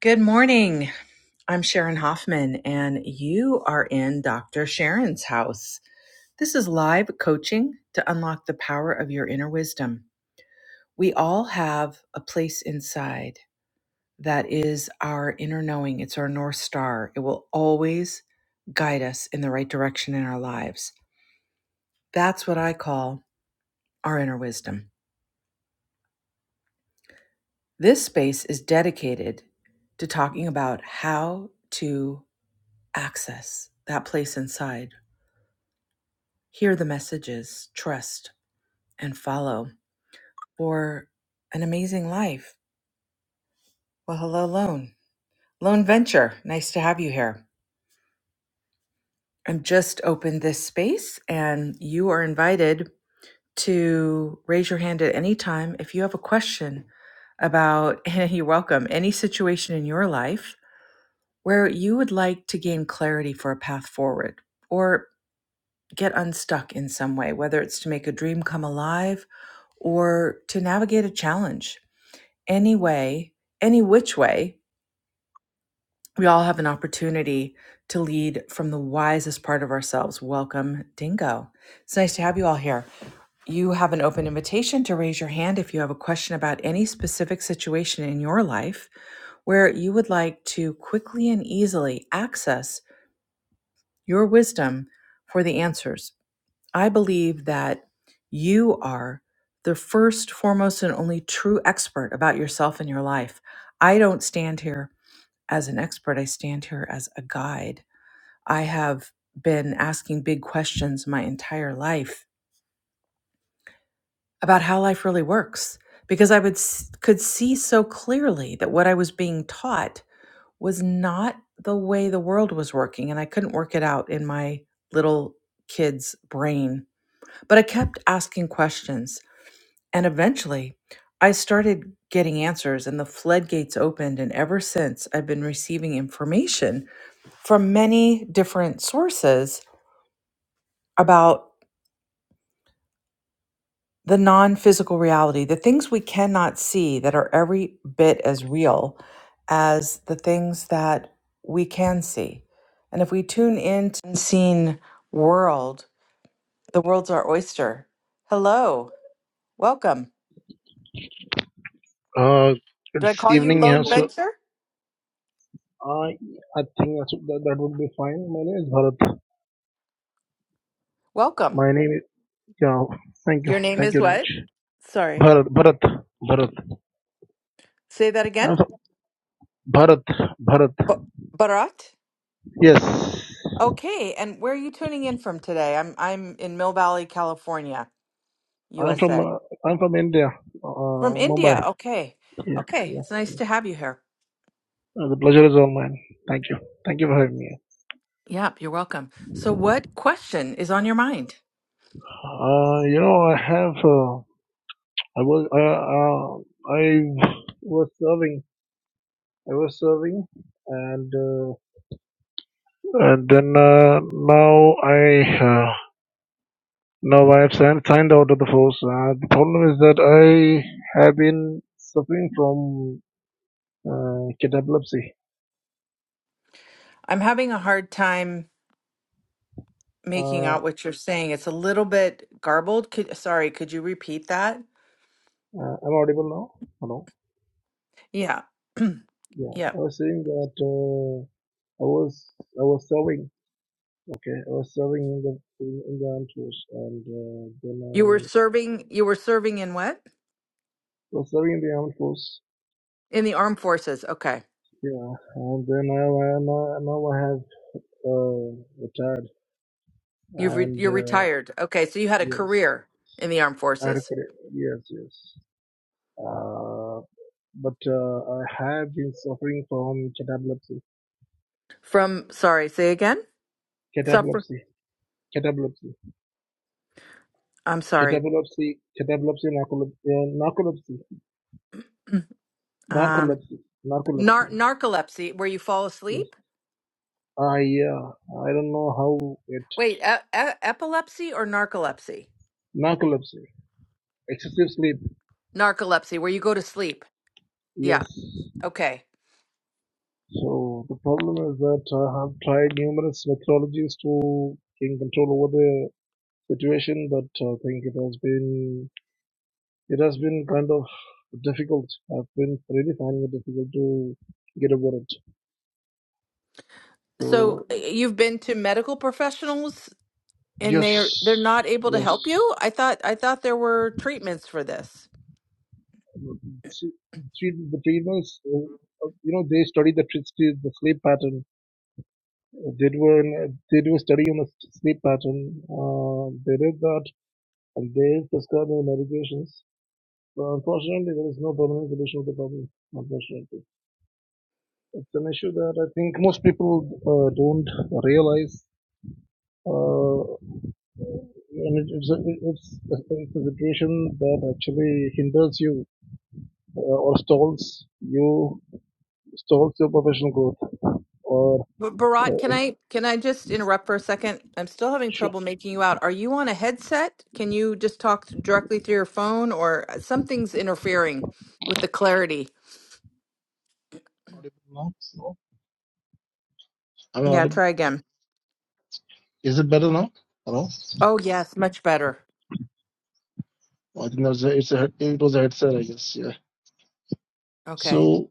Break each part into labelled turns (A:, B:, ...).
A: Good morning. I'm Sharon Hoffman, and you are in Dr. Sharon's house. This is live coaching to unlock the power of your inner wisdom. We all have a place inside that is our inner knowing, it's our North Star. It will always guide us in the right direction in our lives. That's what I call our inner wisdom. This space is dedicated to talking about how to access that place inside Hear the messages, trust, and follow for an amazing life. Well, hello, Lone. Lone Venture, nice to have you here. I've just opened this space, and you are invited to raise your hand at any time if you have a question about, and you're welcome, any situation in your life where you would like to gain clarity for a path forward or get unstuck in some way, whether it's to make a dream come alive or to navigate a challenge any way, any which way, we all have an opportunity to lead from the wisest part of ourselves. Welcome, Dingo. It's nice to have you all here. You have an open invitation to raise your hand if you have a question about any specific situation in your life where you would like to quickly and easily access your wisdom for the answers. I believe that you are the first, foremost, and only true expert about yourself and your life. I don't stand here as an expert, I stand here as a guide. I have been asking big questions my entire life about how life really works because I would s- could see so clearly that what I was being taught was not the way the world was working and I couldn't work it out in my little kid's brain. But I kept asking questions and eventually I started getting answers and the floodgates opened and ever since I've been receiving information from many different sources about the non physical reality, the things we cannot see that are every bit as real as the things that we can see. And if we tune into the unseen world, the world's our oyster. Hello, welcome.
B: Uh,
A: Did I
B: it's
A: call you
B: evening here,
A: Lone
B: so
A: Venture?
B: I I think that's, that that would be fine. My name is Bharat.
A: Welcome.
B: My name is yeah. Thank you,
A: Your name
B: thank
A: is
B: you very much.
A: what? Sorry.
B: Bharat, Bharat, Bharat.
A: Say that again.
B: I'm from Bharat, Bharat.
A: Ba- Bharat?
B: Yes,
A: Okay, and where are you tuning in from today? I'm I'm in Mill Valley, California,
B: I'm from
A: USA.
B: uh, I'm from India,
A: From
B: uh, Mumbai.
A: India. Okay.
B: Yeah,
A: Okay,
B: yeah.
A: it's nice to have you here.
B: Uh, the pleasure is all mine. Thank you, thank you for having me.
A: Yep, you're welcome. So what question is on your mind?
B: Uh, you know, I have uh, I was uh, uh, I was serving I was serving and. Uh, And then uh, now I uh, now I have signed, signed out of the force. Uh, the problem is that I have been suffering from uh, kid epilepsy.
A: I'm having a hard time making
B: Uh,
A: out what you're saying. It's a little bit garbled. Could, sorry, could you repeat that?
B: uh, I'm audible now. Hello.
A: Yeah.
B: Yeah,
A: yeah.
B: I was saying that uh, I was I was serving. Okay, I was serving in the in, in the armed force, and uh, then
A: You were
B: I
A: serving you were serving in what?
B: was serving in the armed force.
A: In the armed forces. Okay.
B: Yeah, and then I, I now, now I have uh, retired,
A: You've re
B: and
A: you're
B: uh,
A: retired. Okay, so you had a
B: yes,
A: career in the armed forces.
B: adequate. Yes, yes. Uh, but uh, I have been suffering from cataplexy,
A: From, sorry, say again? Suffer.
B: cataplexy, cataplexy,
A: I'm sorry.
B: cataplexy, cataplexy, narcolep- uh, narcolepsy,
A: Um,
B: narcolepsy,
A: nar
B: narcolepsy.
A: narcolepsy, where you fall
B: Yes.
A: asleep?
B: I uh, I don't know how it
A: Wait, e e epilepsy or narcolepsy?
B: narcolepsy, excessive sleep.
A: Narcolepsy, where you go to sleep. Yeah.
B: Yes.
A: Okay.
B: So the problem is that I have tried numerous methodologies to gain control over the situation, but uh, I think it has been It has been kind of difficult. I've been really finding it difficult to get over it.
A: So
B: So
A: uh, you've been to medical professionals and
B: yes,
A: they're they're not able to
B: yes.
A: help you? I thought I thought there were treatments for this.
B: the treatments, uh, uh, you know, they study the tr- the sleep pattern. Uh, They do an, they do a study on the sleep pattern. Uh, they did that, and they prescribe the medications. But unfortunately, there is no permanent solution to the problem. Unfortunately, it's an issue that I think most people uh, don't realize. Uh, and it, it's, a, it's, a, it's a situation that actually hinders you uh, or stalls you stalls your professional growth or
A: But Barat,
B: uh,
A: can I can I just interrupt for a second? I'm still having
B: sure
A: trouble making you out. Are you on a headset? Can you just talk directly through your phone or uh, something's interfering with the clarity?
B: audible no i'm
A: Yeah,
B: audible.
A: try again.
B: is it better now hello
A: Oh, yes, much better.
B: i think that's a, it's a, it was a headset i guess yeah
A: Okay.
B: so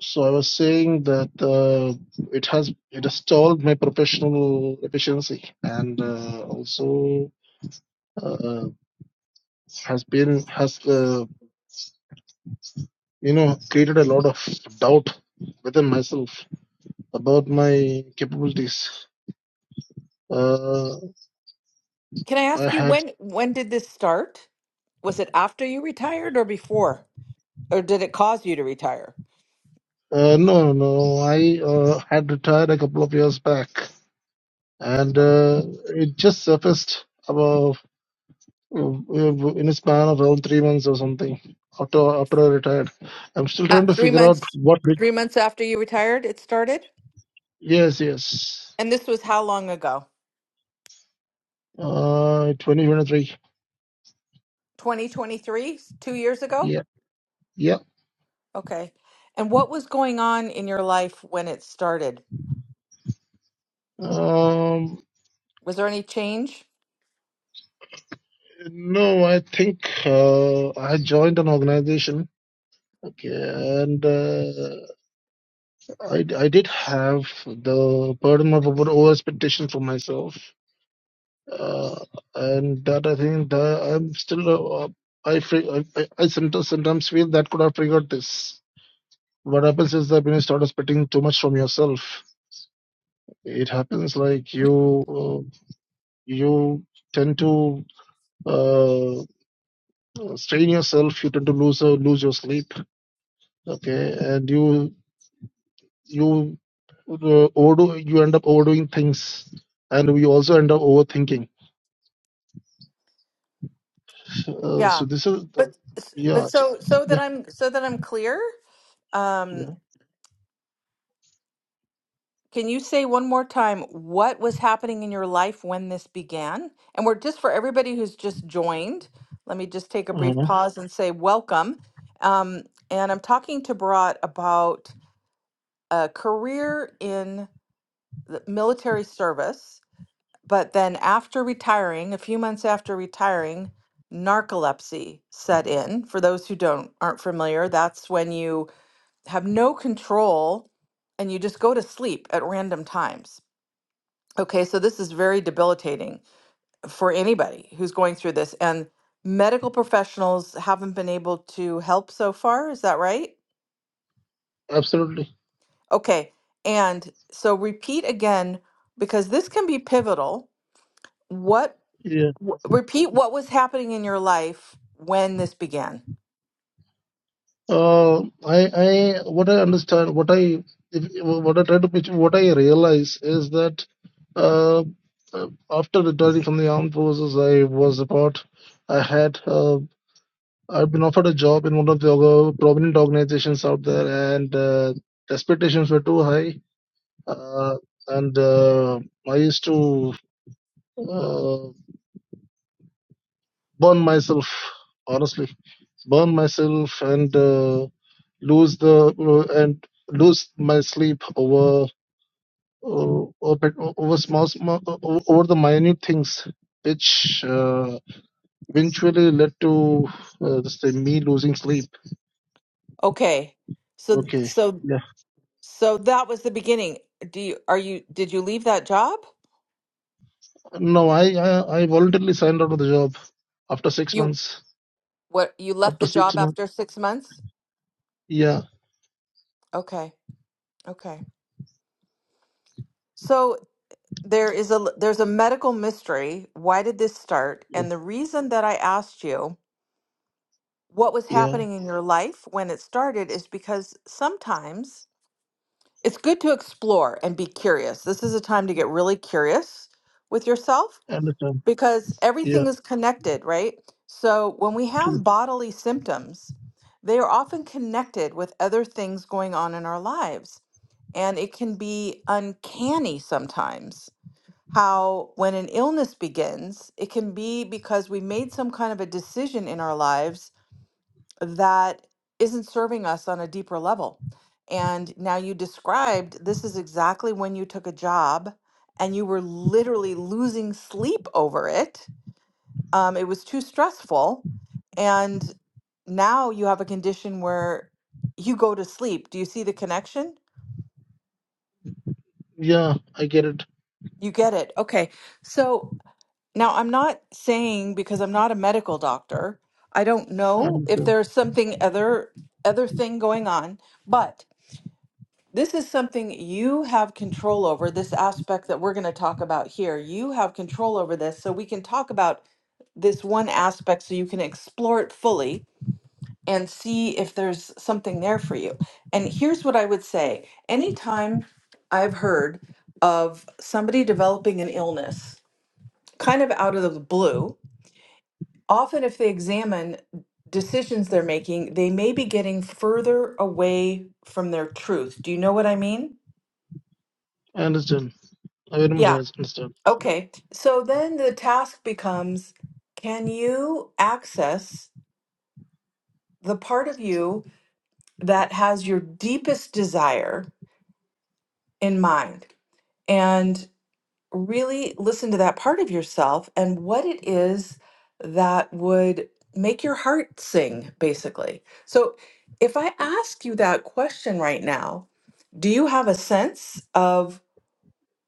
B: so i was saying that uh, it has it has stalled my professional efficiency and uh, also uh, has been has uh, you know, created a lot of doubt within myself about my capabilities. Uh,
A: Can I
B: I
A: ask you
B: had
A: when when did this start? Was it after you retired or before? Or did it cause you to retire?
B: uh, no, no, I uh, had retired a couple of years back, and uh, it just surfaced about uh, in a span of around three months or something after after I retired. I'm still
A: Uh,
B: trying to
A: 3
B: figure out
A: months
B: what. It,
A: 3 months after you retired it started?
B: yes, yes.
A: And this was how long ago?
B: Uh, twenty-three.
A: 2023, 2 years ago?
B: Yeah, yeah.
A: Okay. And what was going on in your life when it started?
B: Um,
A: Was there any change?
B: no, I think uh, I joined an organization Okay, and uh, I I did have the burden of over over expectation for myself, uh, and that I think that I'm still uh, uh, I, fre- I I I sometimes sometimes feel that could have triggered this. What happens is that when you start expecting too much from yourself, it happens like you uh, you tend to uh, strain yourself. You tend to lose uh, lose your sleep. Okay, and you. You uh, overdo you end up overdoing things and we also end up overthinking uh,
A: Yeah.
B: so this is the,
A: But
B: yeah
A: but
B: so-
A: so so that
B: yeah
A: I'm so that I'm clear, um,
B: yeah
A: Can you say one more time what was happening in your life when this began? And we're just for everybody who's just joined, let me just take a brief
B: uh
A: pause and say welcome. Um, and I'm talking to Bharat about a career in the military service, but then after retiring, a few months after retiring, narcolepsy set in. For those who don't aren't familiar, that's when you have no control and you just go to sleep at random times Okay, so this is very debilitating for anybody who's going through this, and medical professionals haven't been able to help so far. Is that right?
B: absolutely
A: Okay, and so repeat again because this can be pivotal. What,
B: yeah
A: w- repeat what was happening in your life when this began.
B: uh, i i what i understand what i if, what i try to picture what i realize is that uh, uh, after returning from the armed forces i was about i had uh, i've been offered a job in one of the orga- prominent organizations out there and uh, expectations were too high uh, and uh, I used to uh, burn myself, honestly, burn myself and uh, lose the uh, and lose my sleep over uh, over, over small, small over the minute things, which uh, eventually led to uh, this thing, me losing sleep.
A: Okay, so,
B: Okay,
A: so,
B: yeah.
A: so that was the beginning. Do you, are you, did you leave that job?
B: No, I, I I voluntarily signed out of the job after six
A: You,
B: months.
A: what, you left
B: After
A: the
B: six
A: job
B: months,
A: after six months?
B: yeah,
A: Okay, okay. So there is a there's a medical mystery. Why did this start? And the reason that I asked you what was
B: yeah,
A: happening in your life when it started is because sometimes it's good to explore and be curious. This is a time to get really curious with yourself
B: I understand.
A: because
B: Yeah,
A: everything is connected, right? So when we have bodily symptoms, they are often connected with other things going on in our lives. And it can be uncanny sometimes how when an illness begins, it can be because we made some kind of a decision in our lives that isn't serving us on a deeper level. And now you described this is exactly when you took a job and you were literally losing sleep over it. Um, it was too stressful. And now you have a condition where you go to sleep. Do you see the connection?
B: Yeah, I get it.
A: You get it. Okay. So Now, I'm not saying because I'm not a medical doctor, I don't
B: I
A: know if
B: understand.
A: there's something other other thing going on, but this is something you have control over, this aspect that we're going to talk about here. You have control over this, so we can talk about this one aspect so you can explore it fully and see if there's something there for you. And here's what I would say. Anytime I've heard of somebody developing an illness, kind of out of the blue, Often, if they examine decisions they're making, they may be getting further away from their truth. Do you know what I mean?
B: I understand. I very much
A: Yeah.
B: understand.
A: Okay. So then the task becomes can you access the part of you that has your deepest desire in mind? And. really listen to that part of yourself and what it is that would make your heart sing, basically. So, if I ask you that question right now, do you have a sense of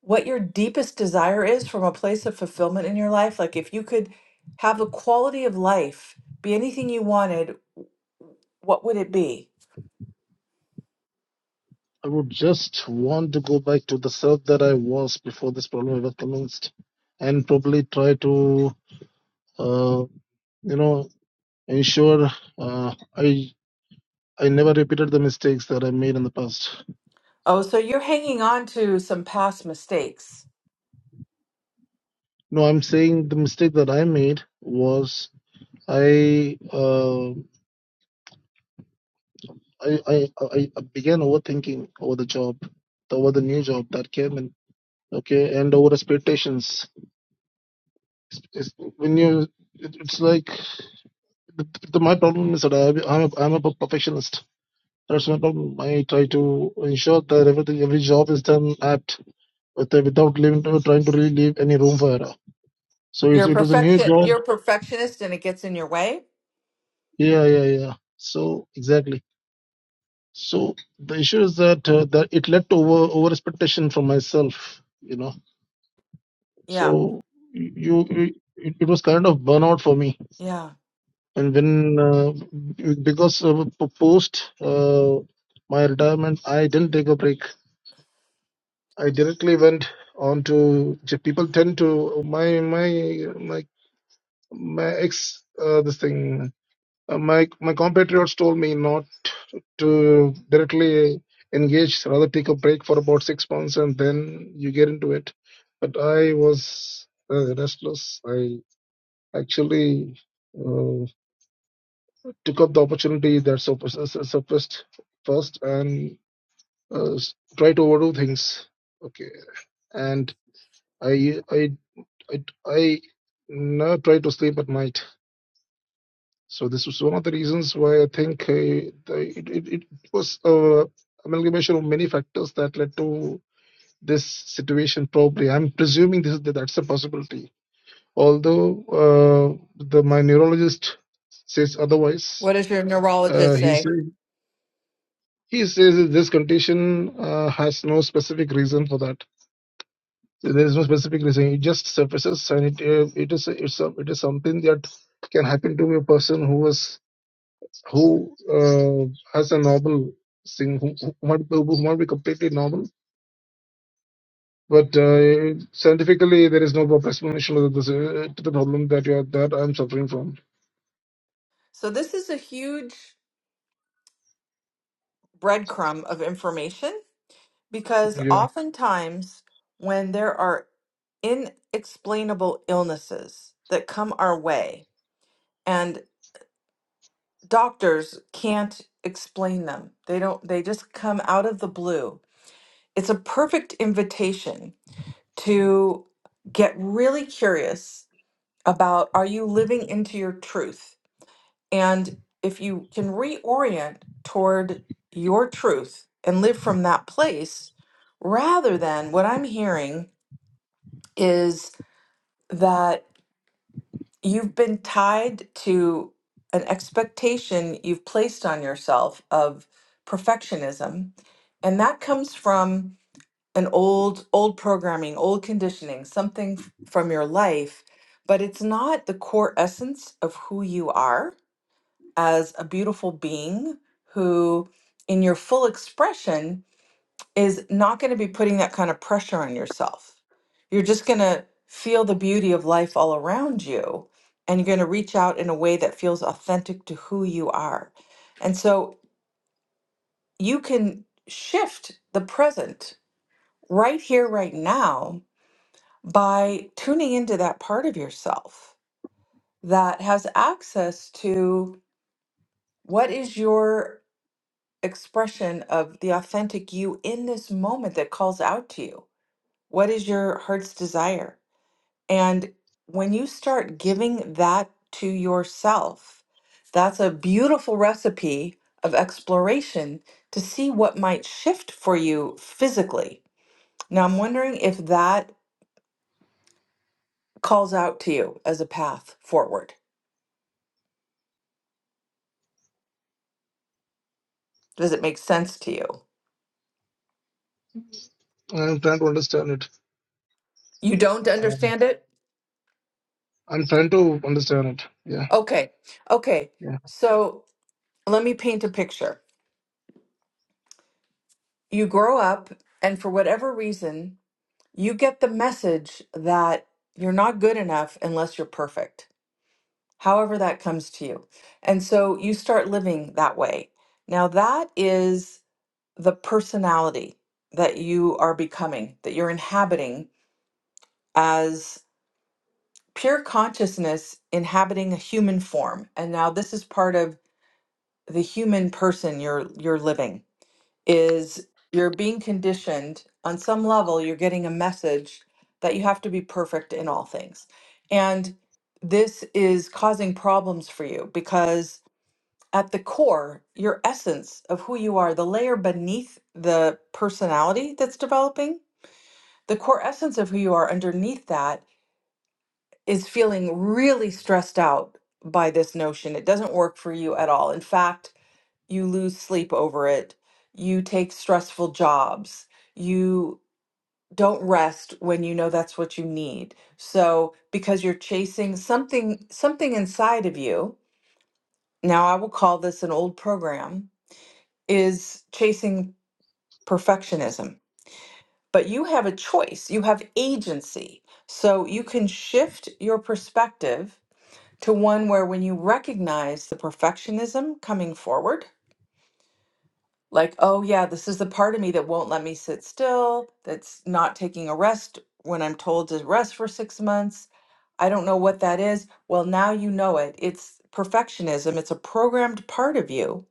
A: what your deepest desire is from a place of fulfillment in your life? Like, if you could have a quality of life, be anything you wanted, what would it be?
B: I would just want to go back to the self that I was before this problem ever commenced, and probably try to, uh, you know, ensure uh, I I never repeated the mistakes that I made in the past.
A: Oh, so you're hanging on to some past mistakes.
B: No, I'm saying the mistake that I made was I uh, I, I I I began overthinking over the job, over the new job that came in. Okay, and over expectations It's, when you, it, it's like the, the, my problem is that I, I'm a, I'm a perfectionist. That's my problem. I try to ensure that everything, every job is done apt with, without leaving, trying to really leave any room for error. So it's,
A: You're a
B: it was a new
A: perfection.
B: job.
A: You're a perfectionist, and it gets in your way.
B: Yeah, yeah, yeah. So exactly. So the issue is that uh, that it led to over over expectation from myself. You know.
A: Yeah,
B: So you, you it, it was kind of burnout for me
A: yeah.
B: And then, uh, b- because of p- post uh, my retirement, I didn't take a break. I directly went on to J- people tend to my my my my ex uh, this thing uh, my my compatriots told me not to directly engage, rather take a break for about six months and then you get into it. But I was uh, restless. I actually. Uh, took up the opportunity that sup- su- surfaced first and uh, s- try to overdo things. Okay, and I I I I now try to sleep at night. So this was one of the reasons why I think uh, the- it, it it was uh, amalgamation of many factors that led to this situation. Probably, I'm presuming this that that's a possibility. Although uh, the my neurologist says otherwise,
A: What does your
B: uh,
A: neurologist
B: he
A: say?
B: says. He says that this condition uh, has no specific reason for that. There is no specific reason. It just surfaces, and it uh, it is it's some it is something that can happen to a person who was who uh, has a normal thing who, who might be- who might be completely normal. But uh, scientifically, there is no proper explanation of this, uh, to the problem that you are, that I'm suffering from.
A: So this is a huge breadcrumb of information because
B: Yeah,
A: oftentimes when there are inexplainable illnesses that come our way and doctors can't explain them. They don't they just come out of the blue. It's a perfect invitation to get really curious about are you living into your truth? And if you can reorient toward your truth and live from that place, rather than what I'm hearing is that you've been tied to an expectation you've placed on yourself of perfectionism. And that comes from an old, old programming, old conditioning, something f- from your life, but it's not the core essence of who you are as a beautiful being who, in your full expression, is not going to be putting that kind of pressure on yourself. You're just going to feel the beauty of life all around you, and you're going to reach out in a way that feels authentic to who you are. And so you can shift the present right here, right now, by tuning into that part of yourself that has access to what is your expression of the authentic you in this moment that calls out to you. What is your heart's desire? And when you start giving that to yourself, that's a beautiful recipe of exploration to see what might shift for you physically. Now, I'm wondering if that calls out to you as a path forward. Does it make sense to you?
B: I'm trying to understand it.
A: You don't
B: Um,
A: understand it?
B: I'm trying to understand it. Yeah,
A: Okay. Okay.
B: yeah.
A: So let me paint a picture. you grow up and for whatever reason you get the message that you're not good enough unless you're perfect however that comes to you and so you start living that way now that is the personality that you are becoming that you're inhabiting as pure consciousness inhabiting a human form and now this is part of the human person you're you're living is you're being conditioned on some level you're getting a message that you have to be perfect in all things and this is causing problems for you because at the core your essence of who you are the layer beneath the personality that's developing the core essence of who you are underneath that is feeling really stressed out by this notion, it doesn't work for you at all. In fact, you lose sleep over it, you take stressful jobs, you don't rest when you know that's what you need. So because you're chasing something something inside of you, now I will call this an old program, is chasing perfectionism. But you have a choice, you have agency. So you can shift your perspective to one where when you recognize the perfectionism coming forward, like, oh, yeah, this is the part of me that won't let me sit still, that's not taking a rest when I'm told to rest for six months. I don't know what that is. Well, now you know it. It's perfectionism, it's a programmed part of you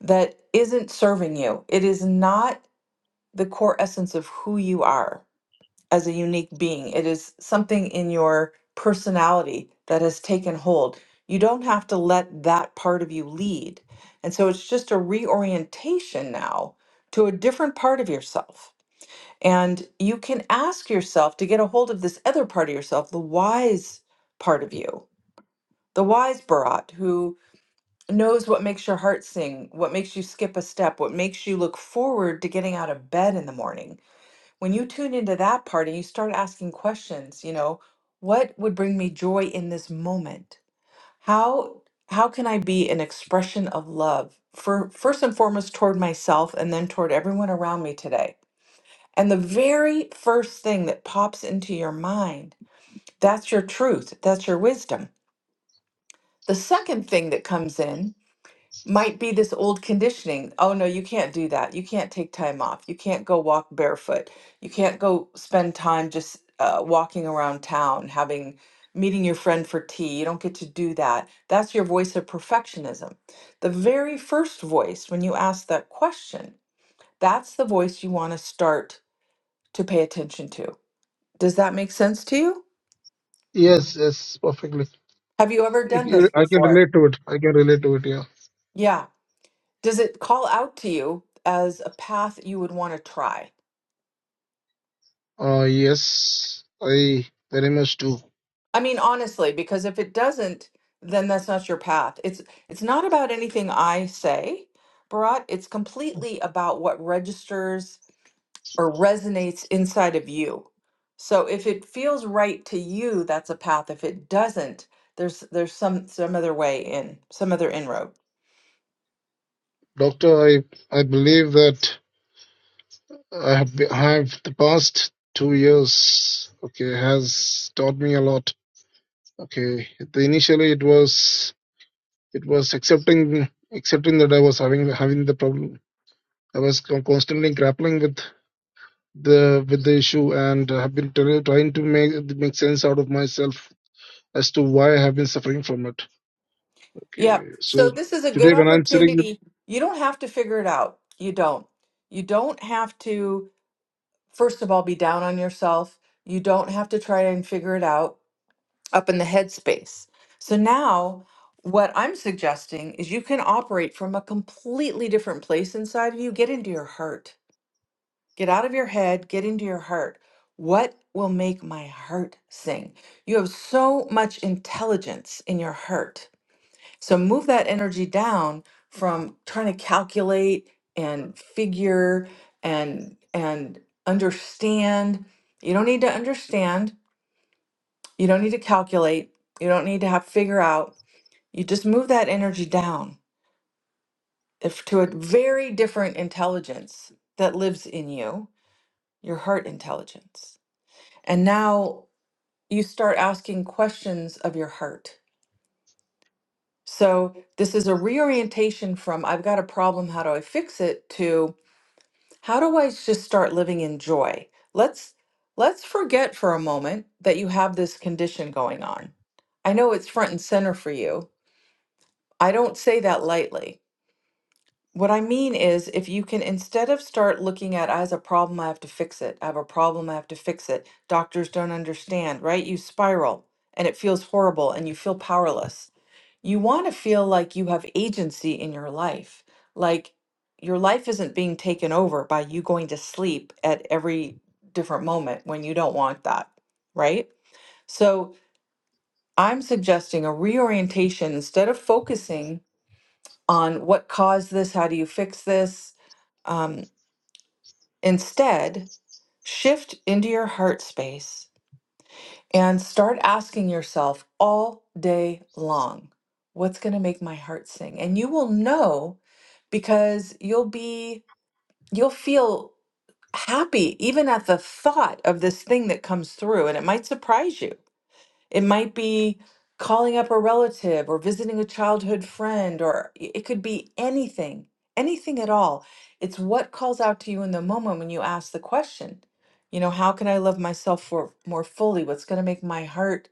A: that isn't serving you. It is not the core essence of who you are. as a unique being. It is something in your personality that has taken hold. You don't have to let that part of you lead. And so it's just a reorientation now to a different part of yourself. And you can ask yourself to get a hold of this other part of yourself, the wise part of you, the wise Bharat who knows what makes your heart sing, what makes you skip a step, what makes you look forward to getting out of bed in the morning when you tune into that part and you start asking questions you know what would bring me joy in this moment how how can i be an expression of love for first and foremost toward myself and then toward everyone around me today and the very first thing that pops into your mind that's your truth that's your wisdom the second thing that comes in might be this old conditioning. Oh no, you can't do that. You can't take time off. You can't go walk barefoot. You can't go spend time just uh, walking around town, having meeting your friend for tea. You don't get to do that. That's your voice of perfectionism. The very first voice when you ask that question, that's the voice you want to start to pay attention to. Does that make sense to you?
B: Yes, yes, perfectly.
A: Have you ever
B: It,
A: done this
B: it- I can
A: before?
B: relate to it. I can relate to it. Yeah.
A: Yeah. Does it call out to you as a path you would want to try?
B: Uh, yes, I very much do.
A: I mean, honestly, because if it doesn't, then that's not your path. It's it's not about anything I say, Bharat. It's completely about what registers or resonates inside of you. So if it feels right to you, that's a path. If it doesn't, there's there's some some other way in, some other inroad.
B: Doctor, I I believe that I have, be- I have the past two years. Okay, has taught me a lot. Okay, the, initially it was it was accepting accepting that I was having having the problem. I was con- constantly grappling with the with the issue and I have been try- trying to make make sense out of myself as to why I have been suffering from it
A: Yep.
B: Okay.
A: So
B: So
A: this is a good
B: today when I'm sitting with
A: opportunity. You don't have to figure it out. You don't. You don't have to, first of all, be down on yourself. You don't have to try and figure it out up in the headspace. So now, what I'm suggesting is you can operate from a completely different place inside of you. Get into your heart, get out of your head, get into your heart. What will make my heart sing? You have so much intelligence in your heart. So move that energy down from trying to calculate and figure and and understand. You don't need to understand you don't need to calculate. You don't need to have figure out. You just move that energy down if to a very different intelligence that lives in you, your heart intelligence. And now you start asking questions of your heart. So this is a reorientation from I've got a problem, how do I fix it to how do I just start living in joy? Let's let's forget for a moment that you have this condition going on. I know it's front and center for you I don't say that lightly. What I mean is, if you can instead of start looking at as a problem, I have to fix it. I have a problem, I have to fix it. Doctors don't understand, right? You spiral and it feels horrible and you feel powerless. You want to feel like you have agency in your life, like your life isn't being taken over by you going to sleep at every different moment when you don't want that, right? So I'm suggesting a reorientation instead of focusing on what caused this, how do you fix this. Um, instead, shift into your heart space and start asking yourself all day long, what's going to make my heart sing? And you will know because you'll be, you'll feel happy even at the thought of this thing that comes through. And it might surprise you. It might be calling up a relative or visiting a childhood friend, or i- it could be anything, anything at all. It's what calls out to you in the moment when you ask the question. You know, how can I love myself for more fully? What's going to make my heart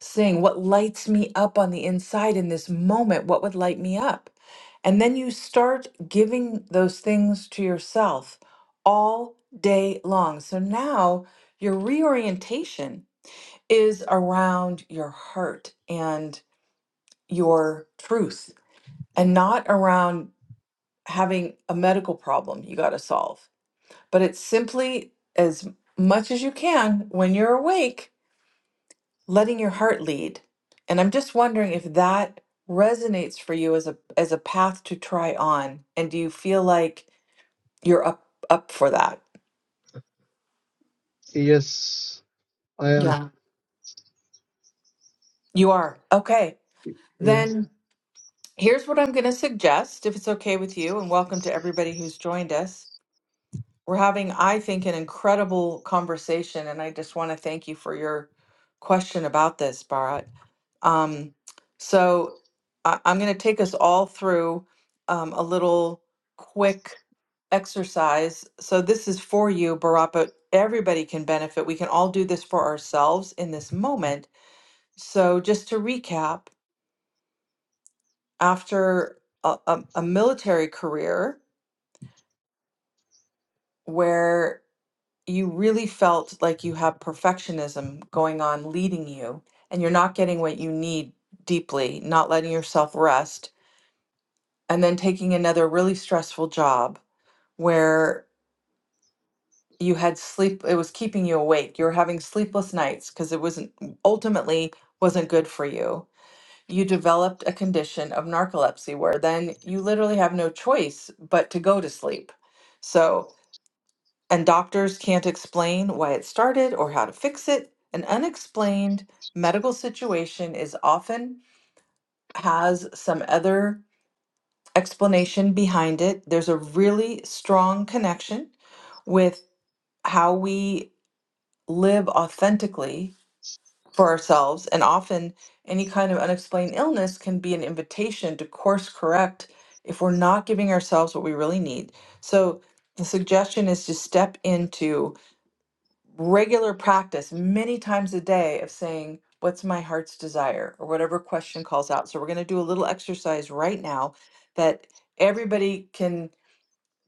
A: sing? What lights me up on the inside in this moment? What would light me up? And then you start giving those things to yourself all day long. So now your reorientation is around your heart and your truth and not around having a medical problem you got to solve. But it's simply as much as you can when you're awake, letting your heart lead. And I'm just wondering if that resonates for you as a as a path to try on and do you feel like you're up up for that?
B: yes, I am.
A: Yeah. You are. Okay.
B: Yes,
A: Then here's what I'm going to suggest if it's okay with you and welcome to everybody who's joined us. We're having, I think, an incredible conversation, and I just want to thank you for your question about this, Bharat. Um, so I, I'm going to take us all through um, a little quick exercise. So this is for you, Bharat, but everybody can benefit. We can all do this for ourselves in this moment. So just to recap, after a, a, a military career where you really felt like you have perfectionism going on leading you and you're not getting what you need deeply, not letting yourself rest, and then taking another really stressful job where you had sleep, it was keeping you awake. You were having sleepless nights because it wasn't ultimately wasn't good for you. You developed a condition of narcolepsy where then you literally have no choice but to go to sleep. So, and doctors can't explain why it started or how to fix it. An unexplained medical situation is often has some other explanation behind it. There's a really strong connection with how we live authentically for ourselves and often any kind of unexplained illness can be an invitation to course correct if we're not giving ourselves what we really need. So the suggestion is to step into regular practice many times a day of saying, What's my heart's desire? or whatever question calls out. So, we're going to do a little exercise right now that everybody can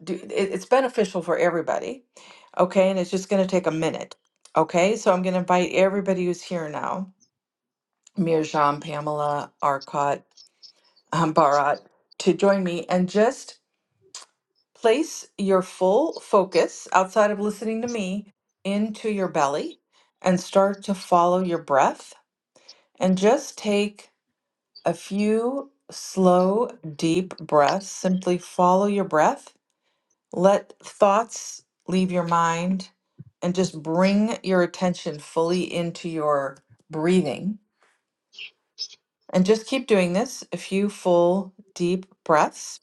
A: do. It, it's beneficial for everybody. Okay. And it's just going to take a minute. Okay. So, I'm going to invite everybody who's here now Mirjam, Pamela, Arcot, um, Bharat to join me and just Place your full focus outside of listening to me into your belly and start to follow your breath. And just take a few slow, deep breaths. Simply follow your breath. Let thoughts leave your mind and just bring your attention fully into your breathing. And just keep doing this a few full, deep breaths.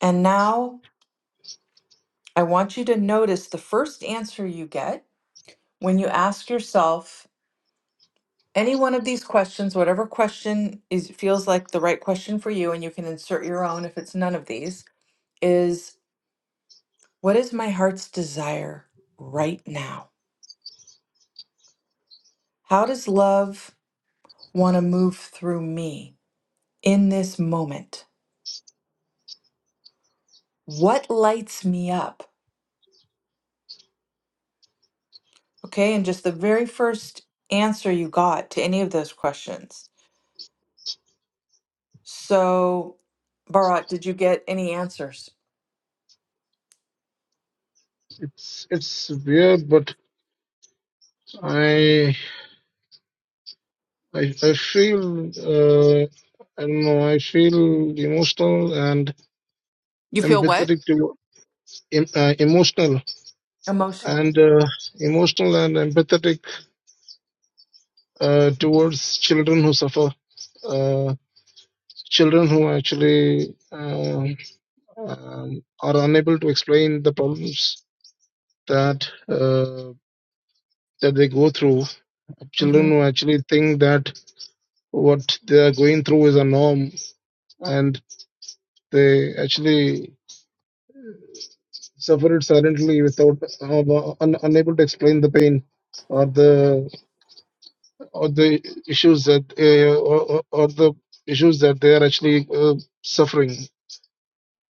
A: And now I want you to notice the first answer you get when you ask yourself any one of these questions, whatever question is feels like the right question for you, and you can insert your own if it's none of these, is what is my heart's desire right now? How does love want to move through me in this moment? What lights me up? Okay, and just the very first answer you got to any of those questions. So, Bharat, did you get any answers?
B: it's it's weird, but I I I feel uh, I don't know. I feel emotional and
A: You feel what?
B: empathetic to em- uh, emotional
A: Emotional.
B: and uh, emotional and empathetic uh, towards children who suffer. Uh, children who actually um, um, are unable to explain the problems that uh, that they go through
A: Mhm.
B: children who actually think that what they are going through is a norm and they actually suffer it silently without uh, un, unable to explain the pain or the or the issues that uh, or, or or the issues that they are actually uh, suffering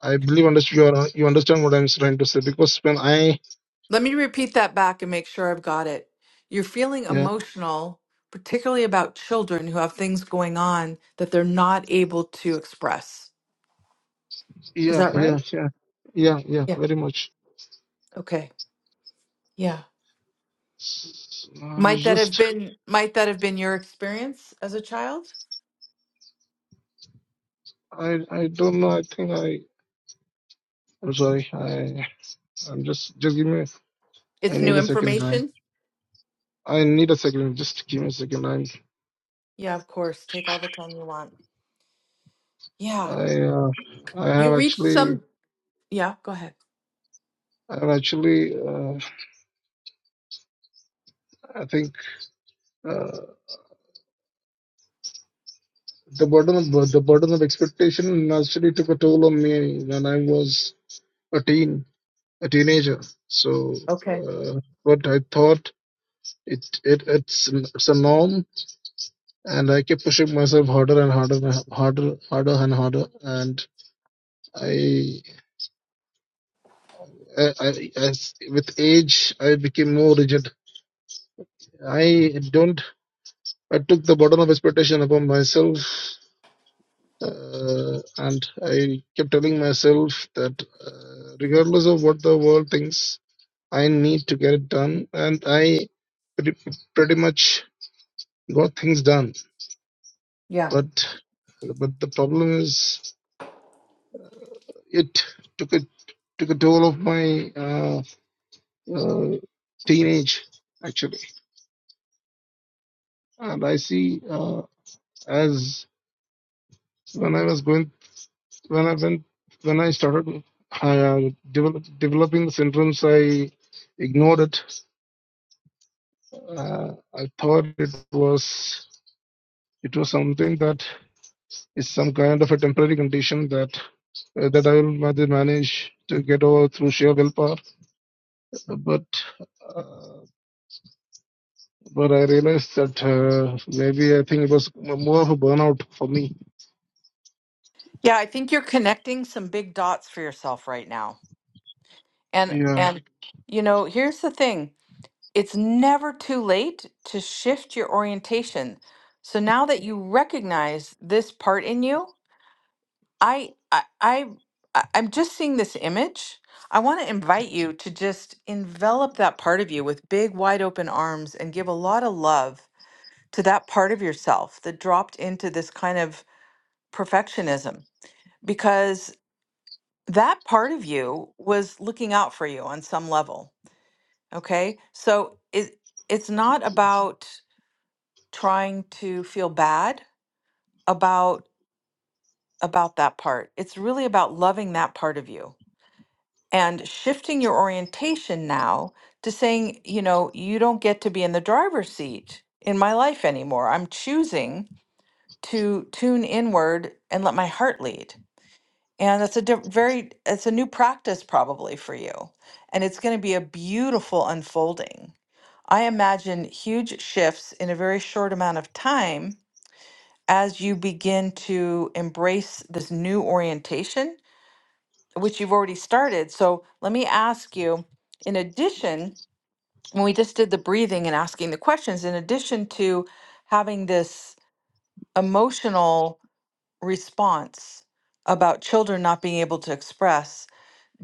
B: i believe understood you are, you understand what i'm trying to say because when i
A: Let me repeat that back and make sure I've got it. You're feeling
B: yeah
A: emotional, particularly about children who have things going on that they're not able to express. Is
B: yeah
A: that right?
B: yeah yeah yeah yeah
A: Yeah.
B: very much
A: Okay. Yeah.
B: i
A: Might that have
B: just
A: been might that have been your experience as a child?
B: i i don't know i think i i'm sorry i I'm just just give me.
A: It's
B: I need
A: new
B: a second. I
A: information?
B: I need a second. Just give me a second.
A: Yeah, of course. Take all the time you want.
B: I
A: Yeah.
B: I uh, I have
A: You reached
B: actually
A: some Yeah, go ahead.
B: I have actually uh, I think uh, the burden of the burden of expectation actually took a toll on me when I was a teen a teenager. So
A: Okay.
B: uh, what I thought it it it's it's a norm, and I kept pushing myself harder and harder and harder harder and harder and. I. uh, I, as with age, I became more rigid. I don't. I took the burden of expectation upon myself, uh, and I kept telling myself that uh, regardless of what the world thinks, I need to get it done, and I pretty, pretty much got things done.
A: Yeah.
B: But but the problem is, it took a took a toll of my uh, uh, teenage actually, and I see uh, as when I was going when I went when I started uh, develop, developing the syndromes, I ignored it. Uh, I thought it was it was something that is some kind of a temporary condition that uh, that I will ma- manage to get over through sheer willpower. But uh, but I realized that uh, maybe I think it was m- more of a burnout for me.
A: Yeah, I think you're connecting some big dots for yourself right now. And
B: Yeah,
A: and you know, here's the thing. It's never too late to shift your orientation. So now that you recognize this part in you, I I, I I- I'm just seeing this image. I want to invite you to just envelop that part of you with big wide open arms and give a lot of love to that part of yourself that dropped into this kind of perfectionism because that part of you was looking out for you on some level, okay? So it it's not about trying to feel bad about about that part. It's really about loving that part of you and shifting your orientation now to saying, you know, you don't get to be in the driver's seat in my life anymore. I'm choosing to tune inward and let my heart lead. And that's a diff- very it's a new practice probably for you. And it's going to be a beautiful unfolding. I imagine huge shifts in a very short amount of time as you begin to embrace this new orientation, which you've already started. So let me ask you, in addition, when we just did the breathing and asking the questions, in addition to having this emotional response about children not being able to express,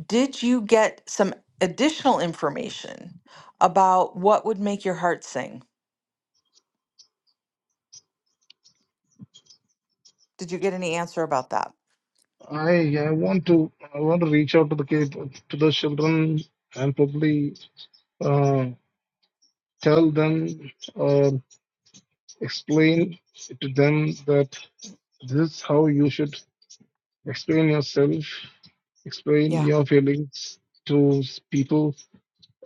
A: did you get some additional information about what would make your heart sing? Did you get any answer about that?
B: I I want to I want to reach out to the kid, to the children and probably uh, tell them or explain to them that this is how you should explain yourself, explain
A: Yeah.
B: your feelings to s- people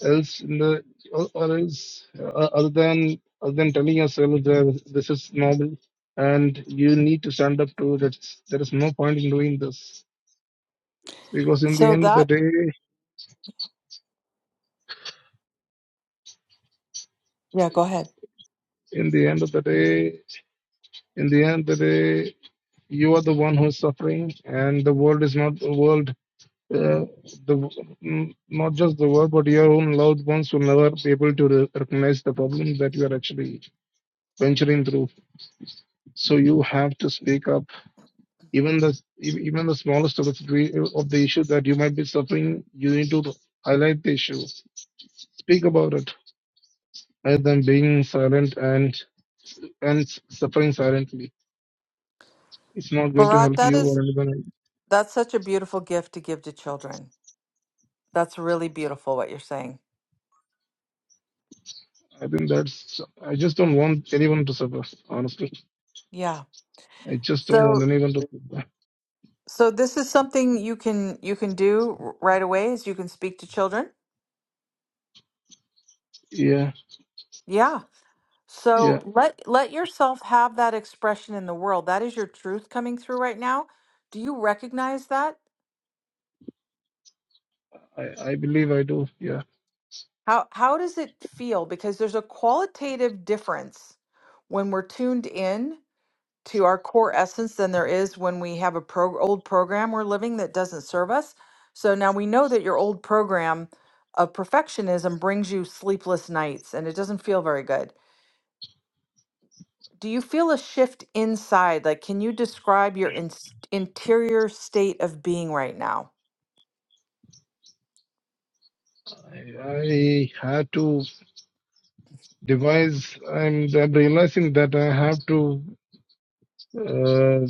B: else in the or, or else uh, other than other than telling yourself that this is normal and you need to stand up to that there is no point in doing this because in the
A: So
B: end of the
A: that,
B: day
A: yeah, go ahead.
B: in the end of the day in the end of the day you are the one who is suffering and the world is not the world uh, the mm, not just the world but your own loved ones will never be able to re- recognize the problem that you are actually venturing through so you have to speak up even the e- even the smallest of the situa- of the issue that you might be suffering you need to highlight the issue speak about it rather than being silent and and suffering silently it's not going to
A: Bharat,
B: help
A: that
B: you
A: is,
B: or anyone else.
A: that's such a beautiful gift to give to children. That's really beautiful what you're saying.
B: I think that's. I just don't want anyone to suffer. Honestly,
A: Yeah.
B: I just don't want
A: So,
B: anyone to suffer.
A: so this is something you can you can do r- right away is you can speak to children.
B: Yeah.
A: Yeah.
B: Yeah.
A: So let let yourself have that expression in the world. That is your truth coming through right now. Do you recognize that?
B: I, I believe I do. Yeah.
A: How how does it feel? Because there's a qualitative difference when we're tuned in to our core essence than there is when we have a pro- old program we're living that doesn't serve us. So now we know that your old program of perfectionism brings you sleepless nights and it doesn't feel very good. Do you feel a shift inside? Like, can you describe your in- interior state of being right now?
B: I, I had to devise, and I'm realizing that I have to uh,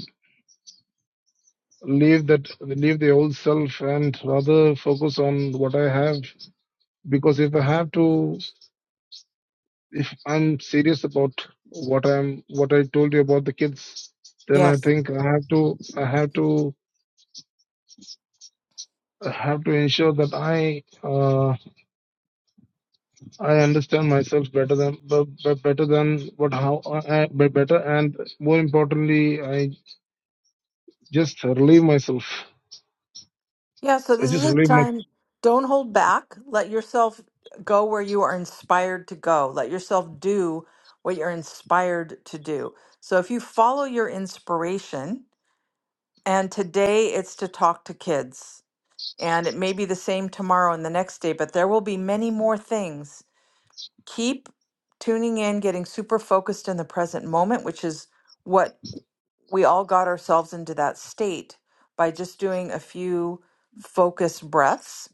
B: leave that, leave the old self, and rather focus on what I have. Because if I have to, if I'm serious about what I'm, what I told you about the kids, then I
A: Yes.
B: think I have to, I have to, I have to ensure that I uh, I understand myself better than but, but better than what how uh, but better and more importantly, I just relieve myself.
A: Yeah, so
B: I
A: this is
B: just
A: a
B: relieve my
A: time, don't hold back. Let yourself go where you are inspired to go. Let yourself do what you're inspired to do. So if you follow your inspiration, and today it's to talk to kids, and it may be the same tomorrow and the next day, but there will be many more things. Keep tuning in, getting super focused in the present moment, which is what we all got ourselves into that state by just doing a few focused breaths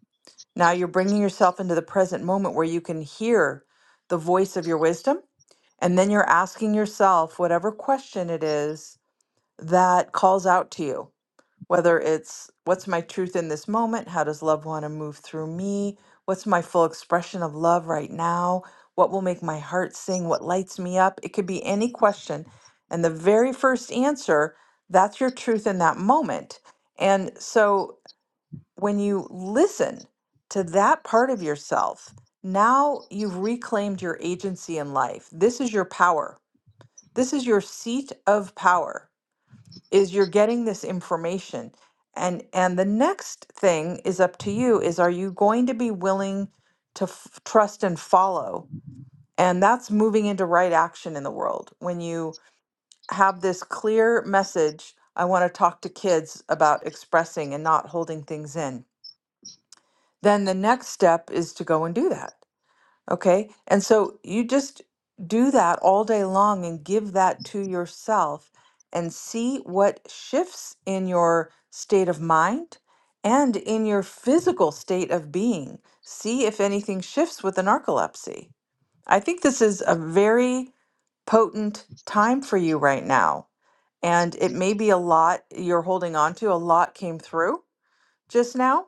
A: now you're bringing yourself into the present moment where you can hear the voice of your wisdom. And then you're asking yourself whatever question it is that calls out to you, whether it's what's my truth in this moment? How does love want to move through me? What's my full expression of love right now? What will make my heart sing? What lights me up? It could be any question. And the very first answer, that's your truth in that moment. And so when you listen to that part of yourself, now you've reclaimed your agency in life. This is your power. This is your seat of power. Is you're getting this information. And and the next thing is up to you is are you going to be willing to f- trust and follow? And that's moving into right action in the world. When you have this clear message, I want to talk to kids about expressing and not holding things in then the next step is to go and do that. Okay. And so you just do that all day long and give that to yourself and see what shifts in your state of mind and in your physical state of being. See if anything shifts with the narcolepsy. I think this is a very potent time for you right now. And it may be a lot you're holding on to, a lot came through just now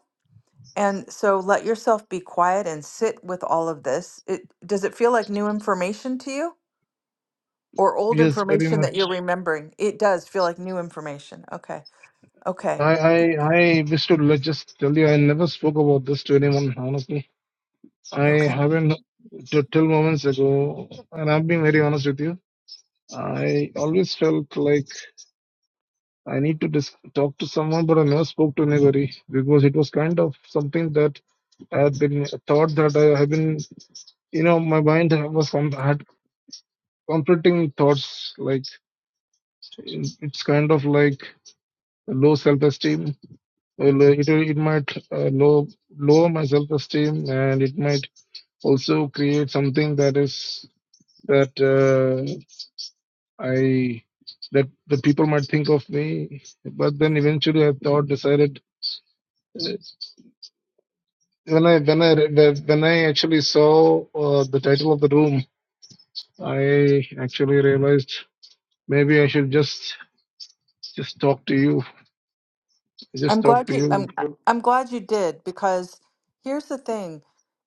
A: and so let yourself be quiet and sit with all of this. It does it feel like new information to you or old
B: yes very
A: information that you're
B: much.
A: remembering? It does feel like new information. Okay. Okay.
B: I I I wish to let just tell you I never spoke about this to anyone honestly. I
A: Okay.
B: haven't t- till moments ago, and I'm being very honest with you. I always felt like I need to dis- talk to someone, but I never spoke to anybody because it was kind of something that I had been thought that I have been you know my mind was com- had conflicting thoughts like it- it's kind of like low self-esteem Well, uh, it, it might uh, low lower my self-esteem and it might also create something that is that uh, i that the people might think of me but then eventually i thought decided uh, when i when i re- when i actually saw uh, the title of the room i actually realized maybe i should just just talk to you I
A: I'm
B: just talked
A: glad
B: to
A: you
B: you.
A: I'm I'm glad you did because here's the thing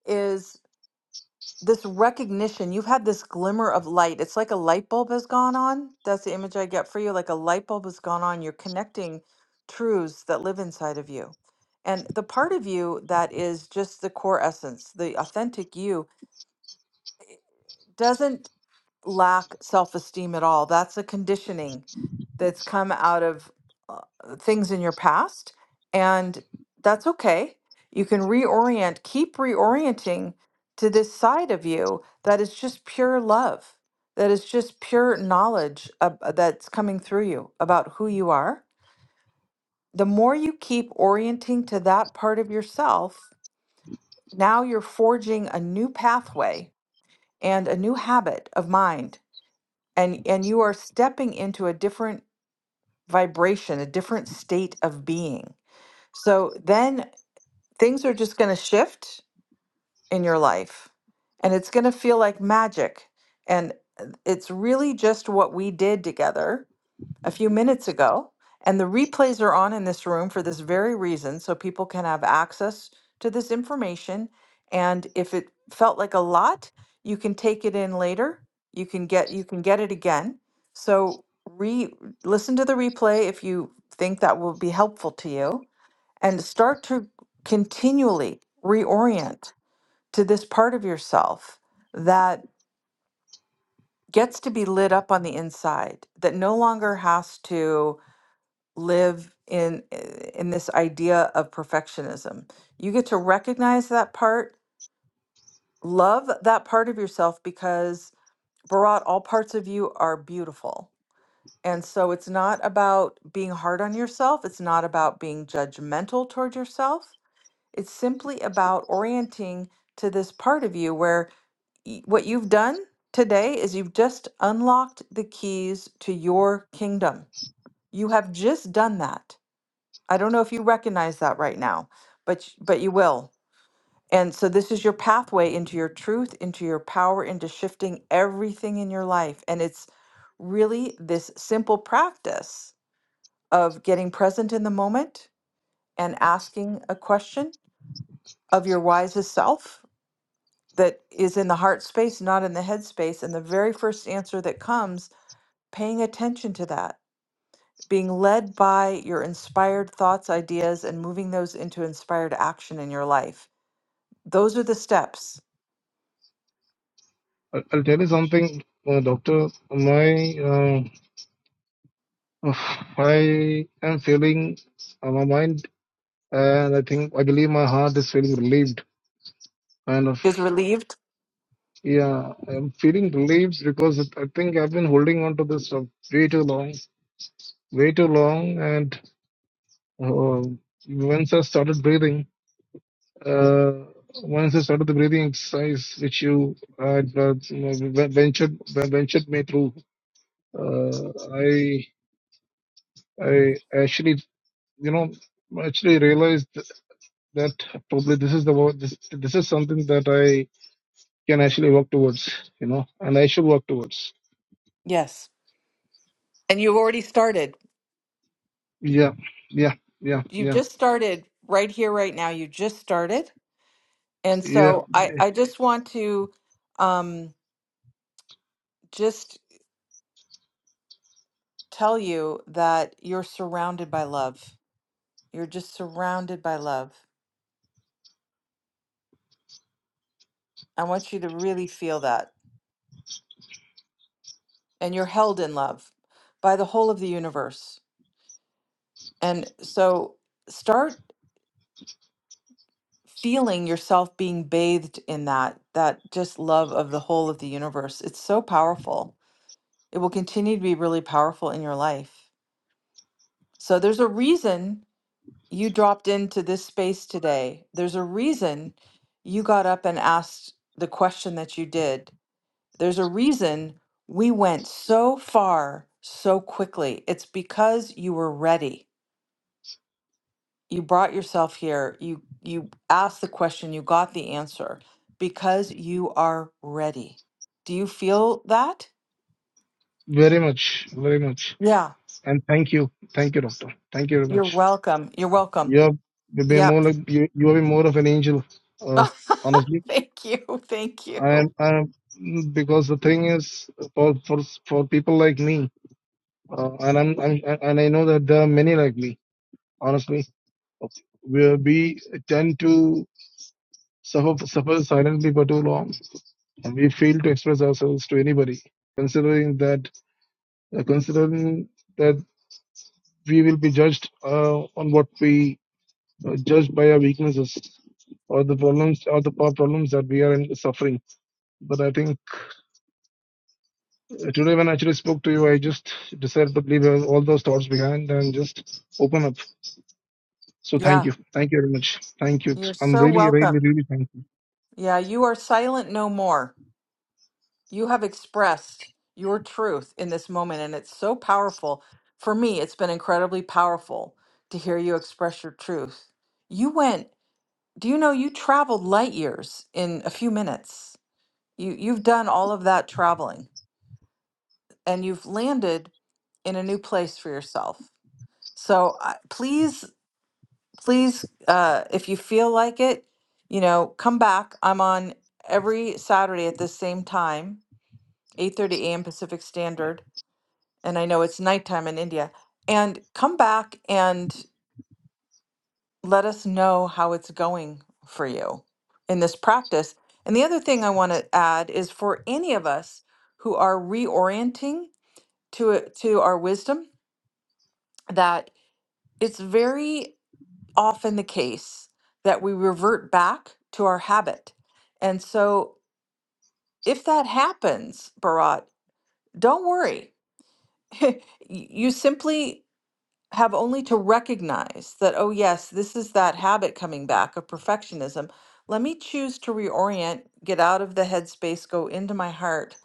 A: is this recognition you've had this glimmer of light it's like a light bulb has gone on that's the image i get for you like a light bulb has gone on you're connecting truths that live inside of you and the part of you that is just the core essence the authentic you doesn't lack self-esteem at all. That's a conditioning that's come out of uh, uh, things in your past, and that's okay. You can reorient, keep reorienting to this side of you that is just pure love, that is just pure knowledge ab- uh, that's coming through you about who you are. The more you keep orienting to that part of yourself, now you're forging a new pathway and a new habit of mind and and you are stepping into a different vibration a different state of being so then things are just going to shift in your life and it's going to feel like magic and uh, it's really just what we did together a few minutes ago. And the replays are on in this room for this very reason, so people can have access to this information. And if it felt like a lot, you can take it in later. You can get you can get it again. So re listen to the replay if you think that will be helpful to you and start to continually reorient to this part of yourself that gets to be lit up on the inside that no longer has to live in in this idea of perfectionism. You get to recognize that part, love that part of yourself because Bharat, all parts of you are beautiful. And so it's not about being hard on yourself, it's not about being judgmental toward yourself. It's simply about orienting to this part of you where y- what you've done today is you've just unlocked the keys to your kingdom. You have just done that. I don't know if you recognize that right now, but y- but you will. And so this is your pathway into your truth, into your power, into shifting everything in your life. And it's really this simple practice of getting present in the moment and asking a question of your wisest self that is in the heart space, not in the head space. And the very first answer that comes, paying attention to that, being led by your inspired thoughts, ideas, and moving those into inspired action in your life Those are the steps.
B: I- I'll tell you something, uh, doctor. My uh, I am feeling uh, my mind, and I think I believe my heart is feeling relieved. Kind of,
A: Is relieved?
B: yeah, I'm feeling relieved because it, I think I've been holding on to this for way too long, way too long. And uh, once I started breathing, uh, once I started the breathing exercise, which you had uh, ventured ventured me through. Uh, I I actually, you know, actually realized that probably this is the wo- this this is something that I can actually work towards, you know, and I should work towards.
A: Yes. And you've already started.
B: Yeah, yeah, yeah,
A: You
B: yeah,
A: just started right here, right now. You just started. And
B: yeah.
A: so I, I just want to um, just tell you that you're surrounded by love. You're just surrounded by love. I want you to really feel that. And you're held in love by the whole of the universe. And so start. feeling yourself being bathed in that that just love of the whole of the universe it's so powerful it will continue to be really powerful in your life so there's a reason you dropped into this space today there's a reason you got up and asked the question that you did there's a reason we went so far so quickly it's because you were ready you brought yourself here you you asked the question you got the answer because you are ready do you feel that
B: Very much, very much.
A: yeah
B: And thank you, thank you, doctor. Thank you very
A: you're
B: much.
A: welcome you're welcome
B: You have you've been
A: yep
B: more like you. You have been more of an angel. Uh, honestly,
A: thank you thank you
B: I am. I am because the thing is for for for people like me, uh, and I'm, I'm and I know that there are many like me. Honestly where we tend to suffer, suffer silently for too long and we fail to express ourselves to anybody considering that uh, considering that we will be judged uh, on what we uh, judged by our weaknesses or the problems or the power problems that we are in, suffering but i think uh, today when i actually spoke to you i just decided to leave all those thoughts behind and just open up so thank
A: yeah
B: you thank you very much thank you
A: you're
B: i'm
A: so
B: really really
A: welcome
B: really thankful
A: yeah you are silent no more you have expressed your truth in this moment and it's so powerful for me it's been incredibly powerful to hear you express your truth you went Do you know you traveled light years in a few minutes? You you've done all of that traveling and you've landed in a new place for yourself. So I- please, please, uh, if you feel like it, you know, come back. I'm on every Saturday at the same time, 8:30 a.m. Pacific Standard, and I know it's nighttime in India. And come back, and let us know how it's going for you in this practice. And the other thing I want to add is for any of us who are reorienting to it to our wisdom, that it's very often the case that we revert back to our habit. And so if that happens, Bharat, don't worry. Y- you simply have only to recognize that, oh, yes, this is that habit coming back of perfectionism. Let me choose to reorient, get out of the headspace, go into my heart,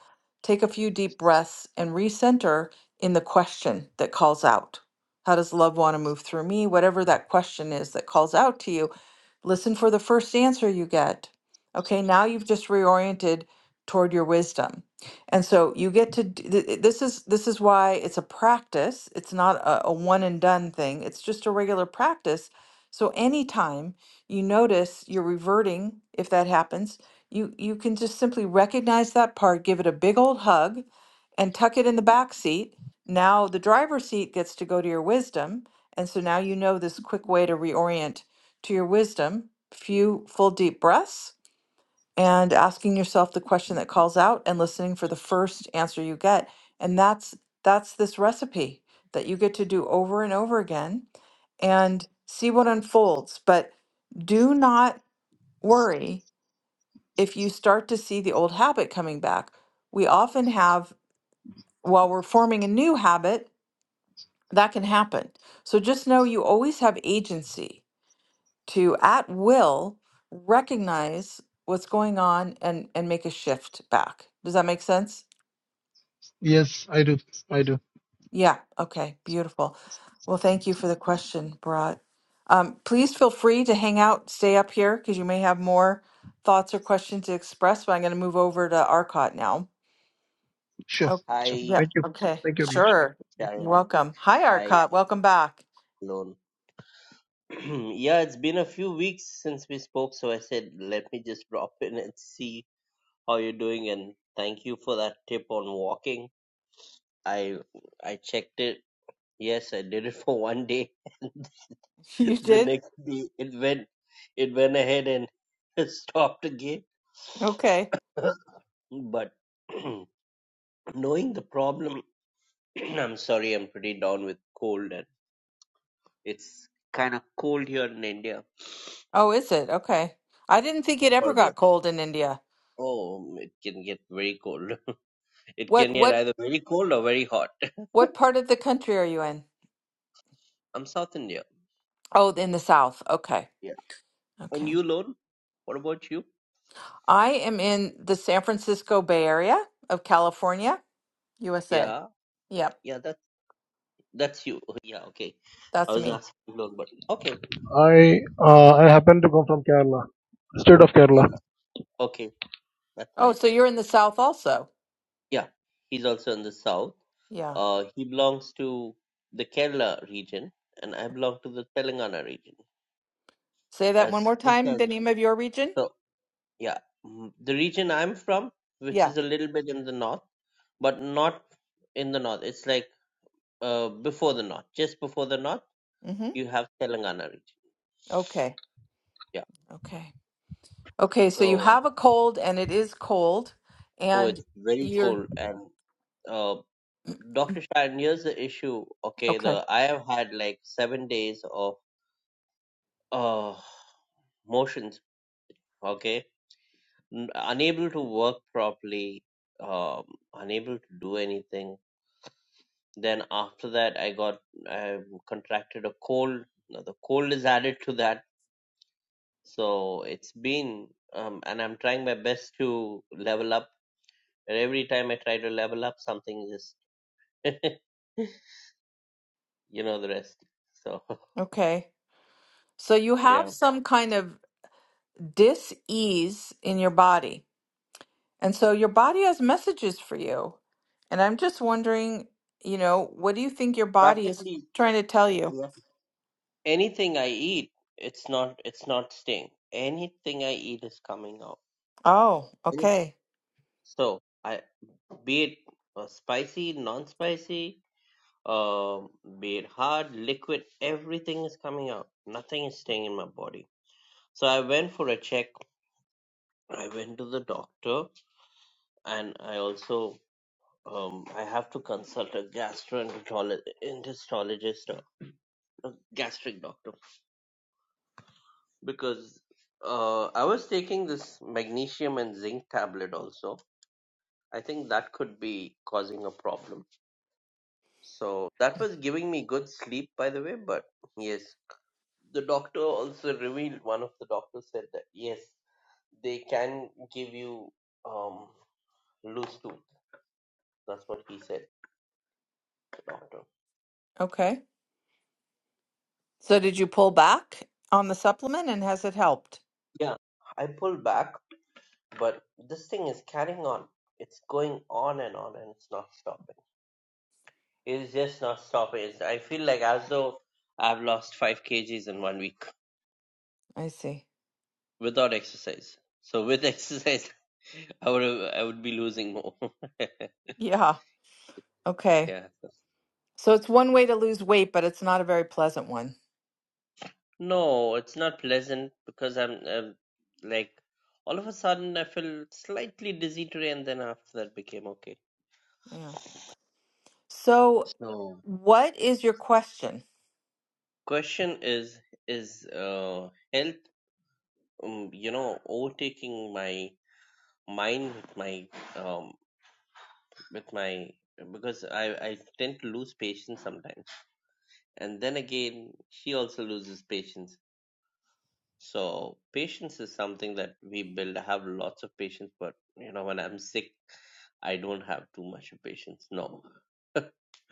A: take a few deep breaths, and recenter in the question that calls out. How does love want to move through me? Whatever that question is that calls out to you, listen for the first answer you get. Okay, now you've just reoriented toward your wisdom and so you get to d- th- this is this is why it's a practice. It's not a, a one and done thing. It's just a regular practice. So anytime you notice you're reverting, if that happens, you you can just simply recognize that part, give it a big old hug, and tuck it in the back seat. Now the driver's seat gets to go to your wisdom, and so now you know this quick way to reorient to your wisdom. Few full deep breaths and asking yourself the question that calls out and listening for the first answer you get and that's that's this recipe that you get to do over and over again and see what unfolds but do not worry if you start to see the old habit coming back we often have while we're forming a new habit that can happen so just know you always have agency to at will recognize what's going on and and make a shift back. Does that make sense?
B: yes i do i do
A: Yeah. Okay. Beautiful. Well, thank you for the question, Bharat. Um, please feel free to hang out, stay up here because you may have more thoughts or questions to express. But I'm going to move over to Arcot now.
B: Sure.
A: Oh,
B: Sure.
C: Hi,
A: yeah.
B: thank you.
A: Okay.
B: Thank you very much.
A: Sure.
B: Yeah.
A: You're
C: Sharon.
A: welcome. Hi,
C: Hi,
A: Arcot. Welcome back.
C: Lon. yeah, it's been a few weeks since we spoke, so I said, let me just drop in and see how you're doing. And thank you for that tip on walking. I I checked it. Yes, I did it for one day.
A: You
C: the
A: did?
C: next day, it went it went ahead and stopped again.
A: Okay.
C: But knowing the problem, I'm sorry, I'm pretty down with cold, and it's kind of cold here in India.
A: Oh, is it? Okay. I didn't think it ever
C: Horrible.
A: got cold in India.
C: Oh, it can get very cold. It can
A: What?
C: get
A: What?
C: either very cold or very hot.
A: What part of the country are you in?
C: I'm South India.
A: Oh, in the South. Okay.
C: Yeah. And
A: Okay.
C: you, Lone? What about you?
A: I am in the San Francisco Bay Area of California, USA.
C: Yeah.
A: Yep.
C: Yeah, that's that's you. Yeah, okay. I
A: That's
C: was
A: me.
C: asking Lone, but okay.
B: I uh, I happen to come from Kerala, state of
C: Yeah,
B: Kerala.
C: no. Okay, that's
A: Oh,
C: nice.
A: so you're in the South also.
C: Yeah, he's also in the south.
A: Yeah.
C: Uh, he belongs to the Kerala region, and I belong to the Telangana region.
A: Say that one
C: As
A: more
C: just
A: time,
C: as
A: the name of your region?
C: so. Yeah, mm, the region I'm from, which
A: Yeah.
C: is a little bit in the north, but not in the north. It's like uh before the north, just before the north,
A: Mm-hmm.
C: you have Telangana region.
A: Okay.
C: Yeah.
A: Okay. Okay. So you
C: So,
A: have a cold and it is cold
C: oh,
A: and
C: it's very
A: you're
C: cold. And uh, Dr. Shah, here's the issue. Okay,
A: okay.
C: the I have had like seven days of uh motions. Okay, N- unable to work properly, um, unable to do anything Then after that, I got I contracted a cold. Now the cold is added to that, so it's been um, and I'm trying my best to level up. And every time I try to level up, something just you know the rest. So
A: Okay. So you have
C: yeah,
A: some kind of dis-ease in your body. And so your body has messages for you. And I'm just wondering, you know, what do you think your body is
C: practically
A: trying to tell you?
C: yeah. anything I eat, it's not it's not staying. Anything I eat is coming out.
A: Oh,
C: Anything.
A: okay.
C: So I be it uh, spicy, non-spicy. um, be it hard, liquid, everything is coming out. Nothing is staying in my body. So I went for a check. I went to the doctor, and I also um, I have to consult a gastroenterologist, a gastric doctor, because uh, I was taking this magnesium and zinc tablet also. I think that could be causing a problem. So that was giving me good sleep, by the way, but yes the doctor also revealed one of the doctors said that yes they can give you um loose tooth that's what he said the doctor
A: Okay. So did you pull back on the supplement and has it helped?
C: yeah i pulled back but this thing is carrying on it's going on and on and it's not stopping it's just not stopping it's, i feel like as though i've lost 5 kgs in one week
A: I see.
C: without exercise so with exercise i would i would be losing more
A: Yeah. Okay.
C: yeah
A: So it's one way to lose weight, but it's not a very pleasant one.
C: No, it's not pleasant because I'm um, like all of a sudden I feel slightly dizzy today, and then after that became okay.
A: Yeah. So
C: So,
A: what is your question?
C: Question is is uh, health um, you know overtaking my mind with my um with my because I I tend to lose patience sometimes, and then again she also loses patience. So patience is something that we build. I have lots of patience, but you know when I'm sick. I don't have too much patience. No,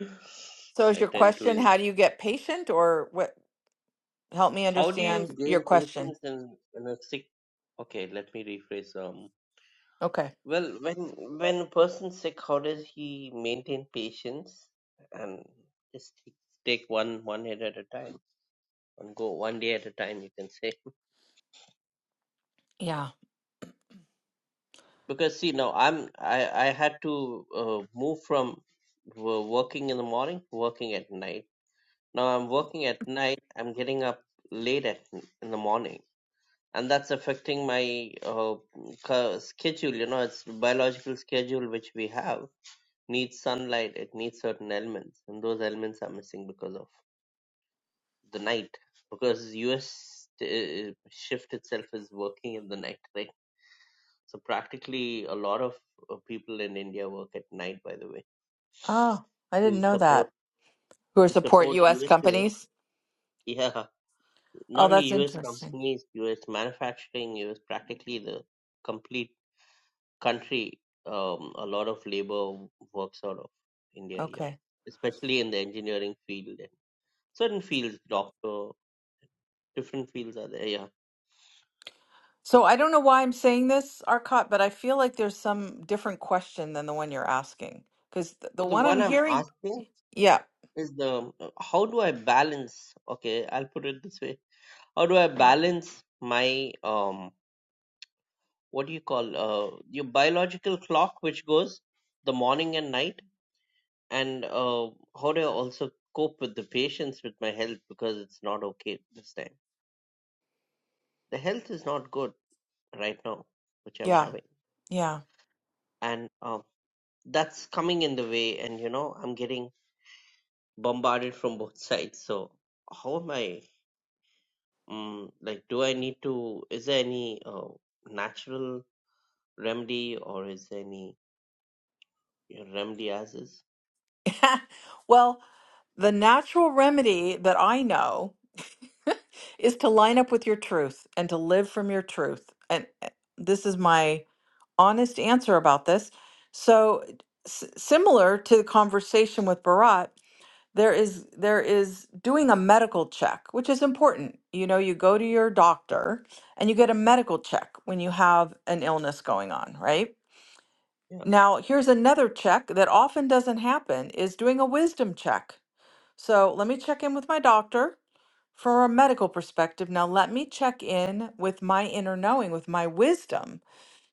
A: So is
C: I
A: your
C: tend to.
A: question
C: is-
A: how do you get patient or what help me
C: How do you
A: understand your
C: gain
A: question?
C: patience in in a sick? Okay, let me rephrase. Um,
A: Okay.
C: well, when when a person's sick, how does he maintain patience and just take one one hit at a time and go one day at a time? You can say
A: Yeah.
C: because see now I'm I I had to uh, move from wo- working in the morning to working at night Now I'm working at night. I'm getting up late at in the morning, and that's affecting my uh, ca- schedule. You know, it's biological schedule which we have needs sunlight. It needs certain elements, and those elements are missing because of the night. Because U.S. uh, shift itself is working in the night, right? So practically a lot of uh, people in India work at night. By the way,
A: Oh, I didn't
C: to
A: know that.
C: support
A: who are
C: to
A: support
C: support
A: U.S.
C: USPS,
A: companies.
C: yeah
A: Oh,
C: not only
A: that's
C: US
A: interesting.
C: companies, US manufacturing, US practically the complete country. Um, a lot of labor works out of India, yeah,
A: Okay.
C: especially in the engineering field and certain fields, doctor, different fields are there, yeah.
A: So I don't know why I'm saying this, Arcot, but I feel like there's some different question than the one you're asking because th- the
C: Well, the
A: one I'm
C: one I'm
A: hearing,
C: asking
A: yeah,
C: is the uh, how do I balance? Okay, I'll put it this way: How do I balance my um, what do you call uh, your biological clock, which goes the morning and night? and uh, how do I also cope with the patience with my health because it's not okay this time. The health is not good right now, which I'm
A: yeah,
C: having,
A: yeah.
C: and um, that's coming in the way. And you know, I'm getting bombarded from both sides. So how am I? Um, like, do I need to? Is there any uh, natural remedy, or is there any remedy as is?
A: well, the natural remedy that I know is to line up with your truth and to live from your truth. And uh, this is my honest answer about this. So, s- similar to the conversation with Barat. there is there is doing a medical check which is important you know you go to your doctor and you get a medical check when you have an illness going on right
C: Yeah,
A: now here's another check that often doesn't happen is doing a wisdom check so let me check in with my doctor from a medical perspective now let me check in with my inner knowing with my wisdom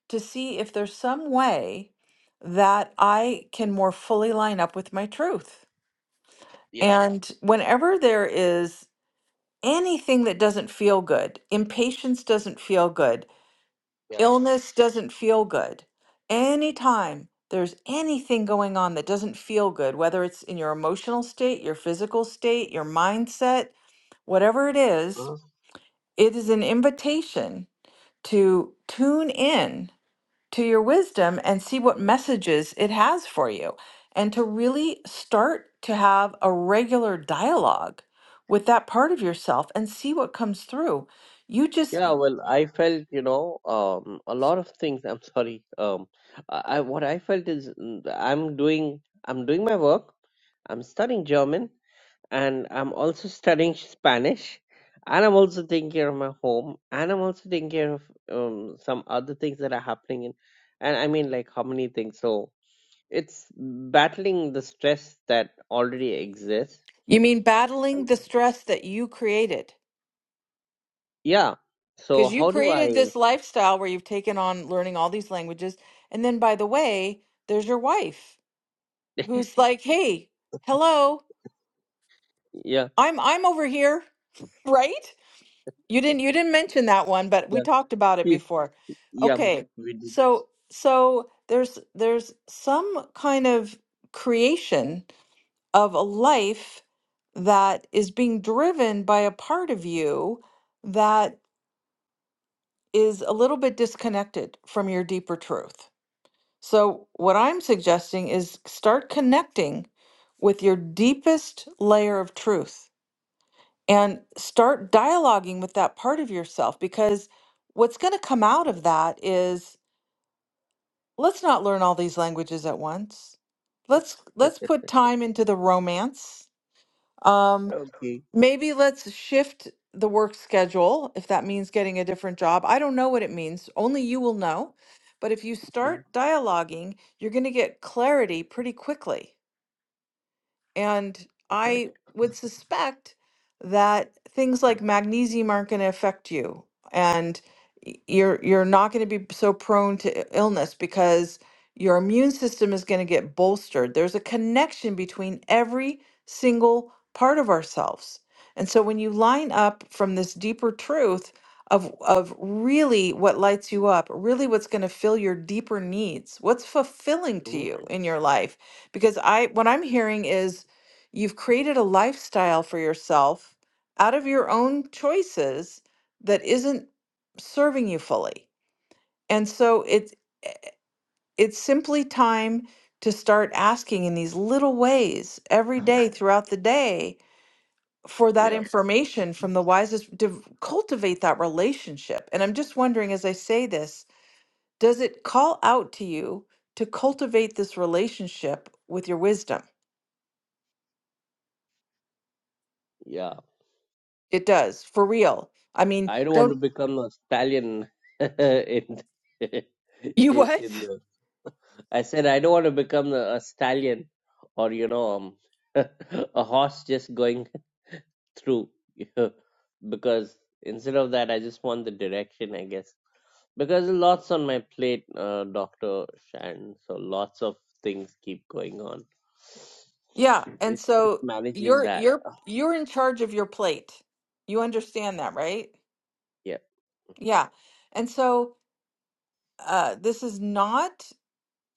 A: to see if there's some way that i can more fully line up with my truth
C: yeah,
A: and whenever there is anything that doesn't feel good. Impatience doesn't feel good.
C: yeah.
A: Illness doesn't feel good. Anytime there's anything going on that doesn't feel good, whether it's in your emotional state, your physical state, your mindset, whatever it is, it is an invitation to tune in to your wisdom and see what messages it has for you and to really start to have a regular dialogue with that part of yourself and see what comes through you just
C: Yeah, well, I felt, you know, um, a lot of things. I'm sorry. Um, I, I what I felt is mm, I'm doing I'm doing my work. I'm studying German and I'm also studying Spanish and I'm also taking care of my home and I'm also taking care of um, some other things that are happening in and I mean like how many things. So it's battling the stress that already exists.
A: you mean battling the stress that you created
C: Yeah. So
A: because you
C: how do
A: created
C: I?
A: this lifestyle where you've taken on learning all these languages and then by the way there's your wife who's like hey hello
C: Yeah.
A: i'm i'm over here right You didn't you didn't mention that one, but we
C: Yeah.
A: talked about it
C: Please.
A: before.
C: Yeah.
A: Okay.
C: We
A: So so there's there's some kind of creation of a life that is being driven by a part of you that is a little bit disconnected from your deeper truth. So what I'm suggesting is start connecting with your deepest layer of truth and start dialoguing with that part of yourself because what's going to come out of that is let's not learn all these languages at once let's let's put time into the romance um
C: Okay.
A: maybe let's shift the work schedule if that means getting a different job i don't know what it means only you will know but if you
C: Mm,
A: start dialoguing you're going to get clarity pretty quickly And
C: Okay.
A: I would suspect that things like magnesium aren't going to affect you, and y- you're you're not going to be so prone to i- illness because your immune system is going to get bolstered. There's a connection between every single part of ourselves. And so when you line up from this deeper truth of of really what lights you up, really what's going to fill your deeper needs, what's fulfilling to
C: hmm
A: you in your life, because I what I'm hearing is You've created a lifestyle for yourself out of your own choices that isn't serving you fully. And so it's eh, it's simply time to start asking in these little ways every day throughout the day for that
C: Yeah.
A: information from the wisest to cultivate that relationship. And I'm just wondering as I say this, does it call out to you to cultivate this relationship with your wisdom?
C: Yeah.
A: It does, for real. I mean,
C: I don't want to
A: don't
C: become a stallion in
A: you
C: i-
A: what?
C: in the. I said I don't want to become a, a stallion or you know um, a horse just going through You know, because instead of that I just want the direction I guess because lots on my plate, uh, Doctor Shan. So lots of things keep going on.
A: Yeah, and
C: It's it's
A: so
C: managing
A: you're
C: that.
A: you're
C: Uh,
A: you're in charge of your plate. You understand that, right?
C: Yeah.
A: Yeah. And so uh this is not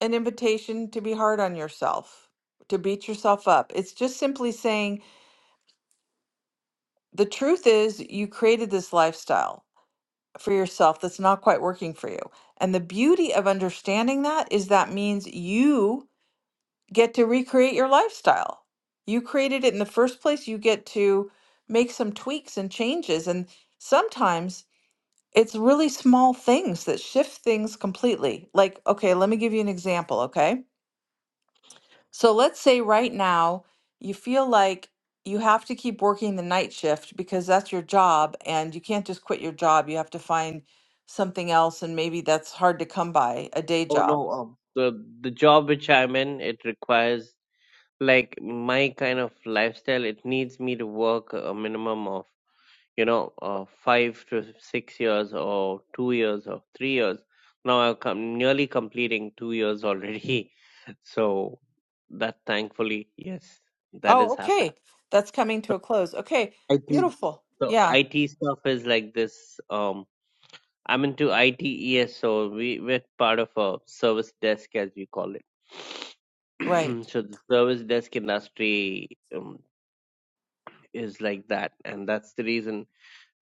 A: an invitation to be hard on yourself, to beat yourself up. It's just simply saying the truth is you created this lifestyle for yourself that's not quite working for you. And the beauty of understanding that is that means you get to recreate your lifestyle. You created it in the first place. You get to make some tweaks and changes. And sometimes it's really small things that shift things completely. Like, okay, let me give you an example. Okay. So let's say right now you feel like you have to keep working the night shift because that's your job and you can't just quit your job. You have to find something else. And maybe that's hard to come by a day
C: Oh
A: job.
C: no, um, the the job which I'm in, it requires like my kind of lifestyle. It needs me to work a minimum of you know uh, five to six years or two years or three years. Now I'm com- nearly completing two years already, so that thankfully yes, that
A: Oh,
C: has happened.
A: okay. That's coming to a close. Okay.
C: IT.
A: Beautiful.
C: So
A: Yeah.
C: IT stuff is like this. Um, I'm into IT so we we're part of a service desk as we call it.
A: Right.
C: so the service desk industry um, is like that, and that's the reason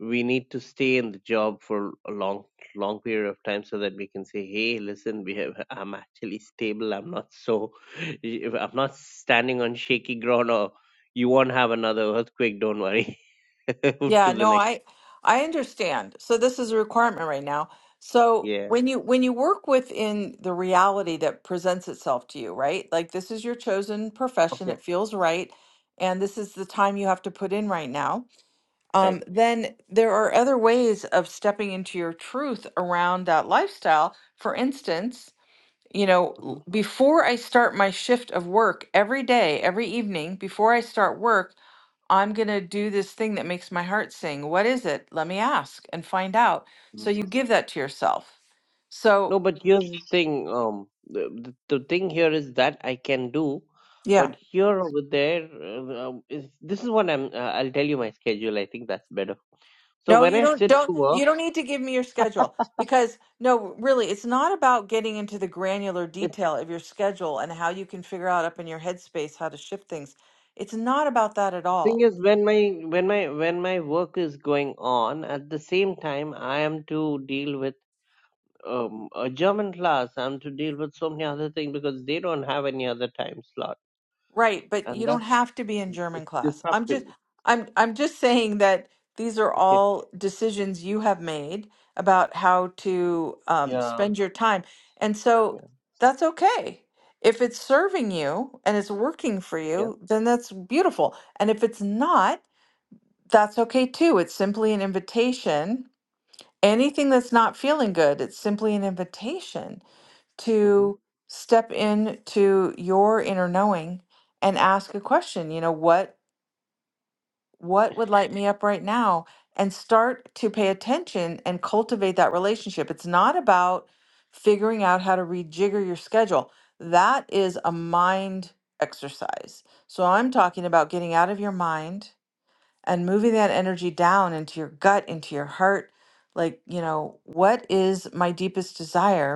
C: we need to stay in the job for a long, long period of time so that we can say, "Hey, listen, we have, I'm actually stable. I'm not so, I'm not standing on shaky ground, or you won't have another earthquake. Don't worry." Move to
A: Yeah,
C: the
A: no,
C: next.
A: I I understand. So this is a requirement right now. So
C: Yeah.
A: when you when you work within the reality that presents itself to you, right? Like this is your chosen profession,
C: Okay.
A: it feels right, and this is the time you have to put in right now.
C: Right.
A: Um, then there are other ways of stepping into your truth around that lifestyle. For instance, you know, l- before I start my shift of work every day, every evening, before I start work, I'm going to do this thing that makes my heart sing. What is it? Let me ask and find out. So
C: hmm
A: you give that to yourself.
C: No,
A: So,
C: but here's the thing. Um, the, the the thing here is that I can do,
A: yeah.
C: but here over there, uh, um, is this is what I'm. Uh, I'll tell you my schedule. I think that's better. So
A: No,
C: when
A: you
C: I
A: don't
C: sit
A: don't
C: to work,
A: you don't need to give me your schedule because no, really, it's not about getting into the granular
C: it's
A: detail of your schedule and how you can figure out up in your headspace how to shift things. It's not about that at all.
C: thing is when my when my when my work is going on, at the same time I am to deal with um a German class. I'm to deal with so many other things because they don't have any other time slot,
A: Right, but
C: and
A: you don't
C: that's
A: have to be in German
C: it's
A: class. I'm
C: disruptive.
A: just I'm I'm just saying that these are all decisions you have made about how to um,
C: Yeah,
A: spend your time. And so
C: yeah,
A: that's okay. If it's serving you and it's working for
C: yeah.
A: you, then that's beautiful. And if it's not, that's okay too. It's simply an invitation. Anything that's not feeling good, it's simply an invitation
C: Mm-hmm.
A: to step into your inner knowing and ask a question you know what what would light me up right now and start to pay attention and cultivate that relationship it's not about figuring out how to rejigger your schedule that is a mind exercise so i'm talking about getting out of your mind and moving that energy down into your gut into your heart like you know what is my deepest desire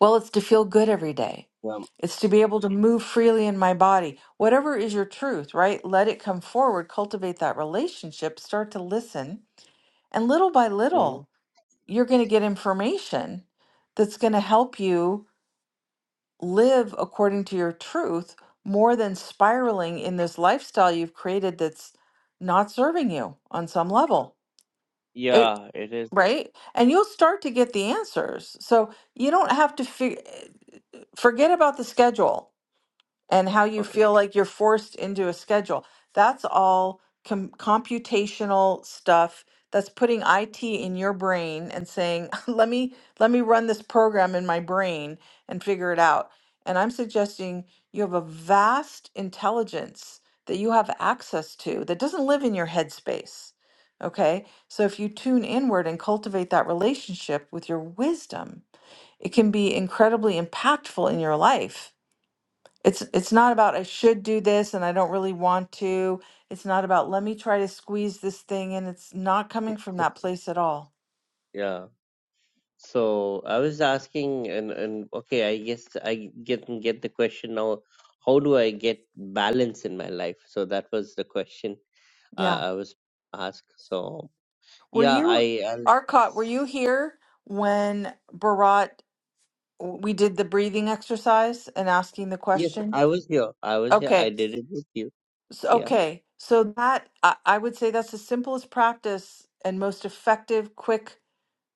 A: well, it's to feel good every day.
C: Yeah.
A: It's to be able to move freely in my body. Whatever is your truth, right? Let it come forward, cultivate that relationship, start to listen. And little by
C: Mm-hmm.
A: little, you're going to get information that's going to help you live according to your truth more than spiraling in this lifestyle you've created that's not serving you on some level. It,
C: Yeah, it is.
A: right? And you'll start to get the answers. So you don't have to fig- forget about the schedule and how you
C: Okay.
A: feel like you're forced into a schedule. That's all com- computational stuff. That's putting IT in your brain and saying, "Let me let me run this program in my brain and figure it out." And I'm suggesting you have a vast intelligence that you have access to that doesn't live in your headspace. Okay? So if you tune inward and cultivate that relationship with your wisdom, it can be incredibly impactful in your life it's it's not about I should do this and I don't really want to. It's not about let me try to squeeze this thing and It's not coming from that place at all.
C: Yeah. So I was asking, and and okay, I guess I get get the question now. How do I get balance in my life? So that was the question
A: Yeah.
C: I, I was asked. So
A: Were
C: yeah,
A: you
C: I, I
A: Arcot, were you here when Bharat we did the breathing exercise and asking the
C: yes,
A: question?
C: I was here. I was here.
A: Okay.
C: I did it with you.
A: So,
C: Yeah.
A: okay. So that I, I would say that's the simplest practice and most effective, quick,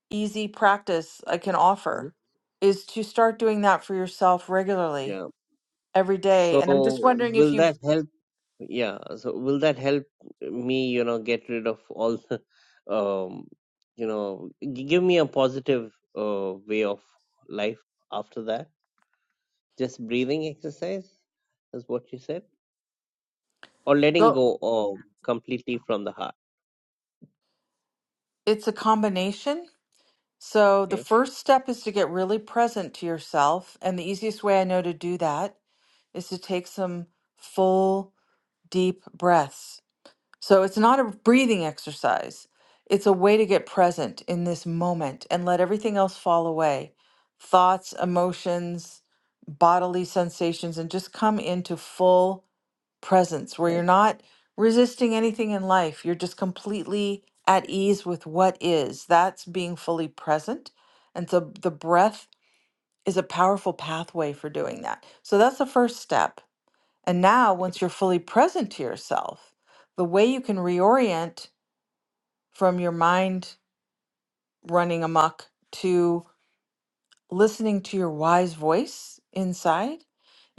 A: easy practice I can
C: mhm,
A: offer is to start doing that for yourself regularly
C: Yeah.
A: every day.
C: So
A: And I'm just wondering if
C: will
A: you
C: that help? Yeah, so will that help me, you know, get rid of all the, um, you know, g- give me a positive uh, way of life after that? Just breathing exercise is what you said, or letting
A: go,
C: go um, completely from the heart.
A: it's a combination. So the
C: Okay.
A: first step is to get really present to yourself. And the easiest way I know to do that is to take some full, deep breaths. So it's not a breathing exercise, it's a way to get present in this moment and let everything else fall away thoughts, emotions, bodily sensations, and just come into full presence where you're not resisting anything in life. You're just completely at ease with what is. That's being fully present. And so the breath is a powerful pathway for doing that. So that's the first step. And now, once you're fully present to yourself, the way you can reorient from your mind running amok to listening to your wise voice inside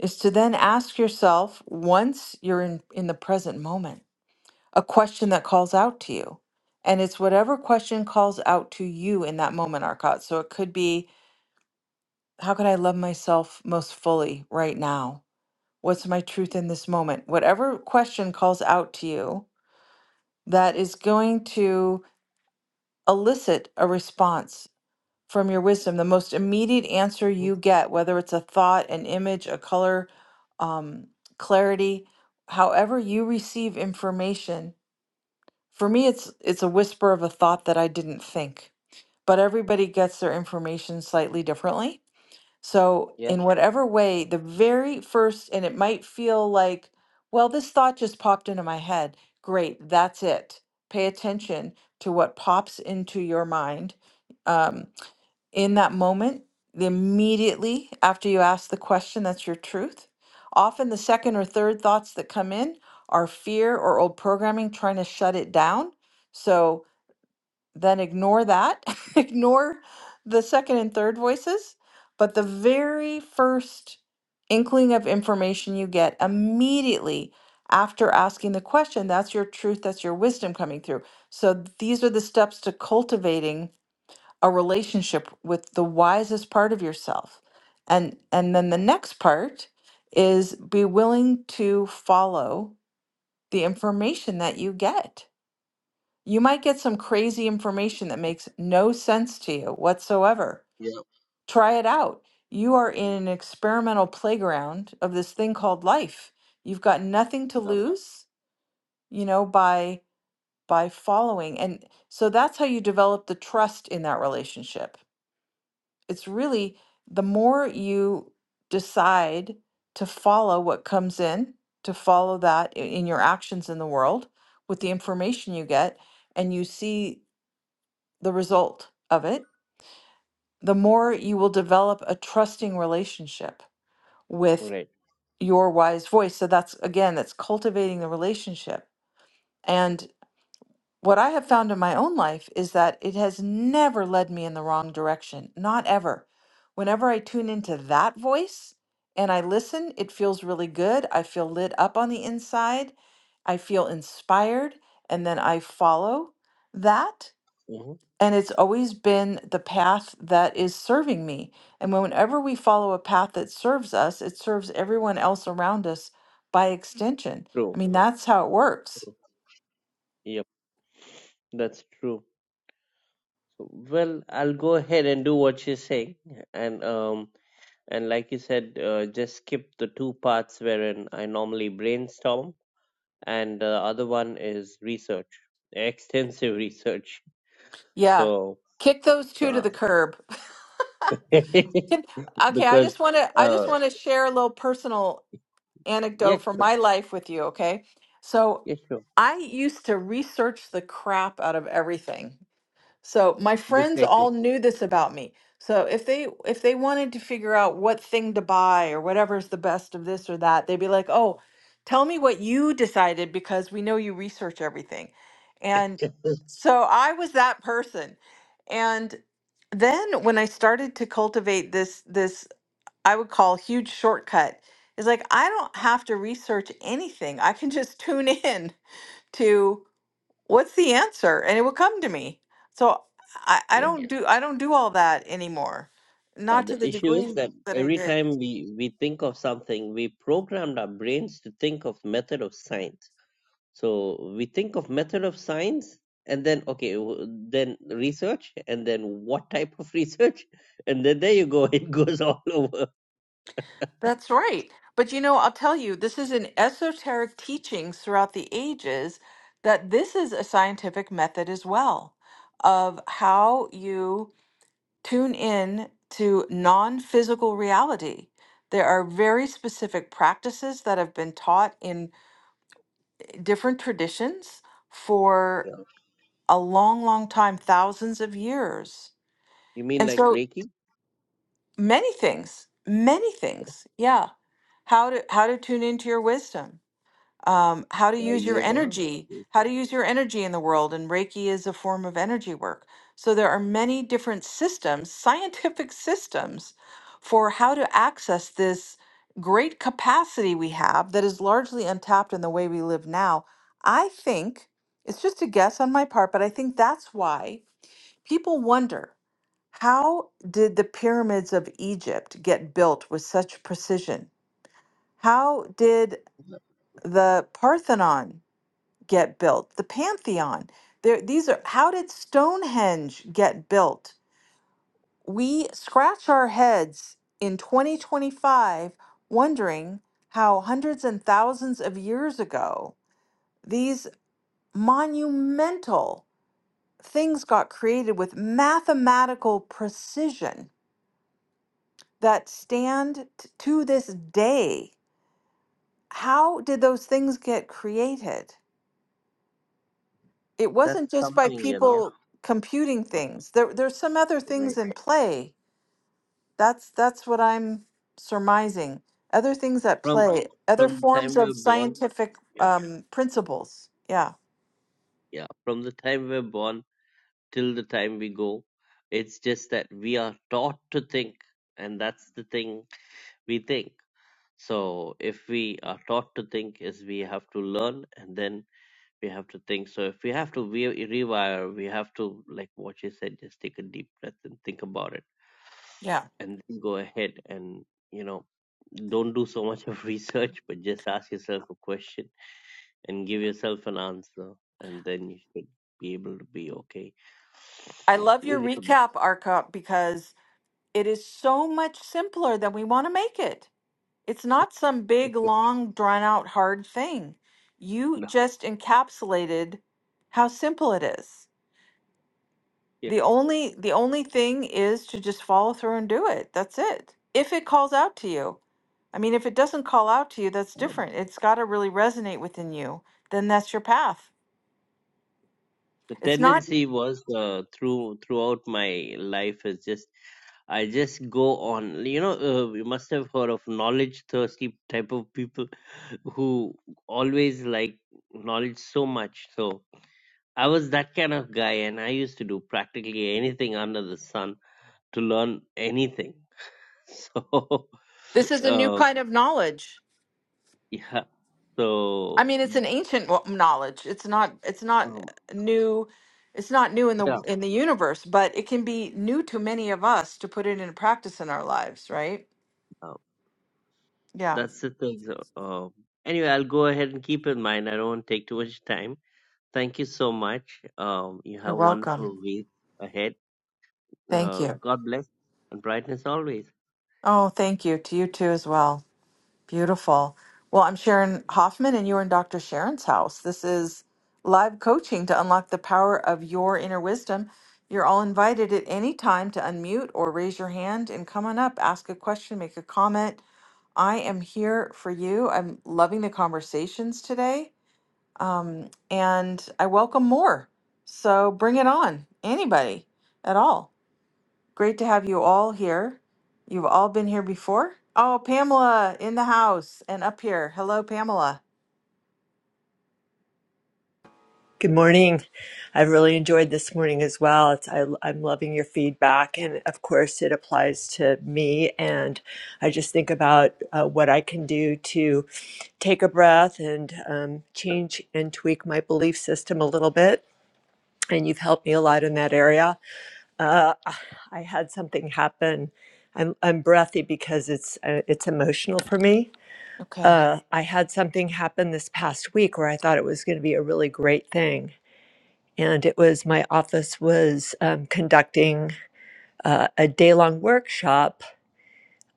A: is to then ask yourself once you're in, in the present moment a question that calls out to you. And it's whatever question calls out to you in that moment, Arcot. So it could be, how can I love myself most fully right now? What's my truth in this moment? Whatever question calls out to you that is going to elicit a response from your wisdom, the most immediate answer
C: hmm
A: you get, whether it's a thought, an image, a color, um, clarity, however you receive information For me, it's it's a whisper of a thought that I didn't think. But everybody gets their information slightly differently. So,
C: Yeah,
A: in whatever way, the very first, and it might feel like, well, this thought just popped into my head. Great, that's it. Pay attention to what pops into your mind. Um, in that moment, the immediately after you ask the question, that's your truth. Often the second or third thoughts that come in are fear or old programming trying to shut it down. So then ignore that, ignore the second and third voices. But the very first inkling of information you get immediately after asking the question, that's your truth, that's your wisdom coming through. So these are the steps to cultivating a relationship with the wisest part of yourself. And and then the next part is be willing to follow the information that you get. You might get some crazy information that makes no sense to you whatsoever.
C: yeah,
A: Try it out. You are in an experimental playground of this thing called life. You've got nothing to
C: yeah.
A: lose, you know, by by following. And so that's how you develop the trust in that relationship it's really the more you decide to follow what comes in, to follow that i- in your actions in the world with the information you get, and you see the result of it, the more you will develop a trusting relationship with
C: Right.
A: your wise voice. So that's again, that's cultivating the relationship. and. what I have found in my own life is that it has never led me in the wrong direction, not ever. Whenever I tune into that voice and I listen, it feels really good. I feel lit up on the inside. I feel inspired. And then I follow that.
C: hmm
A: And it's always been the path that is serving me. And whenever we follow a path that serves us, it serves everyone else around us by extension. I
C: True.
A: mean, that's how it works.
C: True. Yep. That's true. So, well, I'll go ahead and do what you're saying, and um. And like you said, uh, just skip the two parts wherein I normally brainstorm, and the other one is research, extensive research.
A: Yeah.
C: So,
A: Kick those two to
C: uh,
A: the curb. Can- Okay, I
C: because,
A: just want to I just
C: uh,
A: want to share a little personal
C: yeah,
A: anecdote from
C: sure,
A: my life with you, okay? So,
C: yeah, sure,
A: I used to research the crap out of everything. So my friends
C: dislike me.
A: all knew this about me. So if they if they wanted to figure out what thing to buy or whatever's the best of this or that, they'd be like, "Oh, tell me what you decided because we know you research everything." And so I was that person. And then when I started to cultivate this this I would call huge shortcut is like I don't have to research anything. I can just tune in to what's the answer and it will come to me so i i
C: Yeah,
A: don't do i don't do all that anymore
C: uh,
A: not to
C: the
A: the
C: issue
A: degree
C: is that
A: that i
C: every
A: did
C: time we, we think of something, we programmed our brains to think of method of science. So we think of method of science and then okay, w- then research and then what type of research and then there you go, it goes all over.
A: that's right but you know i'll tell you this is an esoteric teachings throughout the ages that this is a scientific method as well of how you tune in to non-physical reality there are very specific practices that have been taught in different traditions for
C: Yeah.
A: a long, long time, thousands of years.
C: You mean
A: And
C: like
A: so
C: Reiki?
A: many things, many things. Yeah. How to how to tune into your wisdom. Um, how to
C: Yeah.
A: use your
C: Yoga.
A: energy,
C: is-
A: how to use your energy in the world, and Reiki is a form of energy work. So there are many different systems, scientific systems, for how to access this great capacity we have that is largely untapped in the way we live now. I think it's just a guess on my part, but I think that's why People wonder how did the pyramids of Egypt get built with such precision? How did the Parthenon get built? The Pantheon? There, these are how did Stonehenge get built? We scratch our heads in 2025 wondering how hundreds and thousands of years ago these monumental things got created with mathematical precision that stand t- to this day. How did those things get created? It
C: That's
A: wasn't just by
C: something, you know,
A: people computing things. There, there's some other things
C: right?
A: in play. That's that's what I'm surmising. Other things at
C: From
A: play, other
C: from the
A: forms
C: time we're
A: of
C: born,
A: scientific
C: yeah,
A: um, principles. Yeah,
C: yeah. From the time we're born till the time we go, it's just that we are taught to think, and that's the thing we think. So if we are taught to think, is we have to learn and then we have to think. So if we have to re- rewire, we have to, like what you said, just take a deep breath and think about it,
A: yeah.
C: and then go ahead and you know, don't do so much of research, but just ask yourself a question and give yourself an answer, and then you should be able to be okay.
A: I love your
C: Yeah,
A: recap, Arcot, because it is so much simpler than we want to make it. It's not some big, long, drawn out, hard thing. You
C: No,
A: just encapsulated how simple it is.
C: yeah.
A: The only the only thing is to just follow through and do it. That's it. If it calls out to you. I mean, if it doesn't call out to you, that's
C: Um,
A: different. It's got to really resonate within you. Then that's your path.
C: the
A: It's not
C: tendency was uh, through throughout my life is just I just go on. You know, uh, you must have heard of knowledge thirsty type of people who always like knowledge so much. So I was that kind of guy, and I used to do practically anything under the sun to learn anything. So,
A: this is a new
C: uh,
A: kind of knowledge.
C: yeah.
A: I
C: So,
A: mean, it's an ancient wo- knowledge. It's not. It's not
C: um,
A: new. It's not new in the
C: yeah.
A: in the universe, but it can be new to many of us to put it into practice in our lives, right? Yeah.
C: That's the thing. So, um, anyway, I'll go ahead and keep in mind. I don't want to take too much time. Thank you so much. Um, you
A: You're
C: have a
A: welcome.
C: wonderful week ahead.
A: Thank
C: Uh,
A: you.
C: God bless and brightness always.
A: Oh, thank you to you too as well. Beautiful. Well, I'm Sharon Hoffman, and you're in Dr. Sharon's house. This is live coaching to unlock the power of your inner wisdom. You're all invited at any time to unmute or raise your hand and come on up, ask a question, make a comment I am here for you. I'm loving the conversations today. Um, and I welcome more. So bring it on, anybody at all. Great to have you all here. You've all been here before. Oh, Pamela in the house and up here. Hello, Pamela.
D: Good morning. I've really enjoyed this morning as well. It's, I, I'm loving your feedback. And of course, it applies to me. And I just think about uh, what I can do to take a breath and um, change and tweak my belief system a little bit. And you've helped me a lot in that area. Uh, I had something happen. I'm, I'm breathy because it's uh, it's emotional for me.
A: Okay.
D: Uh, I had something happen this past week where I thought it was going to be a really great thing and it was my office was um, conducting uh, a day-long workshop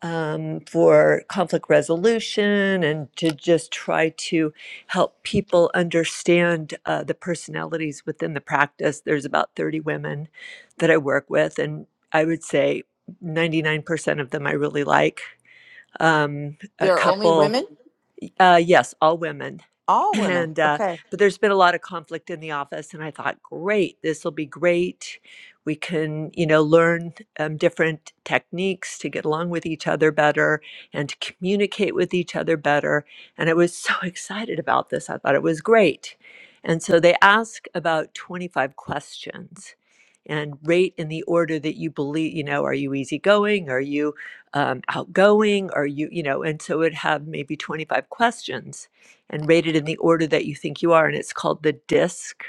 D: um, for conflict resolution and to just try to help people understand uh, the personalities within the practice there's about 30 women that i work with and i would say 99% of them i really like um, a
A: There are only
D: couple
A: women?
D: uh, yes, all women.
A: All women.
D: And uh,
A: Okay.
D: but there's been a lot of conflict in the office, and I thought, great, this will be great. We can, you know, learn um, different techniques to get along with each other better and to communicate with each other better. And I was so excited about this. I thought it was great. And so they ask about 25 questions and rate in the order that you believe, you know, are you easygoing? Are you um, outgoing or you you know and so it would have maybe 25 questions and rated in the order that you think you are and it's called the disc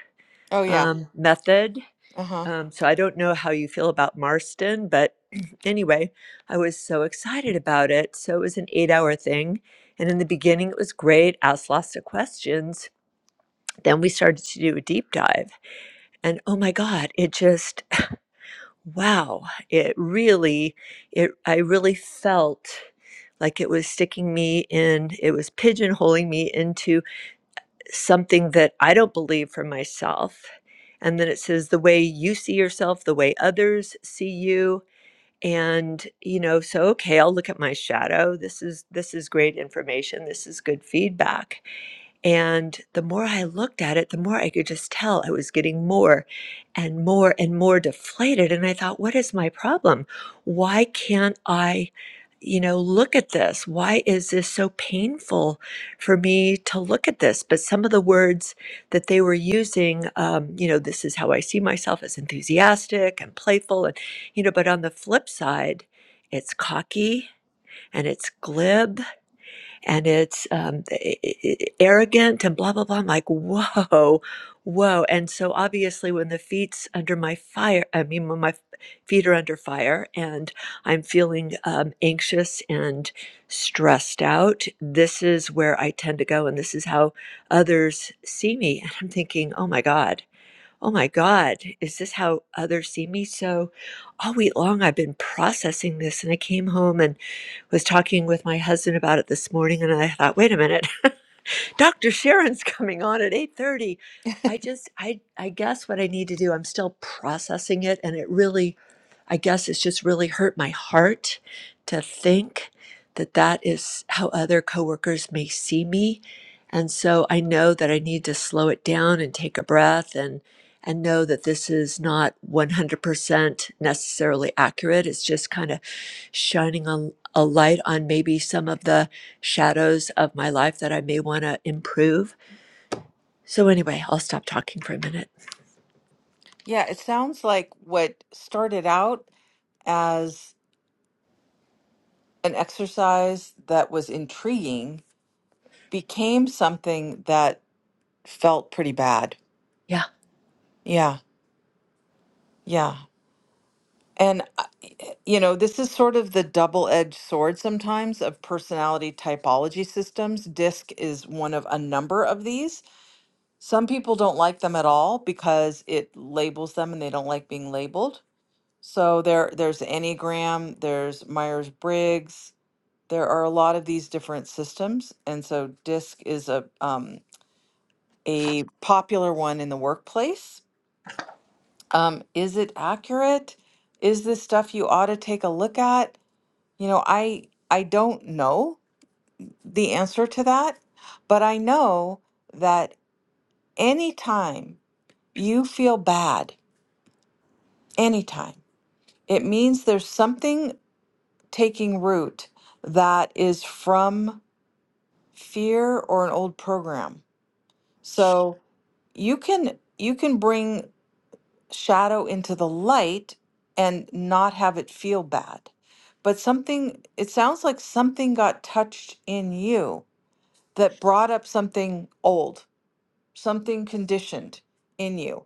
A: Oh, yeah.
D: um, method
A: Uh huh.
D: um, so i don't know how you feel about marston but anyway i was so excited about it so it was an eight hour thing and in the beginning it was great asked lots of questions then we started to do a deep dive and oh my god it just wow it really it i really felt like it was sticking me in it was pigeonholing me into something that i don't believe for myself and then it says the way you see yourself the way others see you and you know so okay i'll look at my shadow this is this is great information this is good feedback and the more I looked at it, the more I could just tell I was getting more and more and more deflated. And I thought, what is my problem? Why can't I, you know, look at this? Why is this so painful for me to look at this? But some of the words that they were using, um, you know, this is how I see myself as enthusiastic and playful. And, you know, but on the flip side, it's cocky and it's glib and it's um, arrogant and blah blah blah. I'm like, whoa, whoa. And so obviously, when the feet's under my fire, I mean, when my feet are under fire, and I'm feeling um, anxious and stressed out, this is where I tend to go, and this is how others see me. And I'm thinking, oh my god. Oh my God, is this how others see me? So all week long, I've been processing this. And I came home and was talking with my husband about it this morning and I thought, wait a minute, Dr. Sharon's coming on at 8:30. I just I I guess what I need to do, I'm still processing it and it really I guess it's just really hurt my heart to think that that is how other coworkers may see me. And so I know that I need to slow it down and take a breath and and know that this is not 100% necessarily accurate. It's just kind of shining a, a light on maybe some of the shadows of my life that I may want to improve. So anyway, I'll stop talking for a minute.
A: Yeah, it sounds like what started out as an exercise that was intriguing became something that felt pretty bad.
D: Yeah.
A: Yeah, yeah. And, I- you know, this is sort of the double edged sword sometimes of personality typology systems. DISC is one of a number of these. Some people don't like them at all because it labels them and they don't like being labeled. So there, there's Enneagram, there's Myers Briggs, there are a lot of these different systems. And so DISC is a, um, a popular one in the workplace Um, is it accurate? Is this stuff you ought to take a look at? You know, I I don't know the answer to that, but I know that anytime you feel bad, anytime, it means there's something taking root that is from fear or an old program. So you can you can bring shadow into the light and not have it feel bad. But something, it sounds like something got touched in you that brought up something old, something conditioned in you.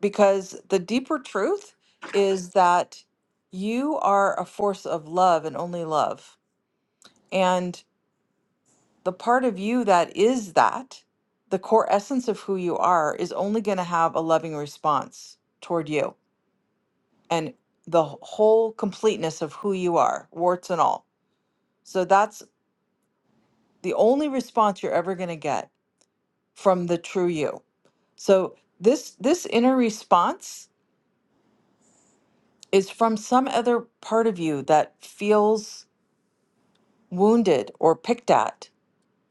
A: Because the deeper truth is that you are a force of love and only love. And the part of you that is that, the core essence of who you are, is only going to have a loving response toward you and the whole completeness of who you are, warts and all. So that's the only response you're ever going to get from the true you. So this this inner response is from some other part of you that feels wounded or picked at.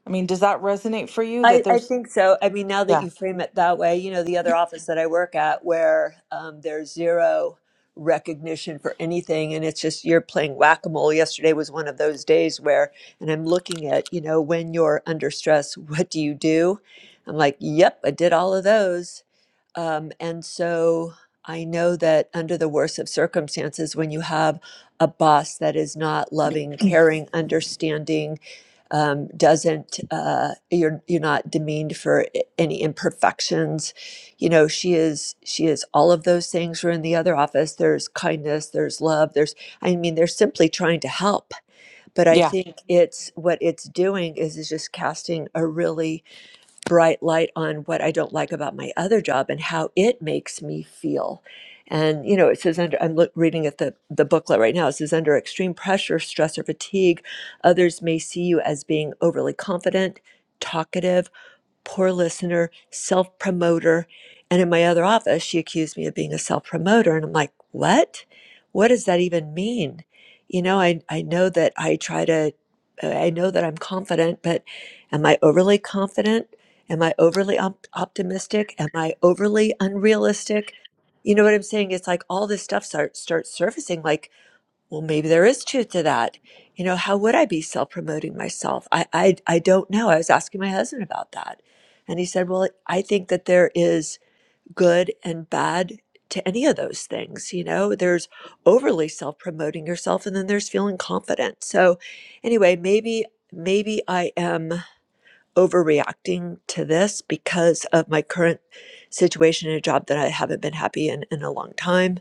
A: I mean, does that resonate for you
D: I,
A: that
D: I
A: there's
D: think so. I mean, now that
A: yeah.
D: you frame it that way, you know, the other office that I work at where um, there's zero recognition for anything and it's just you're playing whack-a-mole. Yesterday was one of those days where, and I'm looking at, you know, when you're under stress, what do you do? I'm like, yep, I did all of those. Um, and so I know that under the worst of circumstances, when you have a boss that is not loving, caring, understanding, um, doesn't uh, you're you're not demeaned for i- any imperfections. You know she is she is all of those things. We're in the other office. There's kindness. There's love. There's I mean they're simply trying to help. But I
A: Yeah.
D: think it's what it's doing is is just casting a really bright light on what I don't like about my other job and how it makes me feel. And you know, it says under I'm look, reading at the the booklet right now. It says under extreme pressure, stress, or fatigue, others may see you as being overly confident, talkative poor listener, self promoter. And in my other office, she accused me of being a self promoter. And I'm like, what? What does that even mean? You know, I, I know that I try to, I know that I'm confident, but am I overly confident? Am I overly op- optimistic? Am I overly unrealistic? You know what I'm saying? It's like all this stuff start, starts surfacing. Like, well, maybe there is truth to that. You know, how would I be self promoting myself? I, I, I don't know. I was asking my husband about that. And he said, Well, I think that there is good and bad to any of those things. You know, there's overly self promoting yourself, and then there's feeling confident. So, anyway, maybe. Maybe I am overreacting to this because of my current situation in a job that I haven't been happy in in a long time.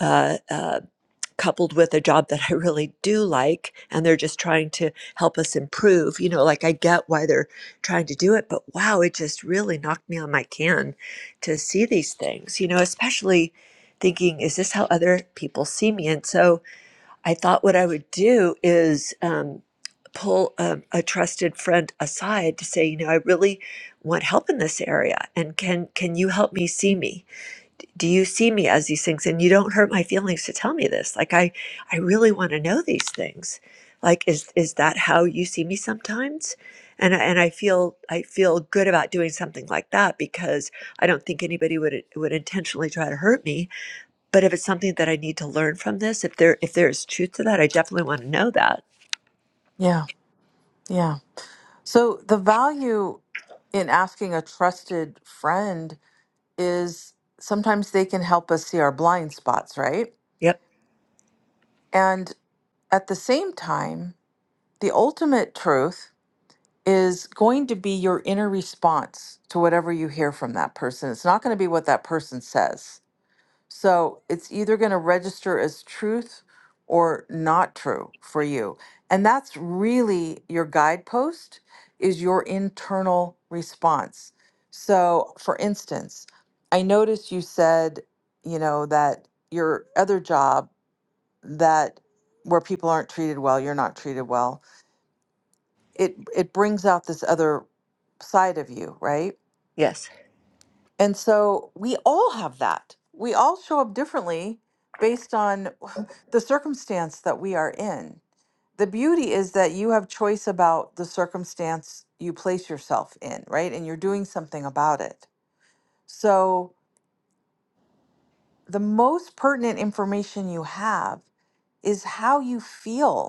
D: Uh, uh, coupled with a job that I really do like and they're just trying to help us improve. You know, like I get why they're trying to do it, but wow, it just really knocked me on my can to see these things, you know, especially thinking, is this how other people see me? And so I thought what I would do is um, pull um, a trusted friend aside to say, you know, I really want help in this area and can can you help me see me? do you see me as these things and you don't hurt my feelings to tell me this like i i really want to know these things like is is that how you see me sometimes and I, and i feel i feel good about doing something like that because i don't think anybody would would intentionally try to hurt me but if it's something that i need to learn from this if there if there's truth to that i definitely want to know that
A: Yeah. Yeah. So the value in asking a trusted friend is sometimes they can help us see our blind spots, right?
D: yep
A: And At the same time, the ultimate truth is going to be your inner response to whatever you hear from that person. It's not going to be what that person says. So it's either going to register as truth or not true for you. And that's really your guidepost is your internal response. So for instance, I noticed you said, you know, that your other job that where people aren't treated well, you're not treated well. It it brings out this other side of you, right?
D: yes
A: And so we all have that. We all show up differently based on the circumstance that we are in. The beauty is that you have choice about the circumstance you place yourself in, right? And you're doing something about it. So the most pertinent information you have is how you feel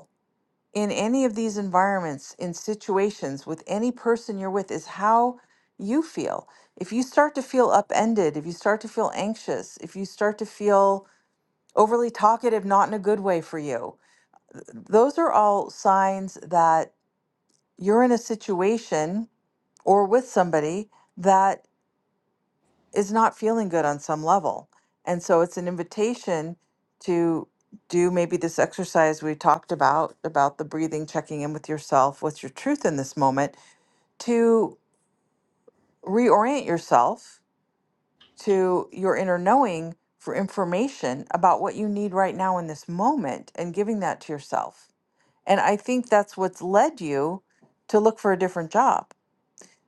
A: in any of these environments, in situations, with any person you're with, is how you feel. If you start to feel upended, if you start to feel anxious, if you start to feel overly talkative, not in a good way for you, th- those are all signs that you're in a situation or with somebody that is not feeling good on some level. And so it's an invitation to do maybe this exercise we talked about, about the breathing, checking in with yourself, what's your truth in this moment, to reorient yourself to your inner knowing for information about what you need right now in this moment and giving that to yourself. And I think that's what's led you to look for a different job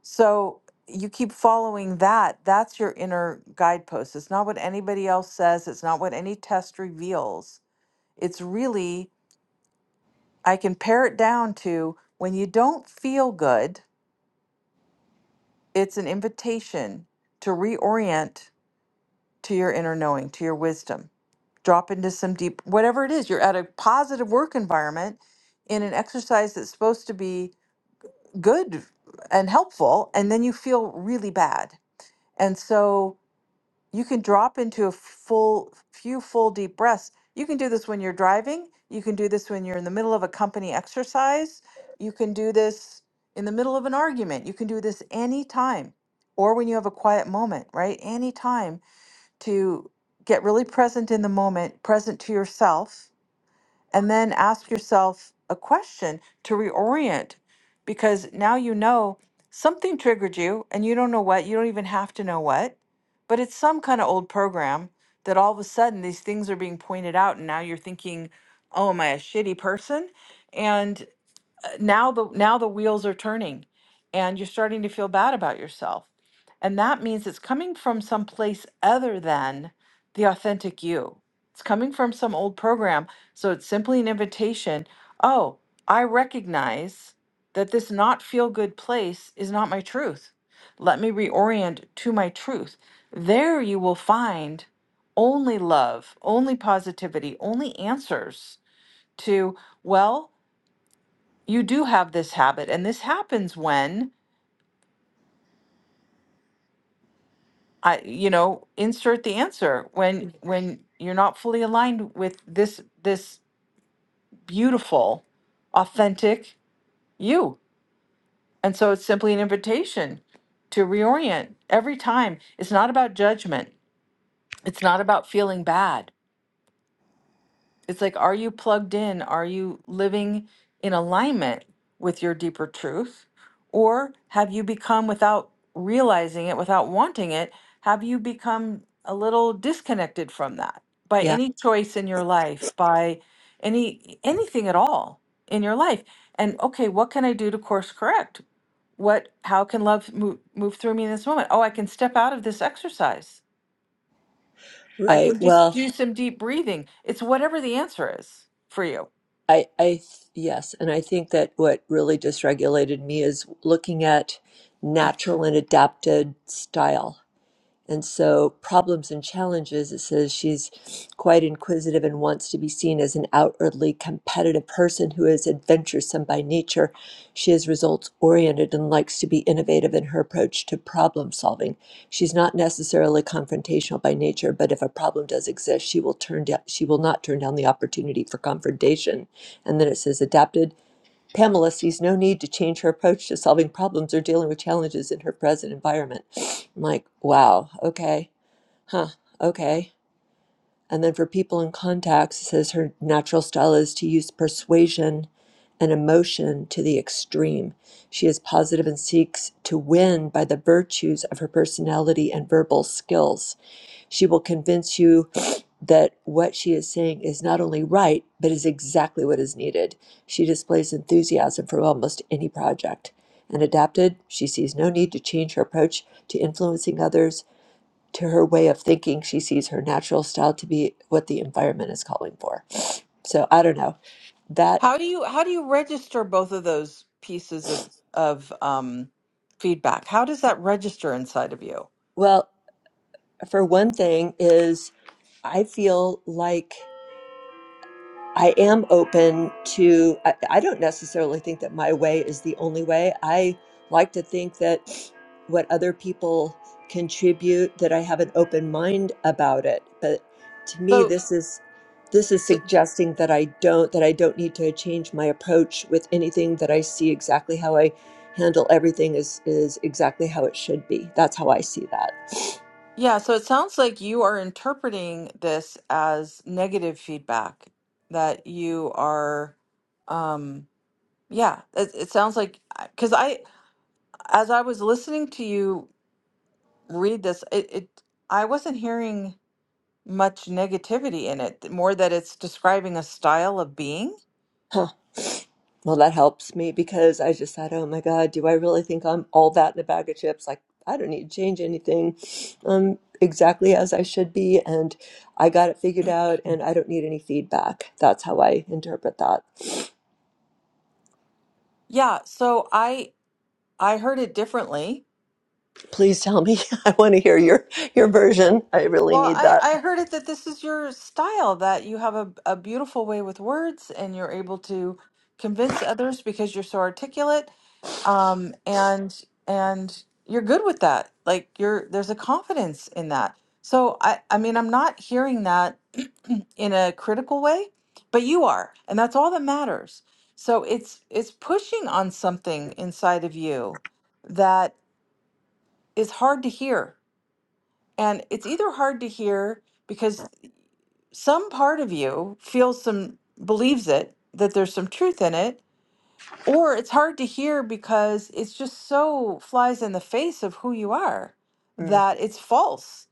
A: so you keep following that. That's your inner guidepost. It's not what anybody else says, it's not what any test reveals. It's really, I can pare it down to when you don't feel good, it's an invitation to reorient to your inner knowing, to your wisdom. Drop into some deep, whatever it is. You're at a positive work environment in an exercise that's supposed to be good and helpful, and then you feel really bad. And so, you can drop into a full few full deep breaths you can do this when you're driving you can do this when you're in the middle of a company exercise you can do this in the middle of an argument you can do this anytime or when you have a quiet moment right anytime to get really present in the moment present to yourself and then ask yourself a question to reorient because now you know something triggered you and you don't know what, you don't even have to know what, but it's some kind of old program that all of a sudden these things are being pointed out and now you're thinking, oh, am I a shitty person? and now the now the wheels are turning and you're starting to feel bad about yourself and that means it's coming from some place other than the authentic you it's coming from some old program so it's simply an invitation oh i recognize that this not feel good place is not my truth let me reorient to my truth there you will find only love only positivity only answers to well you do have this habit and this happens when i you know insert the answer when when you're not fully aligned with this this beautiful authentic you and so it's simply an invitation to reorient every time it's not about judgment it's not about feeling bad It's like, are you plugged in? Are you living in alignment with your deeper truth? Or have you become, without realizing it, without wanting it, have you become a little disconnected from that by
D: yeah
A: any choice in your life, by any anything at all in your life? And okay, what can I do to course correct? What how can love move, move through me in this moment? Oh, I can step out of this exercise. I
D: right
A: can just
D: well
A: do some deep breathing. It's whatever the answer is for you.
D: I, I, th- yes, and I think that what really dysregulated me is looking at natural and adapted style. And so, problems and challenges, it says she's quite inquisitive and wants to be seen as an outwardly competitive person who is adventuresome by nature. She is results oriented and likes to be innovative in her approach to problem solving. She's not necessarily confrontational by nature, but if a problem does exist, she will turn down, she will not turn down the opportunity for confrontation. And then it says adapted Pamela sees no need to change her approach to solving problems or dealing with challenges in her present environment. I'm like, wow, okay, huh, okay. And then for people in contacts, it says her natural style is to use persuasion and emotion to the extreme. She is positive and seeks to win by the virtues of her personality and verbal skills. She will convince you that what she is saying is not only right, but is exactly what is needed. She displays enthusiasm for almost any project. And adapted, she sees no need to change her approach to influencing others. To her way of thinking, she sees her natural style to be what the environment is calling for. So I don't know. That,
A: How do you how do you register both of those pieces of of um, feedback? How does that register inside of you?
D: well, for one thing, is I feel like. I am open to, I, I don't necessarily think that my way is the only way. I like to think that what other people contribute, that I have an open mind about it. But to me,
A: So,
D: this is this is
A: so
D: suggesting that I don't that I don't need to change my approach with anything that I see exactly how I handle everything is is exactly how it should be. That's how I see that.
A: yeah, so it sounds like you are interpreting this as negative feedback that you are um yeah, it, it sounds like because I as I was listening to you read this, it, it I wasn't hearing much negativity in it, more that it's describing a style of being.
D: Well, that helps me because I just thought, oh my God, do I really think I'm all that in a bag of chips? Like, I don't need to change anything. I'm exactly as I should be. And I got it figured out and I don't need any feedback. That's how I interpret that.
A: Yeah, so I I heard it differently.
D: Please tell me. I want to hear your, your version. I really
A: Well,
D: need
A: I,
D: that.
A: I heard it that this is your style, that you have a, a beautiful way with words and you're able to convince others because you're so articulate. Um, and and you're good with that. Like you're there's a confidence in that. So I, I mean I'm not hearing that in a critical way, but you are, and that's all that matters. So it's it's pushing on something inside of you that is hard to hear And it's either hard to hear because some part of you feels some, believes it, that there's some truth in it, or it's hard to hear because it's just so flies in the face of who you are
D: Mm,
A: that it's false.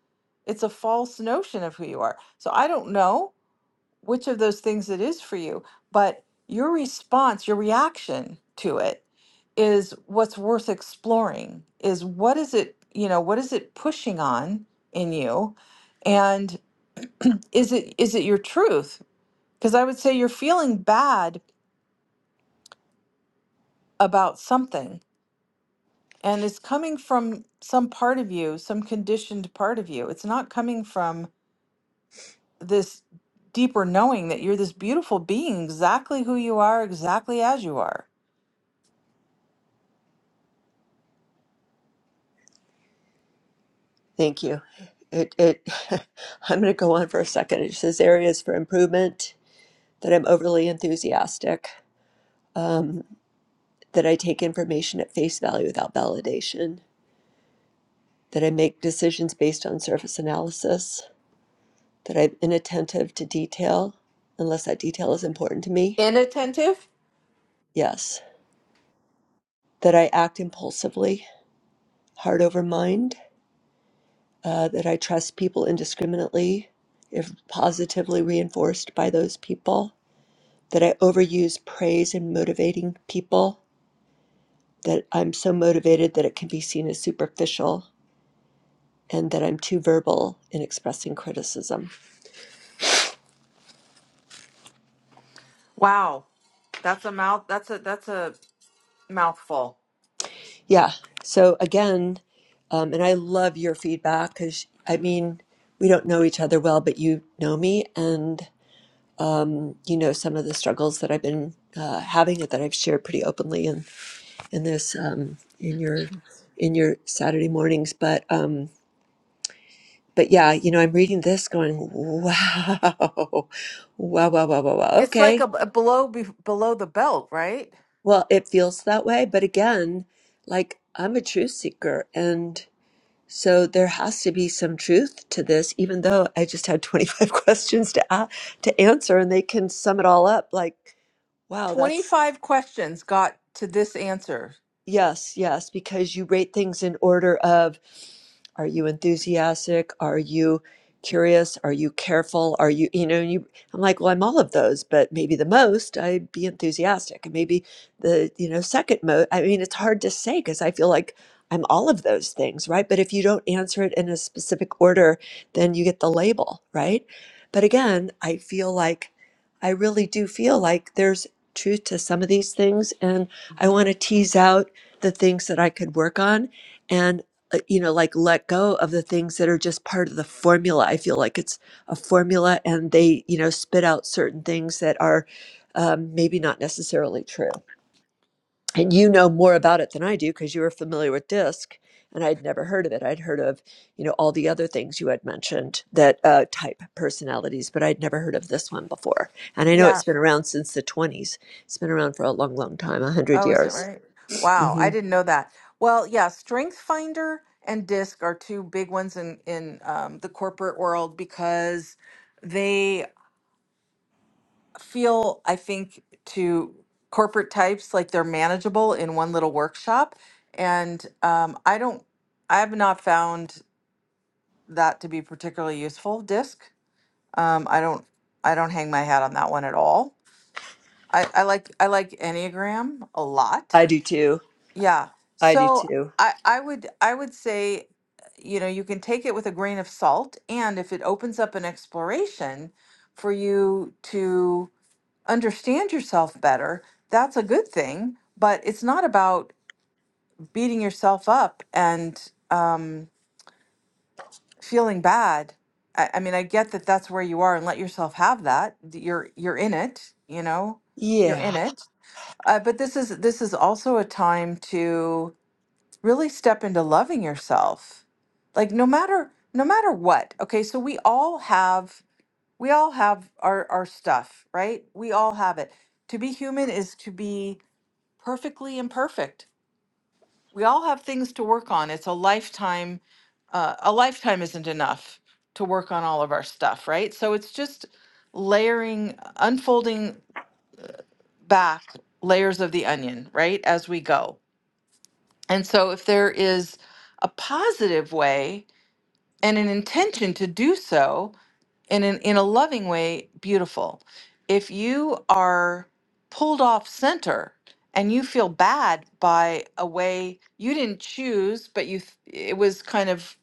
A: It's a false notion of who you are. So I don't know which of those things it is for you, but your response, your reaction to it is what's worth exploring is what is it, you know, what is it pushing on in you? And is it is it your truth? Because I would say you're feeling bad about something and it's coming from some part of you, some conditioned part of you. It's not coming from this deeper knowing that you're this beautiful being, exactly who you are, exactly as you are
D: thank you. It, it, I'm going to go on for a second. It says areas for improvement that I'm overly enthusiastic. Um, that I take information at face value without validation, that I make decisions based on surface analysis, that I'm inattentive to detail unless that detail is important to me.
A: Inattentive?
D: Yes, that I act impulsively, heart over mind, uh, that I trust people indiscriminately if positively reinforced by those people, that I overuse praise in motivating people, that I'm so motivated that it can be seen as superficial, and that I'm too verbal in expressing criticism.
A: Wow. That's a mouth that's a that's a mouthful.
D: Yeah. So again, um, and I love your feedback because I mean, we don't know each other well, but you know me and you know some of the struggles that I've been uh, having that I've shared pretty openly in in this um, in your in your Saturday mornings. But um, but yeah, you know, I'm reading this going, wow, wow, wow, wow, wow, wow.
A: It's like
D: Okay,
A: a, a below be, below the belt, right?
D: well, it feels that way, but again, like I'm a truth seeker, So there has to be some truth to this, even though I just had 25 questions to a to answer, and they can sum it all up. Like, wow, that's
A: 25 questions got to this answer.
D: Yes, yes, because you rate things in order of are you enthusiastic? Are you curious? Are you careful? Are you, you know, you, I'm like, well, I'm all of those, but maybe the most I'd be enthusiastic. And maybe the, you know, second most, I mean, it's hard to say because I feel like I'm all of those things, right? But if you don't answer it in a specific order, then you get the label, right? But again, I feel like, I really do feel like there's truth to some of these things. And I
A: Mhm.
D: want to tease out the things that I could work on and uh, you know like let go of the things that are just part of the formula. I feel like it's a formula and they you know spit out certain things that are um, maybe not necessarily true. And you know more about it than I do because you were familiar with DISC and I'd never heard of it. I'd heard of you know all the other things you had mentioned that uh, type personalities, but I'd never heard of this one before. And I know
A: Yeah,
D: it's been around since the 20s. It's been around for a long, long time, a hundred
A: Oh, is it
D: years.
A: right? Wow, I
D: hmm
A: didn't know that. Well, yeah, Strength Finder and DISC are two big ones in in um, the corporate world because they feel, I think, to corporate types like they're manageable in one little workshop. And um, I don't, I have not found that to be particularly useful. DISC, um, I don't, I don't hang my hat on that one at all. I, I like I like Enneagram a lot
D: I do too.
A: Yeah.
D: I do
A: So
D: too.
A: I I would I would say, you know, you can take it with a grain of salt, and if it opens up an exploration for you to understand yourself better, that's a good thing. But it's not about beating yourself up and um, feeling bad. I, I mean, I get that that's where you are, and let yourself have that. that You're you're in it, you know, you're in
D: Yeah.
A: it. Uh, but this is this is also a time to really step into loving yourself like no matter no matter what okay so we all have we all have our our stuff right we all have it to be human is to be perfectly imperfect we all have things to work on it's a lifetime uh, a lifetime isn't enough to work on all of our stuff right so it's just layering unfolding back layers of the onion right as we go and so if there is a positive way and an intention to do so in an, in a loving way beautiful if you are pulled off center and you feel bad by a way you didn't choose but you th- it was kind of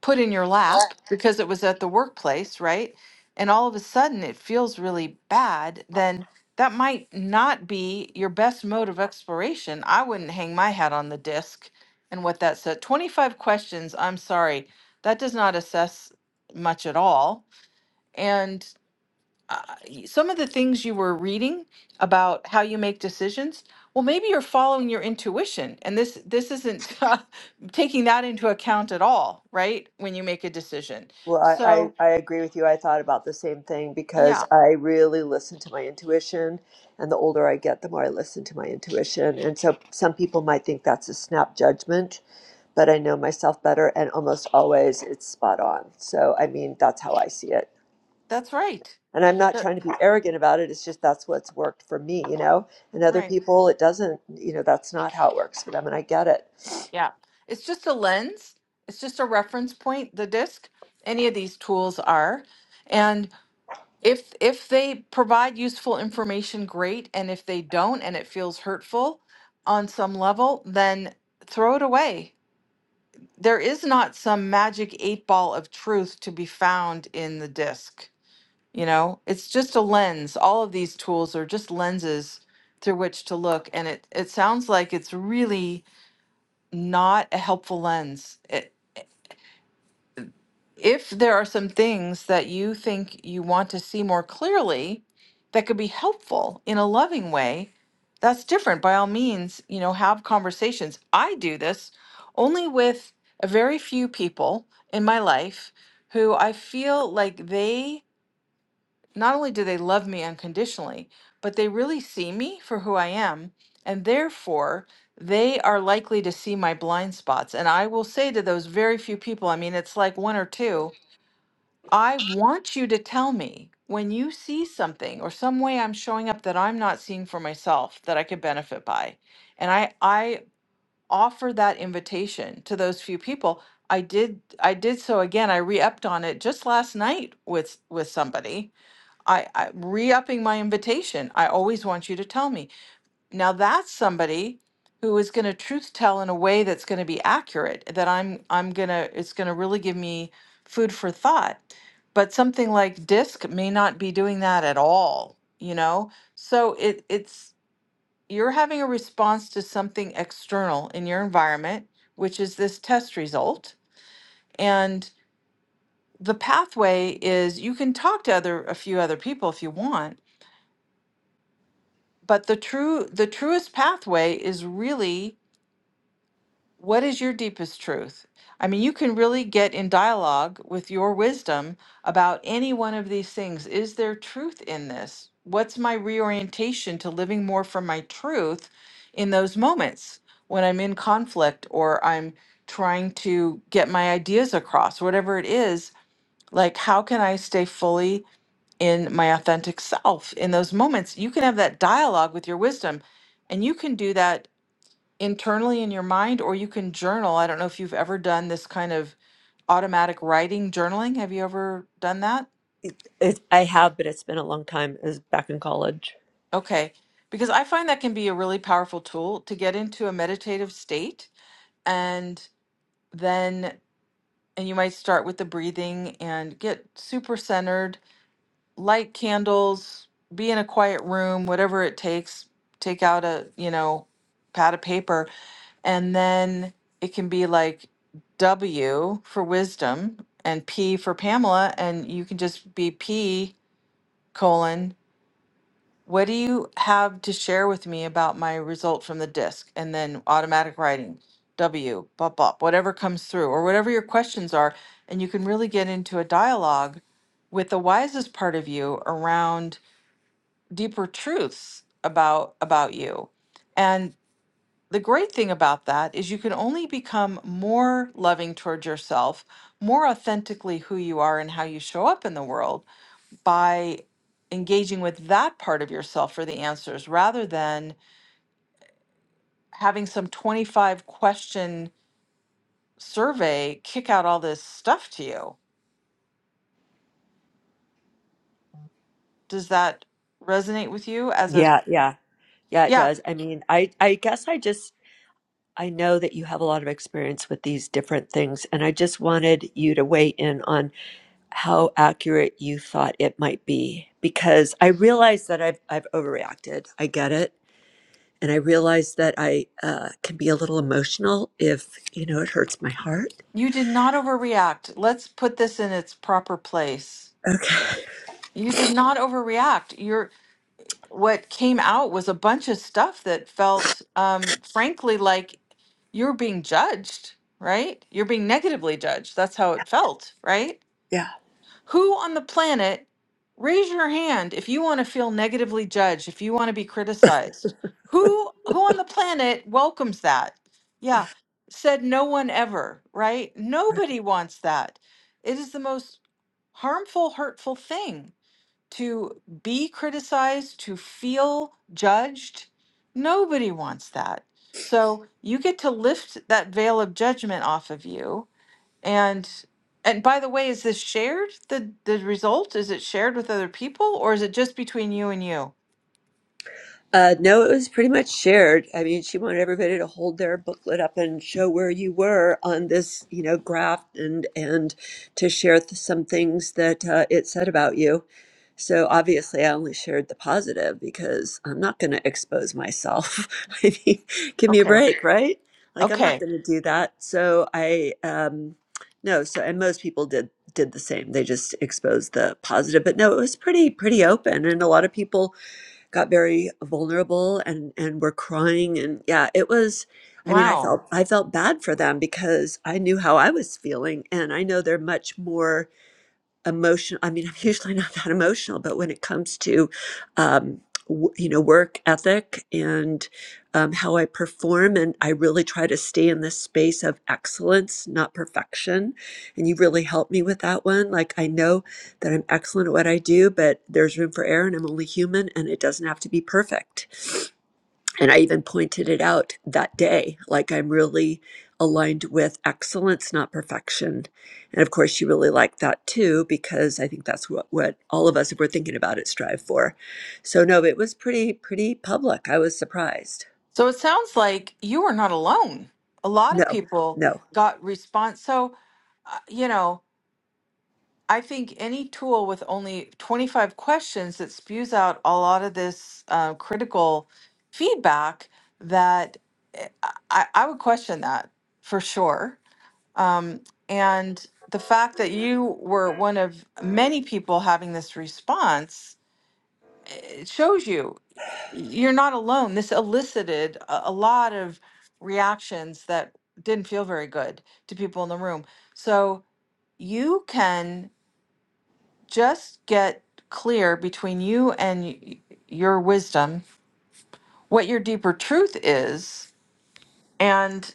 A: put in your lap because it was at the workplace, right? And all of a sudden it feels really bad, then that might not be your best mode of exploration. I wouldn't hang my hat on the disc and what that said. 25 questions, I'm sorry, that does not assess much at all. And uh, y- some of the things you were reading about how you make decisions well maybe you're following your intuition and this this isn't uh, taking that into account at all right when you make a decision Right.
D: Well, I,
A: so
D: I, I agree with you. I thought about the same thing because
A: yeah
D: I really listen to my intuition. And the older I get, the more I listen to my intuition. And so some people might think that's a snap judgment, but I know myself better. And almost always it's spot on. So, I mean, that's how I see it.
A: that's right
D: And I'm not
A: That-
D: trying to be arrogant about it. It's just that's what's worked for me, you know? And other
A: right
D: people, it doesn't, you know, that's not how it works for them. And I get it.
A: yeah it's just a lens it's just a reference point the disc any of these tools are if if they provide useful information great and if they don't and it feels hurtful on some level then throw it away there is not some magic eight ball of truth to be found in the disc you know it's just a lens all of these tools are just lenses through which to look and it it sounds like it's really not a helpful lens if there are some things that you think you want to see more clearly that could be helpful in a loving way, that's different. By all means, you know, have conversations. I do this only with a very few people in my life who I feel like they not only do they love me unconditionally, but they really see me for who I am. And therefore, they are likely to see my blind spots. And I will say to those very few people, I mean, it's like one or two I want you to tell me when you see something or some way I'm showing up that I'm not seeing for myself that I could benefit by. And I I offer that invitation to those few people. I did I did so again. I re-upped on it just last night with with somebody. I, I re-upping my invitation. I always want you to tell me. Now that's somebody who is going to truth tell in a way that's going to be accurate, that I'm I'm going to it's going to really give me food for thought. But something like DISC may not be doing that at all, you know? So it it's you're having a response to something external in your environment, which is this test result. And the pathway is you can talk to other a few other people if you want, but the true the truest pathway is really What is your deepest truth? I mean, you can really get in dialogue with your wisdom about any one of these things. Is there truth in this? What's my reorientation to living more from my truth in those moments when I'm in conflict or I'm trying to get my ideas across, whatever it is? Like, how can I stay fully in my authentic self in those moments? You can have that dialogue with your wisdom, and you can do that internally in your mind, or you can journal. I don't know if you've ever done this kind of automatic writing journaling. Have you ever done that?
D: It, I have, but it's been a long time. It was back in college.
A: Okay. Because I find that can be a really powerful tool to get into a meditative state and then and you might start with the breathing and get super centered light candles, be in a quiet room, whatever it takes, take out a, you know, pad of paper. And then it can be like W for wisdom and P for Pamela. And you can just be P colon, what do you have to share with me about my result from the disc? And then automatic writing, W, bop, bop, whatever comes through or whatever your questions are. And you can really get into a dialogue with the wisest part of you around deeper truths about about you and the great thing about that is you can only become more loving towards yourself more authentically who you are and how you show up in the world by engaging with that part of yourself for the answers rather than having some 25 question survey kick out all this stuff to you does that resonate with you as a
D: Yeah, yeah, yeah, it
A: yeah
D: does. I mean, I, I guess I just, I know that you have a lot of experience with these different things, and I just wanted you to weigh in on how accurate you thought it might be, because I realize that I've, I've overreacted. I get it. And I realize that I uh, can be a little emotional if, you know, it hurts my heart.
A: you did not overreact let's put this in its proper place You did not overreact. Your what came out was a bunch of stuff that felt, um, frankly, like you're being judged, right? You're being negatively judged. That's how it felt, right?
D: Yeah.
A: Who on the planet, raise your hand if you want to feel negatively judged, if you want to be criticized. Who who on the planet welcomes that? Yeah, said no one ever, right? Nobody wants that. It is the most harmful, hurtful thing to be criticized, to feel judged. Nobody wants that. So you get to lift that veil of judgment off of you. And and by the way, is this shared? The the result is it shared with other people or is it just between you and you?
D: Uh, no, it was pretty much shared. I mean, she wanted everybody to hold their booklet up and show where you were on this, you know, graph and and to share th- some things that uh, it said about you. So obviously, I only shared the positive because I'm not going to expose myself. I mean, give me a
A: Okay.
D: break, right? Like I'm not
A: Okay.
D: going to do that. So I um, no. So and most people did did the same. They just exposed the positive, but no, it was pretty pretty open, and a lot of people got very vulnerable and and were crying and yeah it was i mean i
A: Wow.
D: felt i felt bad for them because i knew how i was feeling and i know they're much more emotion i mean i'm usually not that emotional but when it comes to um, w- you know work ethic and um, how i perform and i really try to stay in this space of excellence not perfection and you really helped me with that one like i know that i'm excellent at what i do but there's room for error and i'm only human and it doesn't have to be perfect and I even pointed it out that day, like I'm really aligned with excellence, not perfection. And of course, she really liked that too, because I think that's what, what all of us, if we're thinking about it, strive for. So, no, it was pretty, pretty public. I was surprised.
A: So it sounds like you are not alone. A lot of
D: No,
A: people
D: no.
A: got response. So uh, you know, I think any tool with only 25 questions that spews out a lot of this uh, critical feedback that eh, I, I I would question that for sure. Um, and the fact that you were one of many people having this response, it shows you you're not alone. This elicited a, a lot of reactions that didn't feel very good to people in the room. So you can just get clear between you and y- your wisdom what your deeper truth is and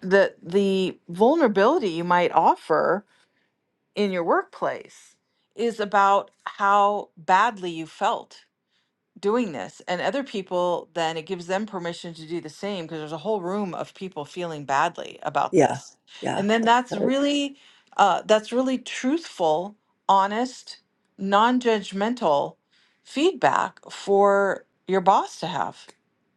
A: the the vulnerability you might offer in your workplace is about how badly you felt doing this and other people then it gives them permission to do the same because there's a whole room of people feeling badly about
D: Yeah.
A: this
D: Yeah.
A: and then
D: That's
A: that's
D: Right.
A: really uh, that's really truthful honest non-judgmental feedback for your boss to have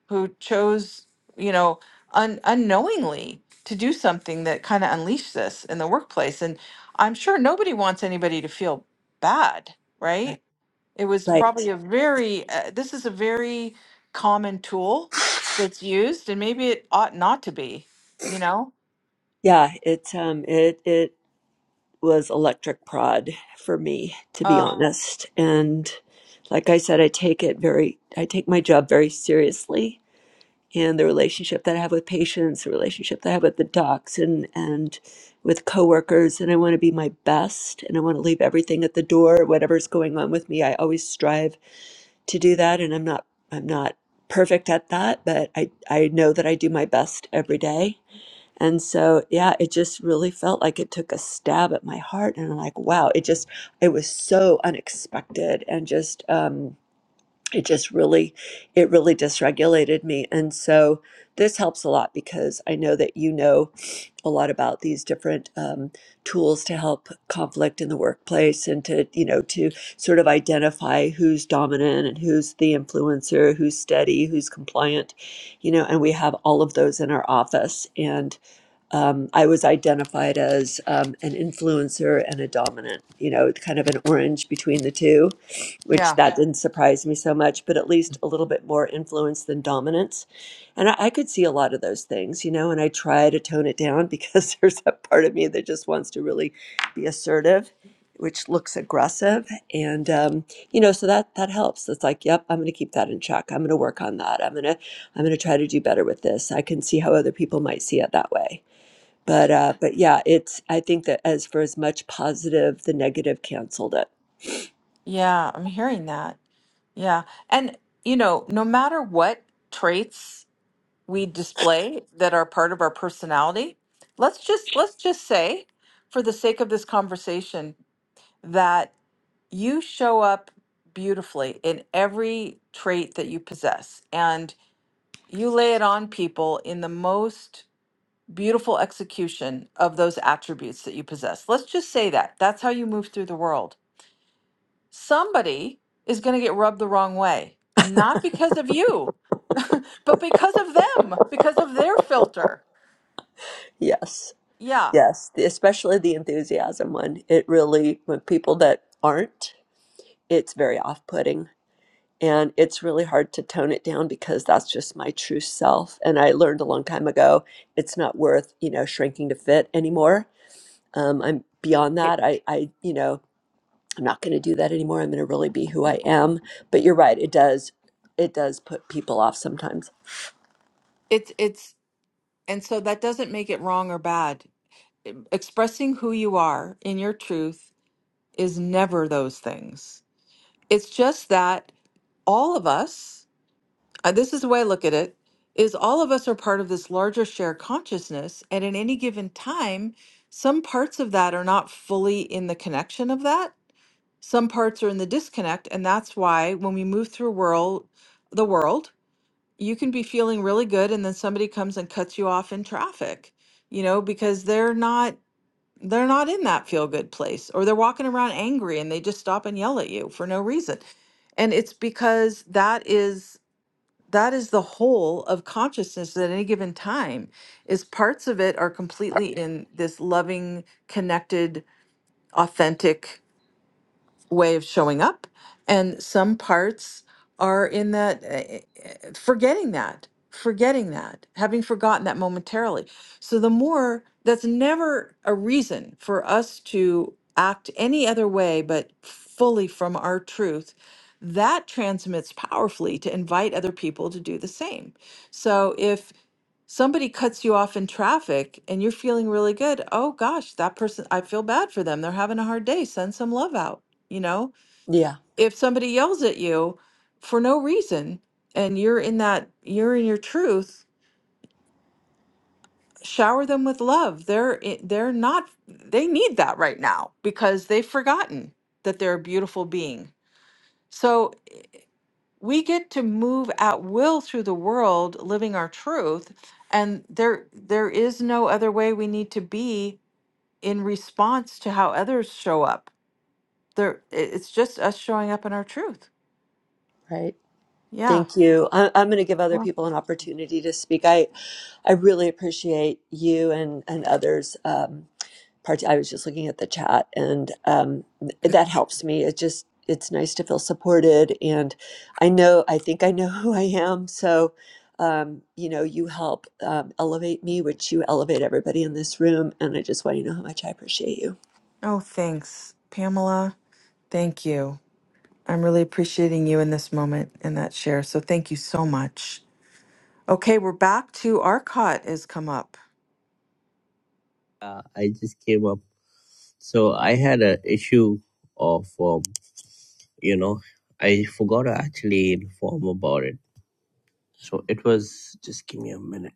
A: who chose you know un- unknowingly to do something that kind of unleashed this in the workplace and i'm sure nobody wants anybody to feel bad right
D: Right.
A: it was
D: right.
A: probably a very, uh, this is a very common tool that's used, and maybe it ought not to be, you know?
D: Yeah. It, um, it, it was electric prod for me, to be
A: Uh,
D: honest. And like I said, I take it very, I take my job very seriously and the relationship that I have with patients, the relationship that I have with the docs and and with coworkers, and I want to be my best and I want to leave everything at the door, whatever's going on with me. I always strive to do that and I'm not I'm not perfect at that, but I, I know that I do my best every day. And so yeah, it just really felt like it took a stab at my heart and I'm like, wow, it just it was so unexpected and just um it just really it really dysregulated me and so this helps a lot because i know that you know a lot about these different um, tools to help conflict in the workplace and to you know to sort of identify who's dominant and who's the influencer who's steady who's compliant you know and we have all of those in our office and um, I was identified as um, an influencer and a dominant, you know, kind of an orange between the two, which
A: yeah,
D: that didn't surprise me so much, but at least a little bit more influence than dominance. And I, I could see a lot of those things, you know, and I try to tone it down because there's a part of me that just wants to really be assertive. Which looks aggressive, and um, you know, so that that helps. It's like, yep, I'm going to keep that in check. I'm going to work on that. I'm going to I'm going to try to do better with this. I can see how other people might see it that way but uh, but yeah, it's I think that as for as much positive, the negative canceled it.
A: yeah, I'm hearing that. Yeah. And, you know, no matter what traits we display that are part of our personality, let's just let's just say for the sake of this conversation that you show up beautifully in every trait that you possess. and. you lay it on people in the most beautiful execution of those attributes that you possess. Let's just say that. That's how you move through the world. Somebody is going to get rubbed the wrong way, not because of you, but because of them, because of their filter.
D: Yes,
A: Yeah.
D: yes, the, especially the enthusiasm one. It really when people that aren't, it's very off-putting, and it's really hard to tone it down because that's just my true self. And I learned a long time ago, it's not worth you know shrinking to fit anymore. Um, I'm beyond
A: It,
D: that. I I you know I'm not going to do that anymore. I'm going to really be who I am. But you're right, it does it does put people off sometimes.
A: it's it's and so that doesn't make it wrong or bad. E- Expressing who you are in your truth is never those things. It's just that all of us uh, this is the way I look at it, is all of us are part of this larger shared consciousness. And in any given time, some parts of that are not fully in the connection of that. Some parts are in the disconnect. And that's why when we move through world, the world, you can be feeling really good and then somebody comes and cuts you off in traffic, you know, because they're not they're not in that feel good place or they're walking around angry and they just stop and yell at you for no reason. And it's because that is that is the whole of consciousness at any given time is parts of it are completely in this loving connected authentic way of showing up. And some parts are in that, uh, uh, forgetting that, forgetting that, having forgotten that momentarily. So the more, that's never a reason for us to act any other way but fully from our truth. That transmits powerfully to invite other people to do the same. So if somebody cuts you off in traffic and you're feeling really good oh gosh that person i feel bad for them they're having a hard day send some love out you know
D: Yeah.
A: if somebody yells at you for no reason and you're in that you're in your truth shower them with love they're i- they're not they need that right now because they've forgotten that they're a beautiful being so we get to move at will through the world living our truth and there there is no other way we need to be in response to how others show up. There, i- it's just us showing up in our truth.
D: Right.
A: Yeah.
D: Thank you. I, I'm going to give other
A: Well.
D: people an opportunity to speak. I, I really appreciate you and and others. Um, part. I was just looking at the chat, and um, th- that helps me. It just it's nice to feel supported, and I know I think I know who I am. So, um, you know, you help um, elevate me, which you elevate everybody in this room, and I just want you to know how much I appreciate you.
A: Oh, thanks, Pamela. Thank you. I'm really appreciating you in this moment and that share. So thank you so much. Okay, we're back to Arcot has come up.
C: Uh, I just came up. So I had a issue of, um, you know, I forgot to actually inform about it. So it was, just give me a minute.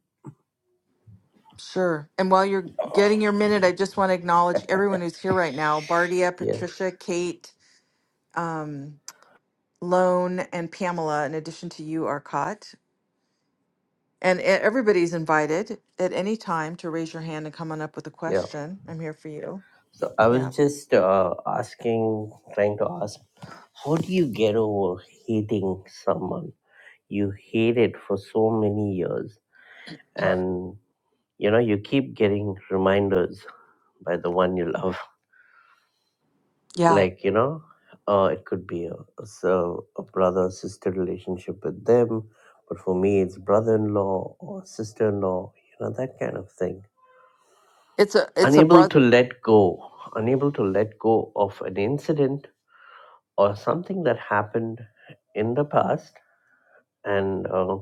A: Sure. And while you're getting your minute, I just want to acknowledge everyone who's here right now: Bardia,
C: Yeah,
A: Patricia, Kate, um, Lone, and Pamela. In addition to you, Arcot. And e- everybody's invited at any time to raise your hand and come on up with a
C: yeah.
A: question. I'm here for you.
C: So I
A: Yeah.
C: was just uh, asking, trying to ask, how do you get over hating someone? you hate it for so many years and you know you keep getting reminders by the one you love
A: Yeah.
C: like you know uh, it could be a, so a brother sister relationship with them but for me it's brother-in-law or sister-in-law you know that kind of thing
A: It's a it's a
C: unable
A: brother.
C: to let go unable to let go of an incident or something that happened in the past and uh,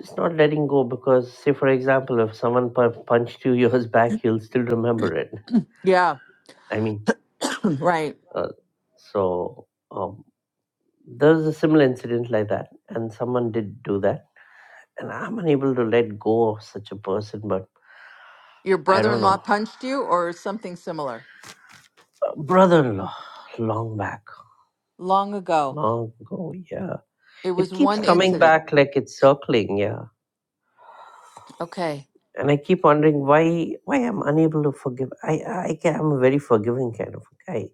C: Just not letting go because, say, for example, if someone pu- punched you years back, you'll still remember it.
A: Yeah,
C: I mean,
A: right.
C: uh, so um, there was a similar incident like that, and someone did do that, and I'm unable to let go of such a person, but
A: Your
C: I don't
A: brother-in-law
C: know.
A: punched you or something similar
C: Brother in law, long back,
A: long ago.
C: long ago, yeah.
A: It
C: It
A: was
C: keeps
A: one
C: coming
A: incident.
C: back like it's circling, yeah.
A: Okay.
C: And I keep wondering why why I'm unable to forgive. I I can, I'm a very forgiving kind of a guy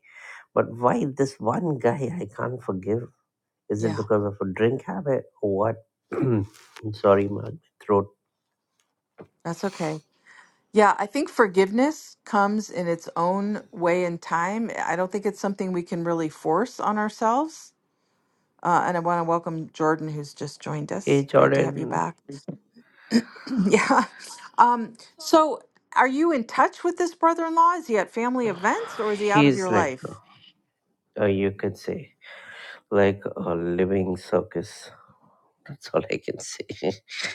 C: But why this one guy I can't forgive? Is it
A: Yeah.
C: because of a drink habit or what? I'm Sorry, my throat.
A: That's okay. Yeah, I think forgiveness comes in its own way in time. I don't think it's something we can really force on ourselves. Uh, and I want to welcome Jordan, who's just joined
C: Hey,
A: us. Great to have you
C: Jordan.
A: back. Yeah. Um, so are you in touch with this brother-in-law? Is he at family events or is he out of your
C: He's like,
A: life?
C: uh, you could say, like a living circus. That's all I can say.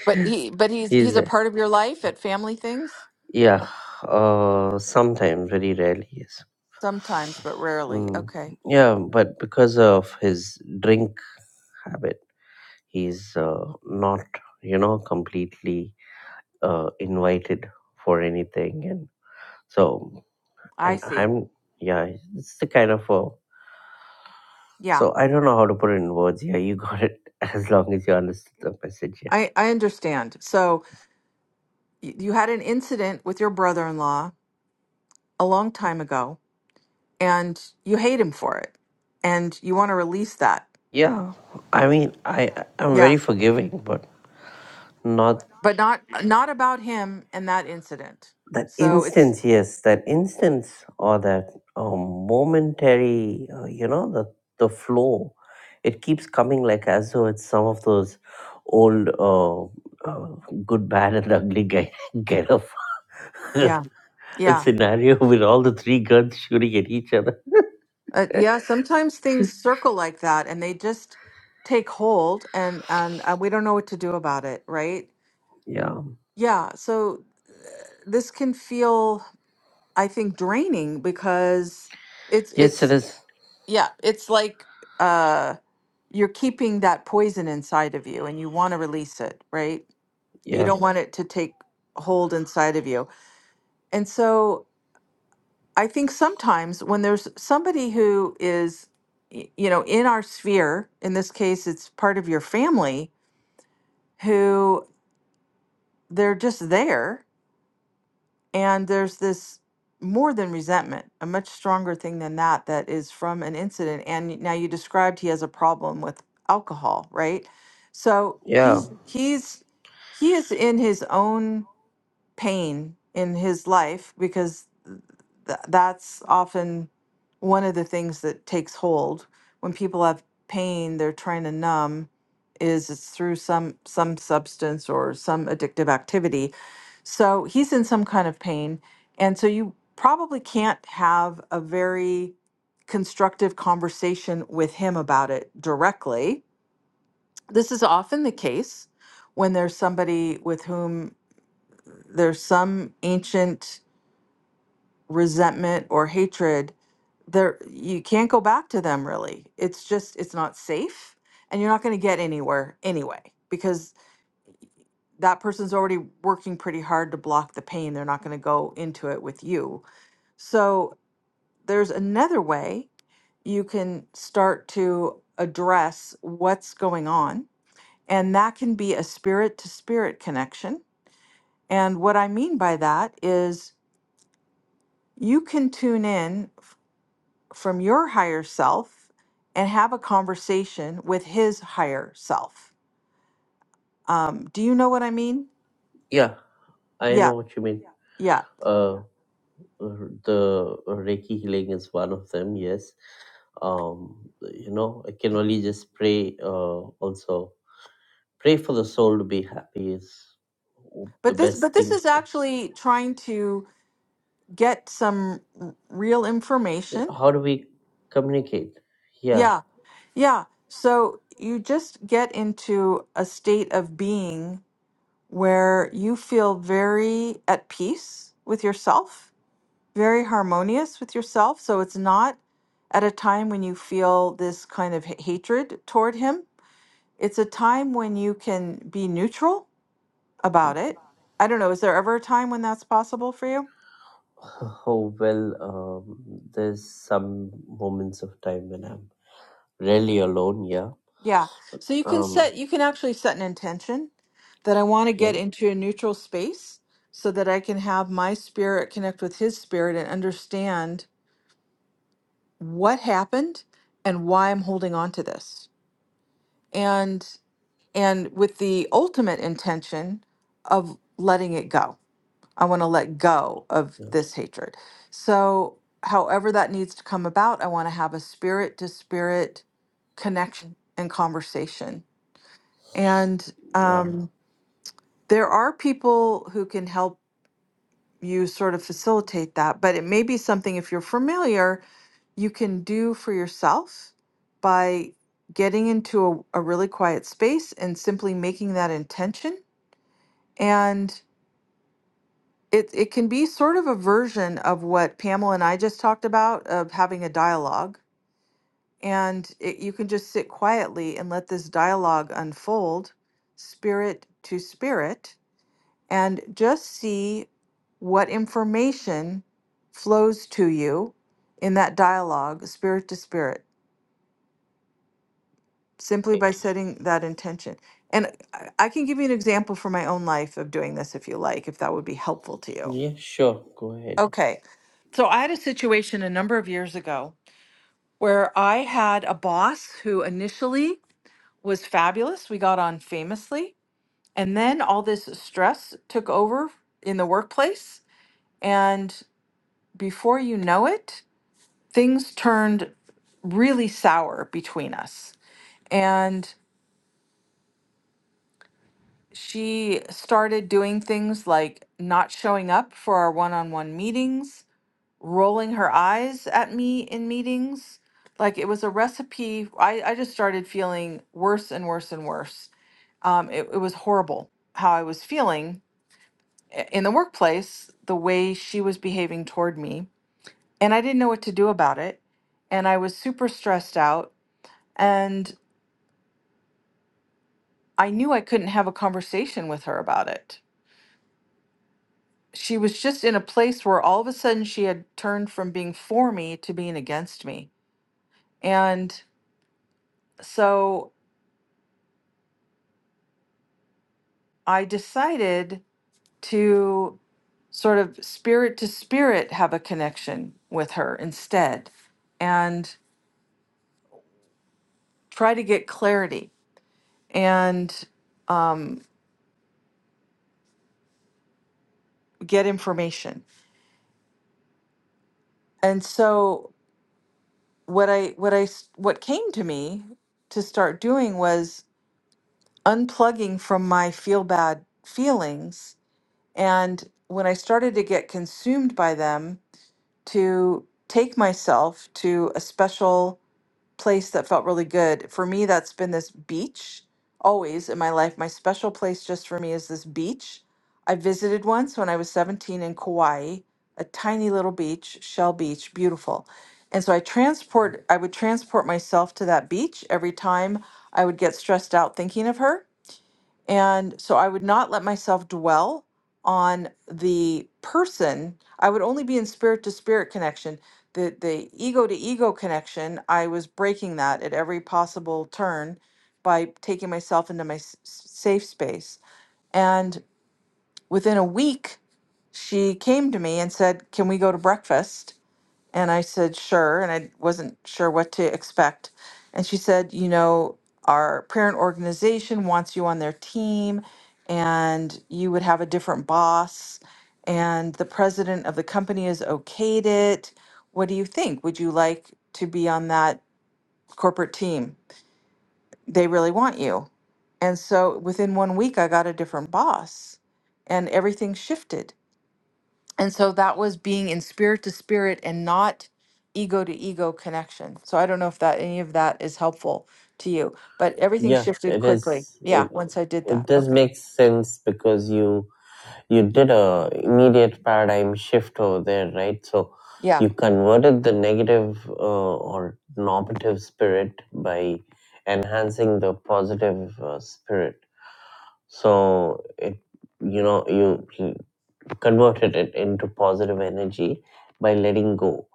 A: But he but he's
C: He's
A: he's a
C: there.
A: part of your life at family things?
C: Yeah. Uh, sometimes, very rarely, yes.
A: Sometimes, but rarely.
C: Mm,
A: Okay.
C: yeah, but because of his drink habit, he's uh, not, you know, completely uh, invited for anything and so
A: I
C: and
A: see.
C: i'm yeah it's the kind of a
A: Yeah.
C: so i don't know how to put it in words yeah you got it as long as you understood the message yeah
A: I I understand. So y- you had an incident with your brother-in-law a long time ago and you hate him for it and you want to release that.
C: yeah i mean i i'm
A: Yeah.
C: very forgiving but not
A: But not not about him and that incident.
C: that
A: So it's
C: instance yes that instance or that um, momentary uh, you know the the flow it keeps coming like as though it's some of those old uh, uh, good bad and ugly guy get up
A: yeah.
C: a
A: Yeah.
C: scenario with all the three guns shooting at each other
A: Uh, yeah, sometimes things circle like that and they just take hold and and uh, we don't know what to do about it, right?
C: yeah
A: Yeah, so this can feel I think draining because it's
C: yes it
A: it's
C: is
A: yeah, it's like uh you're keeping that poison inside of you and you want to release it, right? You
C: yeah
A: don't want it to take hold inside of you. And so I think sometimes when there's somebody who is, y- you know, in our sphere, in this case, it's part of your family, who they're just there. And there's this more than resentment, a much stronger thing than that, that is from an incident. And y- now you described he has a problem with alcohol, right? So
C: yeah
A: he's, he's, he is in his own pain in his life because th- that's often one of the things that takes hold when people have pain they're trying to numb is it's through some some substance or some addictive activity so he's in some kind of pain and so you probably can't have a very constructive conversation with him about it directly this is often the case when there's somebody with whom there's some ancient resentment or hatred there you can't go back to them really it's just it's not safe and you're not going to get anywhere anyway because that person's already working pretty hard to block the pain they're not going to go into it with you so there's another way you can start to address what's going on and that can be a spirit to spirit connection and what i mean by that is you can tune in from your higher self and have a conversation with his higher self. Um, do you know what I mean?
C: yeah i know
A: Yeah,
C: what you mean
A: yeah.
C: Uh, Uh, the uh, Reiki healing is one of them, yes. Um, you know, I can only just pray, uh, also pray for the soul to be happy is the
A: But this, but
C: best
A: this
C: thing.
A: is actually trying to get some r- real information.
C: How do we communicate? Yeah.
A: Yeah, yeah. So you just get into a state of being where you feel very at peace with yourself very harmonious with yourself. So it's not at a time when you feel this kind of h- hatred toward him. It's a time when you can be neutral about it. I don't know. Is there ever a time when that's possible for you?
C: Oh, well, um, there's some moments of time when I'm really alone, yeah.
A: Yeah.
C: But,
A: So you can
C: um,
A: set, you can actually set an intention that I want to
C: yeah,
A: get into a neutral space so that I can have my spirit connect with his spirit and understand what happened and why I'm holding on to this. And and with the ultimate intention of letting it go. I want to let go of
C: yeah,
A: this hatred. So, however that needs to come about, I want to have a spirit to spirit connection and conversation. And
C: yeah,
A: um, there are people who can help you sort of facilitate that, but it may be something, if you're familiar, you can do for yourself by getting into a, a really quiet space and simply making that intention And it it can be sort of a version of what Pamela and I just talked about of having a dialogue. And it, you can just sit quietly and let this dialogue unfold, spirit to spirit, and just see what information flows to you in that dialogue, spirit to spirit, simply by setting that intention. And I I can give you an example from my own life of doing this if you like, if that would be helpful to you.
C: yeah, sure, go ahead.
A: Okay. So I had a situation a number of years ago where I had a boss who initially was fabulous. We got on famously. And then all this stress took over in the workplace. And before you know it, things turned really sour between us. And she started doing things like not showing up for our one on one meetings rolling her eyes at me in meetings. Like it was a recipe. I, I just started feeling worse and worse and worse. Um, it, it was horrible how I was feeling i- in the workplace, the way she was behaving toward me. And I didn't know what to do about it. And I was super stressed out. And I knew I couldn't have a conversation with her about it. She was just in a place where all of a sudden she had turned from being for me to being against me. And so I decided to sort of spirit to spirit have a connection with her instead and try to get clarity and um, get information. And so what I what I s- what came to me to start doing was unplugging from my feel bad feelings and when I started to get consumed by them to take myself to a special place that felt really good. For me, that's been this beach always in my life. My special place just for me is this beach. I visited once when I was 17 in Kauai, a tiny little beach, Shell Beach, beautiful. And so I transport I would transport myself to that beach every time I would get stressed out thinking of her. And so I would not let myself dwell on the person. I would only be in spirit to spirit connection. The the ego to ego connection, I was breaking that at every possible turn by taking myself into my s- s- safe space. And within a week, she came to me and said, "Can we go to breakfast?" And I said, sure. And I wasn't sure what to expect. And she said, you know, our parent organization wants you on their team, and you would have a different boss, and the president of the company has okayed it. What do you think? Would you like to be on that corporate team? They really want you. And so within one week, I got a different boss, and everything shifted. And so that was being in spirit to spirit and not ego to ego connection. So I don't know if that any of that is helpful to you, but everything
C: Yeah,
A: shifted
C: it
A: quickly.
C: is.
A: Yeah,
C: It,
A: once I did
C: it
A: that.
C: does
A: Okay.
C: make sense because you you did a immediate paradigm shift over there, right? So
A: Yeah.
C: you converted the negative uh, or normative spirit by enhancing the positive uh, spirit. So it you know you you converted it into positive energy by letting go.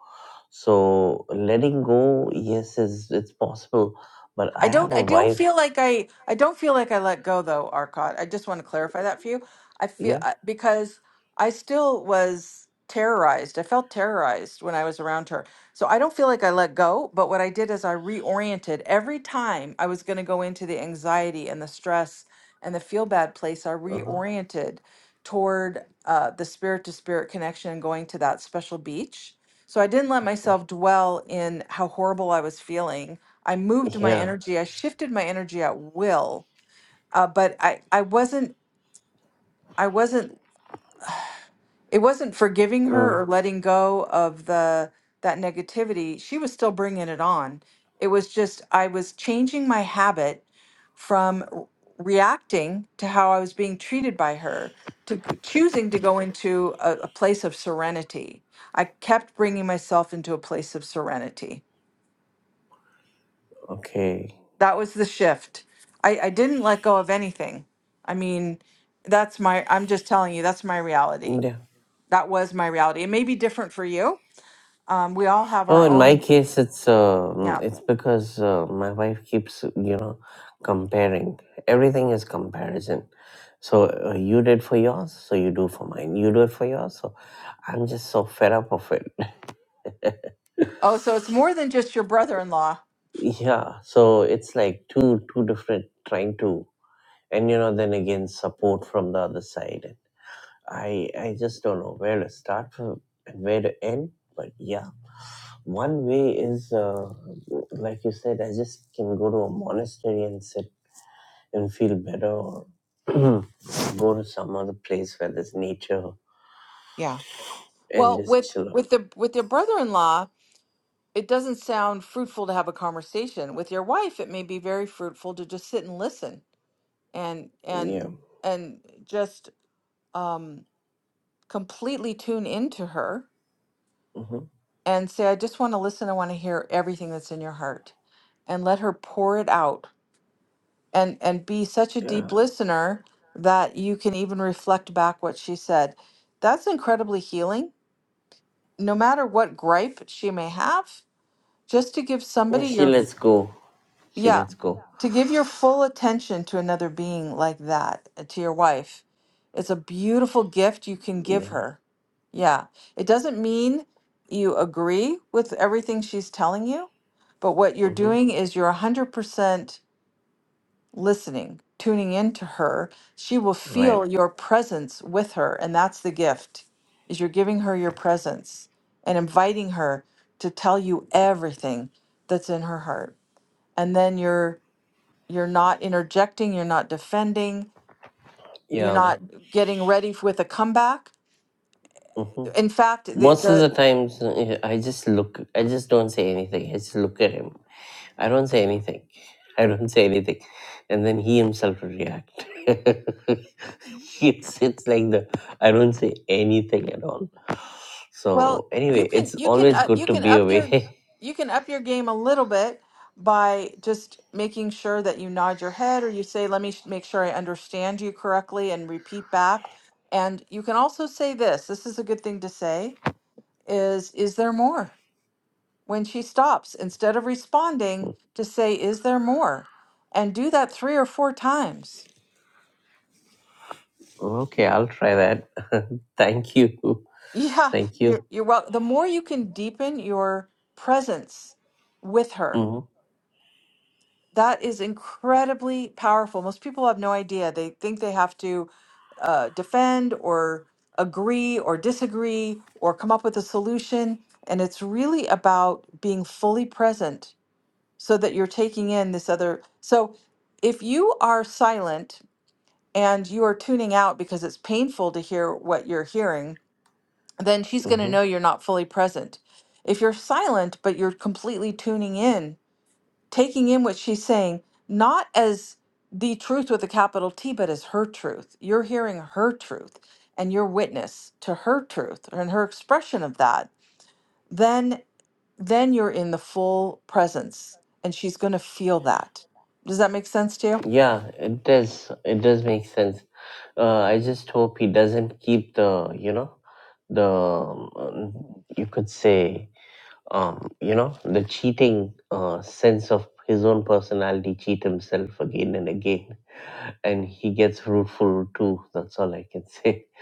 C: So letting go, yes, is it's possible. But
A: I
C: I have
A: don't
C: a
A: I don't
C: wife.
A: feel like I I don't feel like I let go though, Arcot. I just want to clarify that for you. I feel
C: Yeah.
A: I- because I still was terrorized. I felt terrorized when I was around her. So I don't feel like I let go, but what I did is I reoriented every time I was going to go into the anxiety and the stress and the feel bad place, I
C: Uh huh.
A: reoriented toward uh, the spirit to spirit connection and going to that special beach. So I didn't let myself dwell in how horrible I was feeling I moved my
C: Yeah.
A: energy, I shifted my energy at will, uh, but I, I wasn't, I wasn't, it wasn't forgiving her
C: Mm,
A: or letting go of the that negativity. She was still bringing it on. It was just I was changing my habit from r- reacting to how I was being treated by her to g- choosing to go into a, a place of serenity. I kept bringing myself into a place of serenity
C: okay.
A: that was the shift. I, I didn't let go of anything. I mean, that's my, I'm just telling you, that's my reality.
C: Yeah.
A: That was my reality. It may be different for you. Um, we all have
C: Oh,
A: our
C: in my
A: own, Mhm.
C: case, it's uh,
A: yeah.
C: it's because uh, my wife keeps you know comparing. Everything is comparison. So uh, you did for yours, so you do for mine. You do it for yours, so I'm just so fed up of it.
A: Oh, so it's more than just your brother-in-law.
C: Yeah. So it's like two two different trying to, and you know, then again support from the other side. I I just don't know where to start from and where to end. But yeah. One way is, uh, like you said, I just can go to a monastery and sit and feel better, or go to some other place where there's nature
A: Yeah.
C: and
A: Well,
C: just
A: with
C: chill out.
A: with the with your brother-in-law, it doesn't sound fruitful to have a conversation. With your wife, it may be very fruitful to just sit and listen and
C: Yeah.
A: and and just um completely tune into her
C: hmm
A: and say, I just want to listen. I want to hear everything that's in your heart and let her pour it out and, and be such a
C: Yeah.
A: deep listener that you can even reflect back what she said. That's incredibly healing, no matter what gripe she may have, just to give
C: Yeah.
A: somebody
C: She
A: your,
C: lets go. She
A: yeah,
C: lets go.
A: to give your full attention to another being like that, uh, to your wife, it's a beautiful gift you can give
C: Yeah.
A: her. Yeah. It doesn't mean you agree with everything she's telling you, but what you're
C: Mm-hmm.
A: doing is you're 100% listening, tuning into her. She will
C: Right.
A: feel your presence with her, and that's the gift. Is you're giving her your presence and inviting her to tell you everything that's in her heart. And then you're you're not interjecting, you're not defending, you're
C: Yeah.
A: not getting ready f- with a comeback.
C: Mm-hmm.
A: In fact, the,
C: Most of
A: the
C: the times, uh, I just look. I just don't say anything. I just look at him. I don't say anything. I don't say anything. And then he himself will react. it's it's like the I don't say anything at all.
A: well,
C: So
A: you
C: anyway,
A: can
C: it's
A: you can
C: always
A: uh, you
C: good to
A: can
C: be
A: up your
C: away.
A: you can up your game a little bit by just making sure that you nod your head or you say let me sh- make sure I understand you correctly and repeat back. And you can also say this. This is a good thing to say is is there more? When she stops, instead of responding, to say is there more? and do that three or four times
C: okay, I'll try that. Thank you.
A: Yeah,
C: Thank
A: you're
C: you.
A: you're well. The more you can deepen your presence with her,
C: Mm-hmm,
A: that is incredibly powerful. Most people have no idea. They think they have to uh, defend or agree or disagree or come up with a solution, and it's really about being fully present so that you're taking in this other. So if you are silent and you are tuning out because it's painful to hear what you're hearing then she's going to know
C: mm-hmm.
A: you're not fully present. If you're silent, but you're completely tuning in, taking in what she's saying, not as the truth with a capital T, but as her truth, you're hearing her truth and your witness to her truth and her expression of that, then then you're in the full presence and she's going to feel that. Does that make sense to you?
C: Yeah, it does. It does make sense. Uh, I just hope he doesn't keep the, you know, the, um, you could say, um, you know, the cheating uh, sense of his own personality cheat himself again and again, and he gets fruitful too. That's all I can say.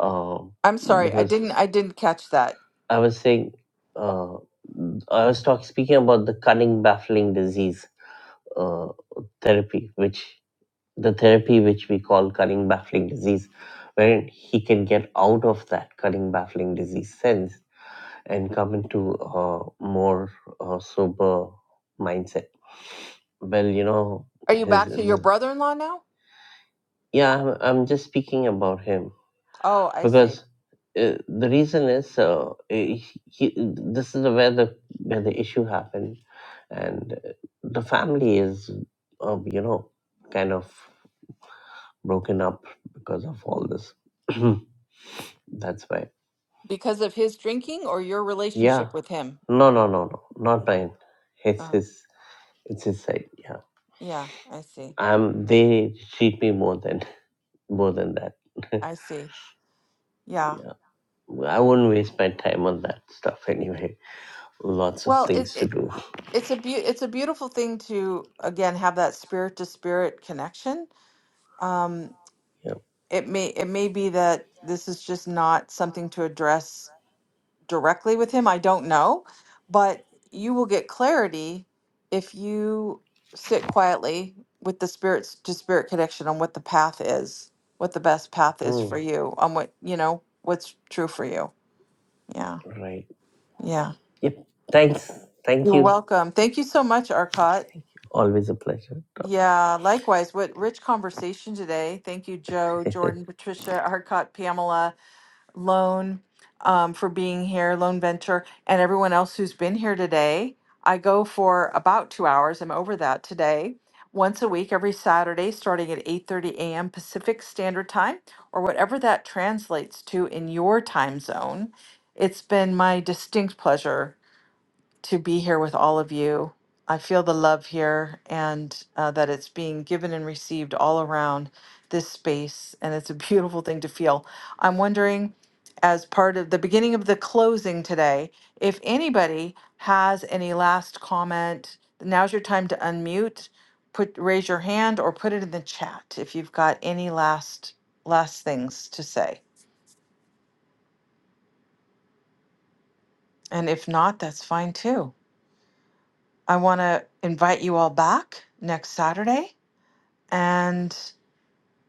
C: Um,
A: I'm sorry, I
C: because
A: didn't I didn't catch that.
C: I was saying, uh, I was talking speaking about the cunning baffling disease uh, therapy, which the therapy which we call cunning baffling disease, wherein he can get out of that cunning baffling disease sense and come into a more uh, sober mindset. Well, you know,
A: Are you
C: his
A: back to your
C: the,
A: brother-in-law now?
C: yeah, I'm, I'm just speaking about him
A: Oh, I see.
C: because uh, the reason is uh, he, he, this is where the where the issue happened, and uh, the family is uh, you know kind of broken up because of all this. That's why.
A: Because of his drinking or your
C: Yeah.
A: relationship with him?
C: No, no, no, no. Not mine. It's
A: Oh,
C: his. It's his side. Yeah.
A: yeah, I see.
C: Um, they cheat me more than more than that.
A: I see. Yeah.
C: yeah, I wouldn't waste my time on that stuff anyway. Lots of
A: Well, it,
C: things to
A: it
C: do.
A: it's a beau it's a beautiful thing to again have that spirit to spirit connection. Um,
C: Yeah.
A: it may it may be that this is just not something to address directly with him. I don't know, but you will get clarity if you sit quietly with the spirits to spirit connection on what the path is, what the best path is
C: Hmm.
A: for you, on what, you know, what's true for you. Yeah.
C: Right.
A: Yeah.
C: Yep. Thanks. Thank
A: You're
C: you.
A: welcome. Thank you so much, Arcot.
C: Always a pleasure.
A: Yeah, likewise. What rich conversation today. Thank you, Joe, Jordan, Patricia, Arcot, Pamela. Loan um, for being here, Loan Venture, and everyone else who's been here today. I go for about two hours. I'm over that today. Once a week, every Saturday, starting at 8:30 a.m. Pacific Standard Time, or whatever that translates to in your time zone. It's been my distinct pleasure to be here with all of you. I feel the love here and uh, that it's being given and received all around this space. And it's a beautiful thing to feel. I'm wondering, as part of the beginning of the closing today, if anybody has any last comment, now's your time to unmute. Put raise your hand or put it in the chat if you've got any last last things to say. And if not, that's fine too. I want to invite you all back next Saturday And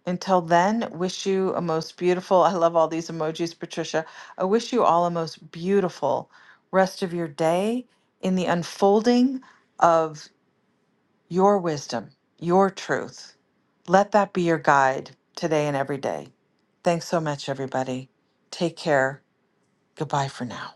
A: until then, wish you a most beautiful, I love all these emojis, Patricia. I wish you all a most beautiful rest of your day in the unfolding of your wisdom, your truth. Let that be your guide today and every day. Thanks so much, everybody. Take care. Goodbye for now.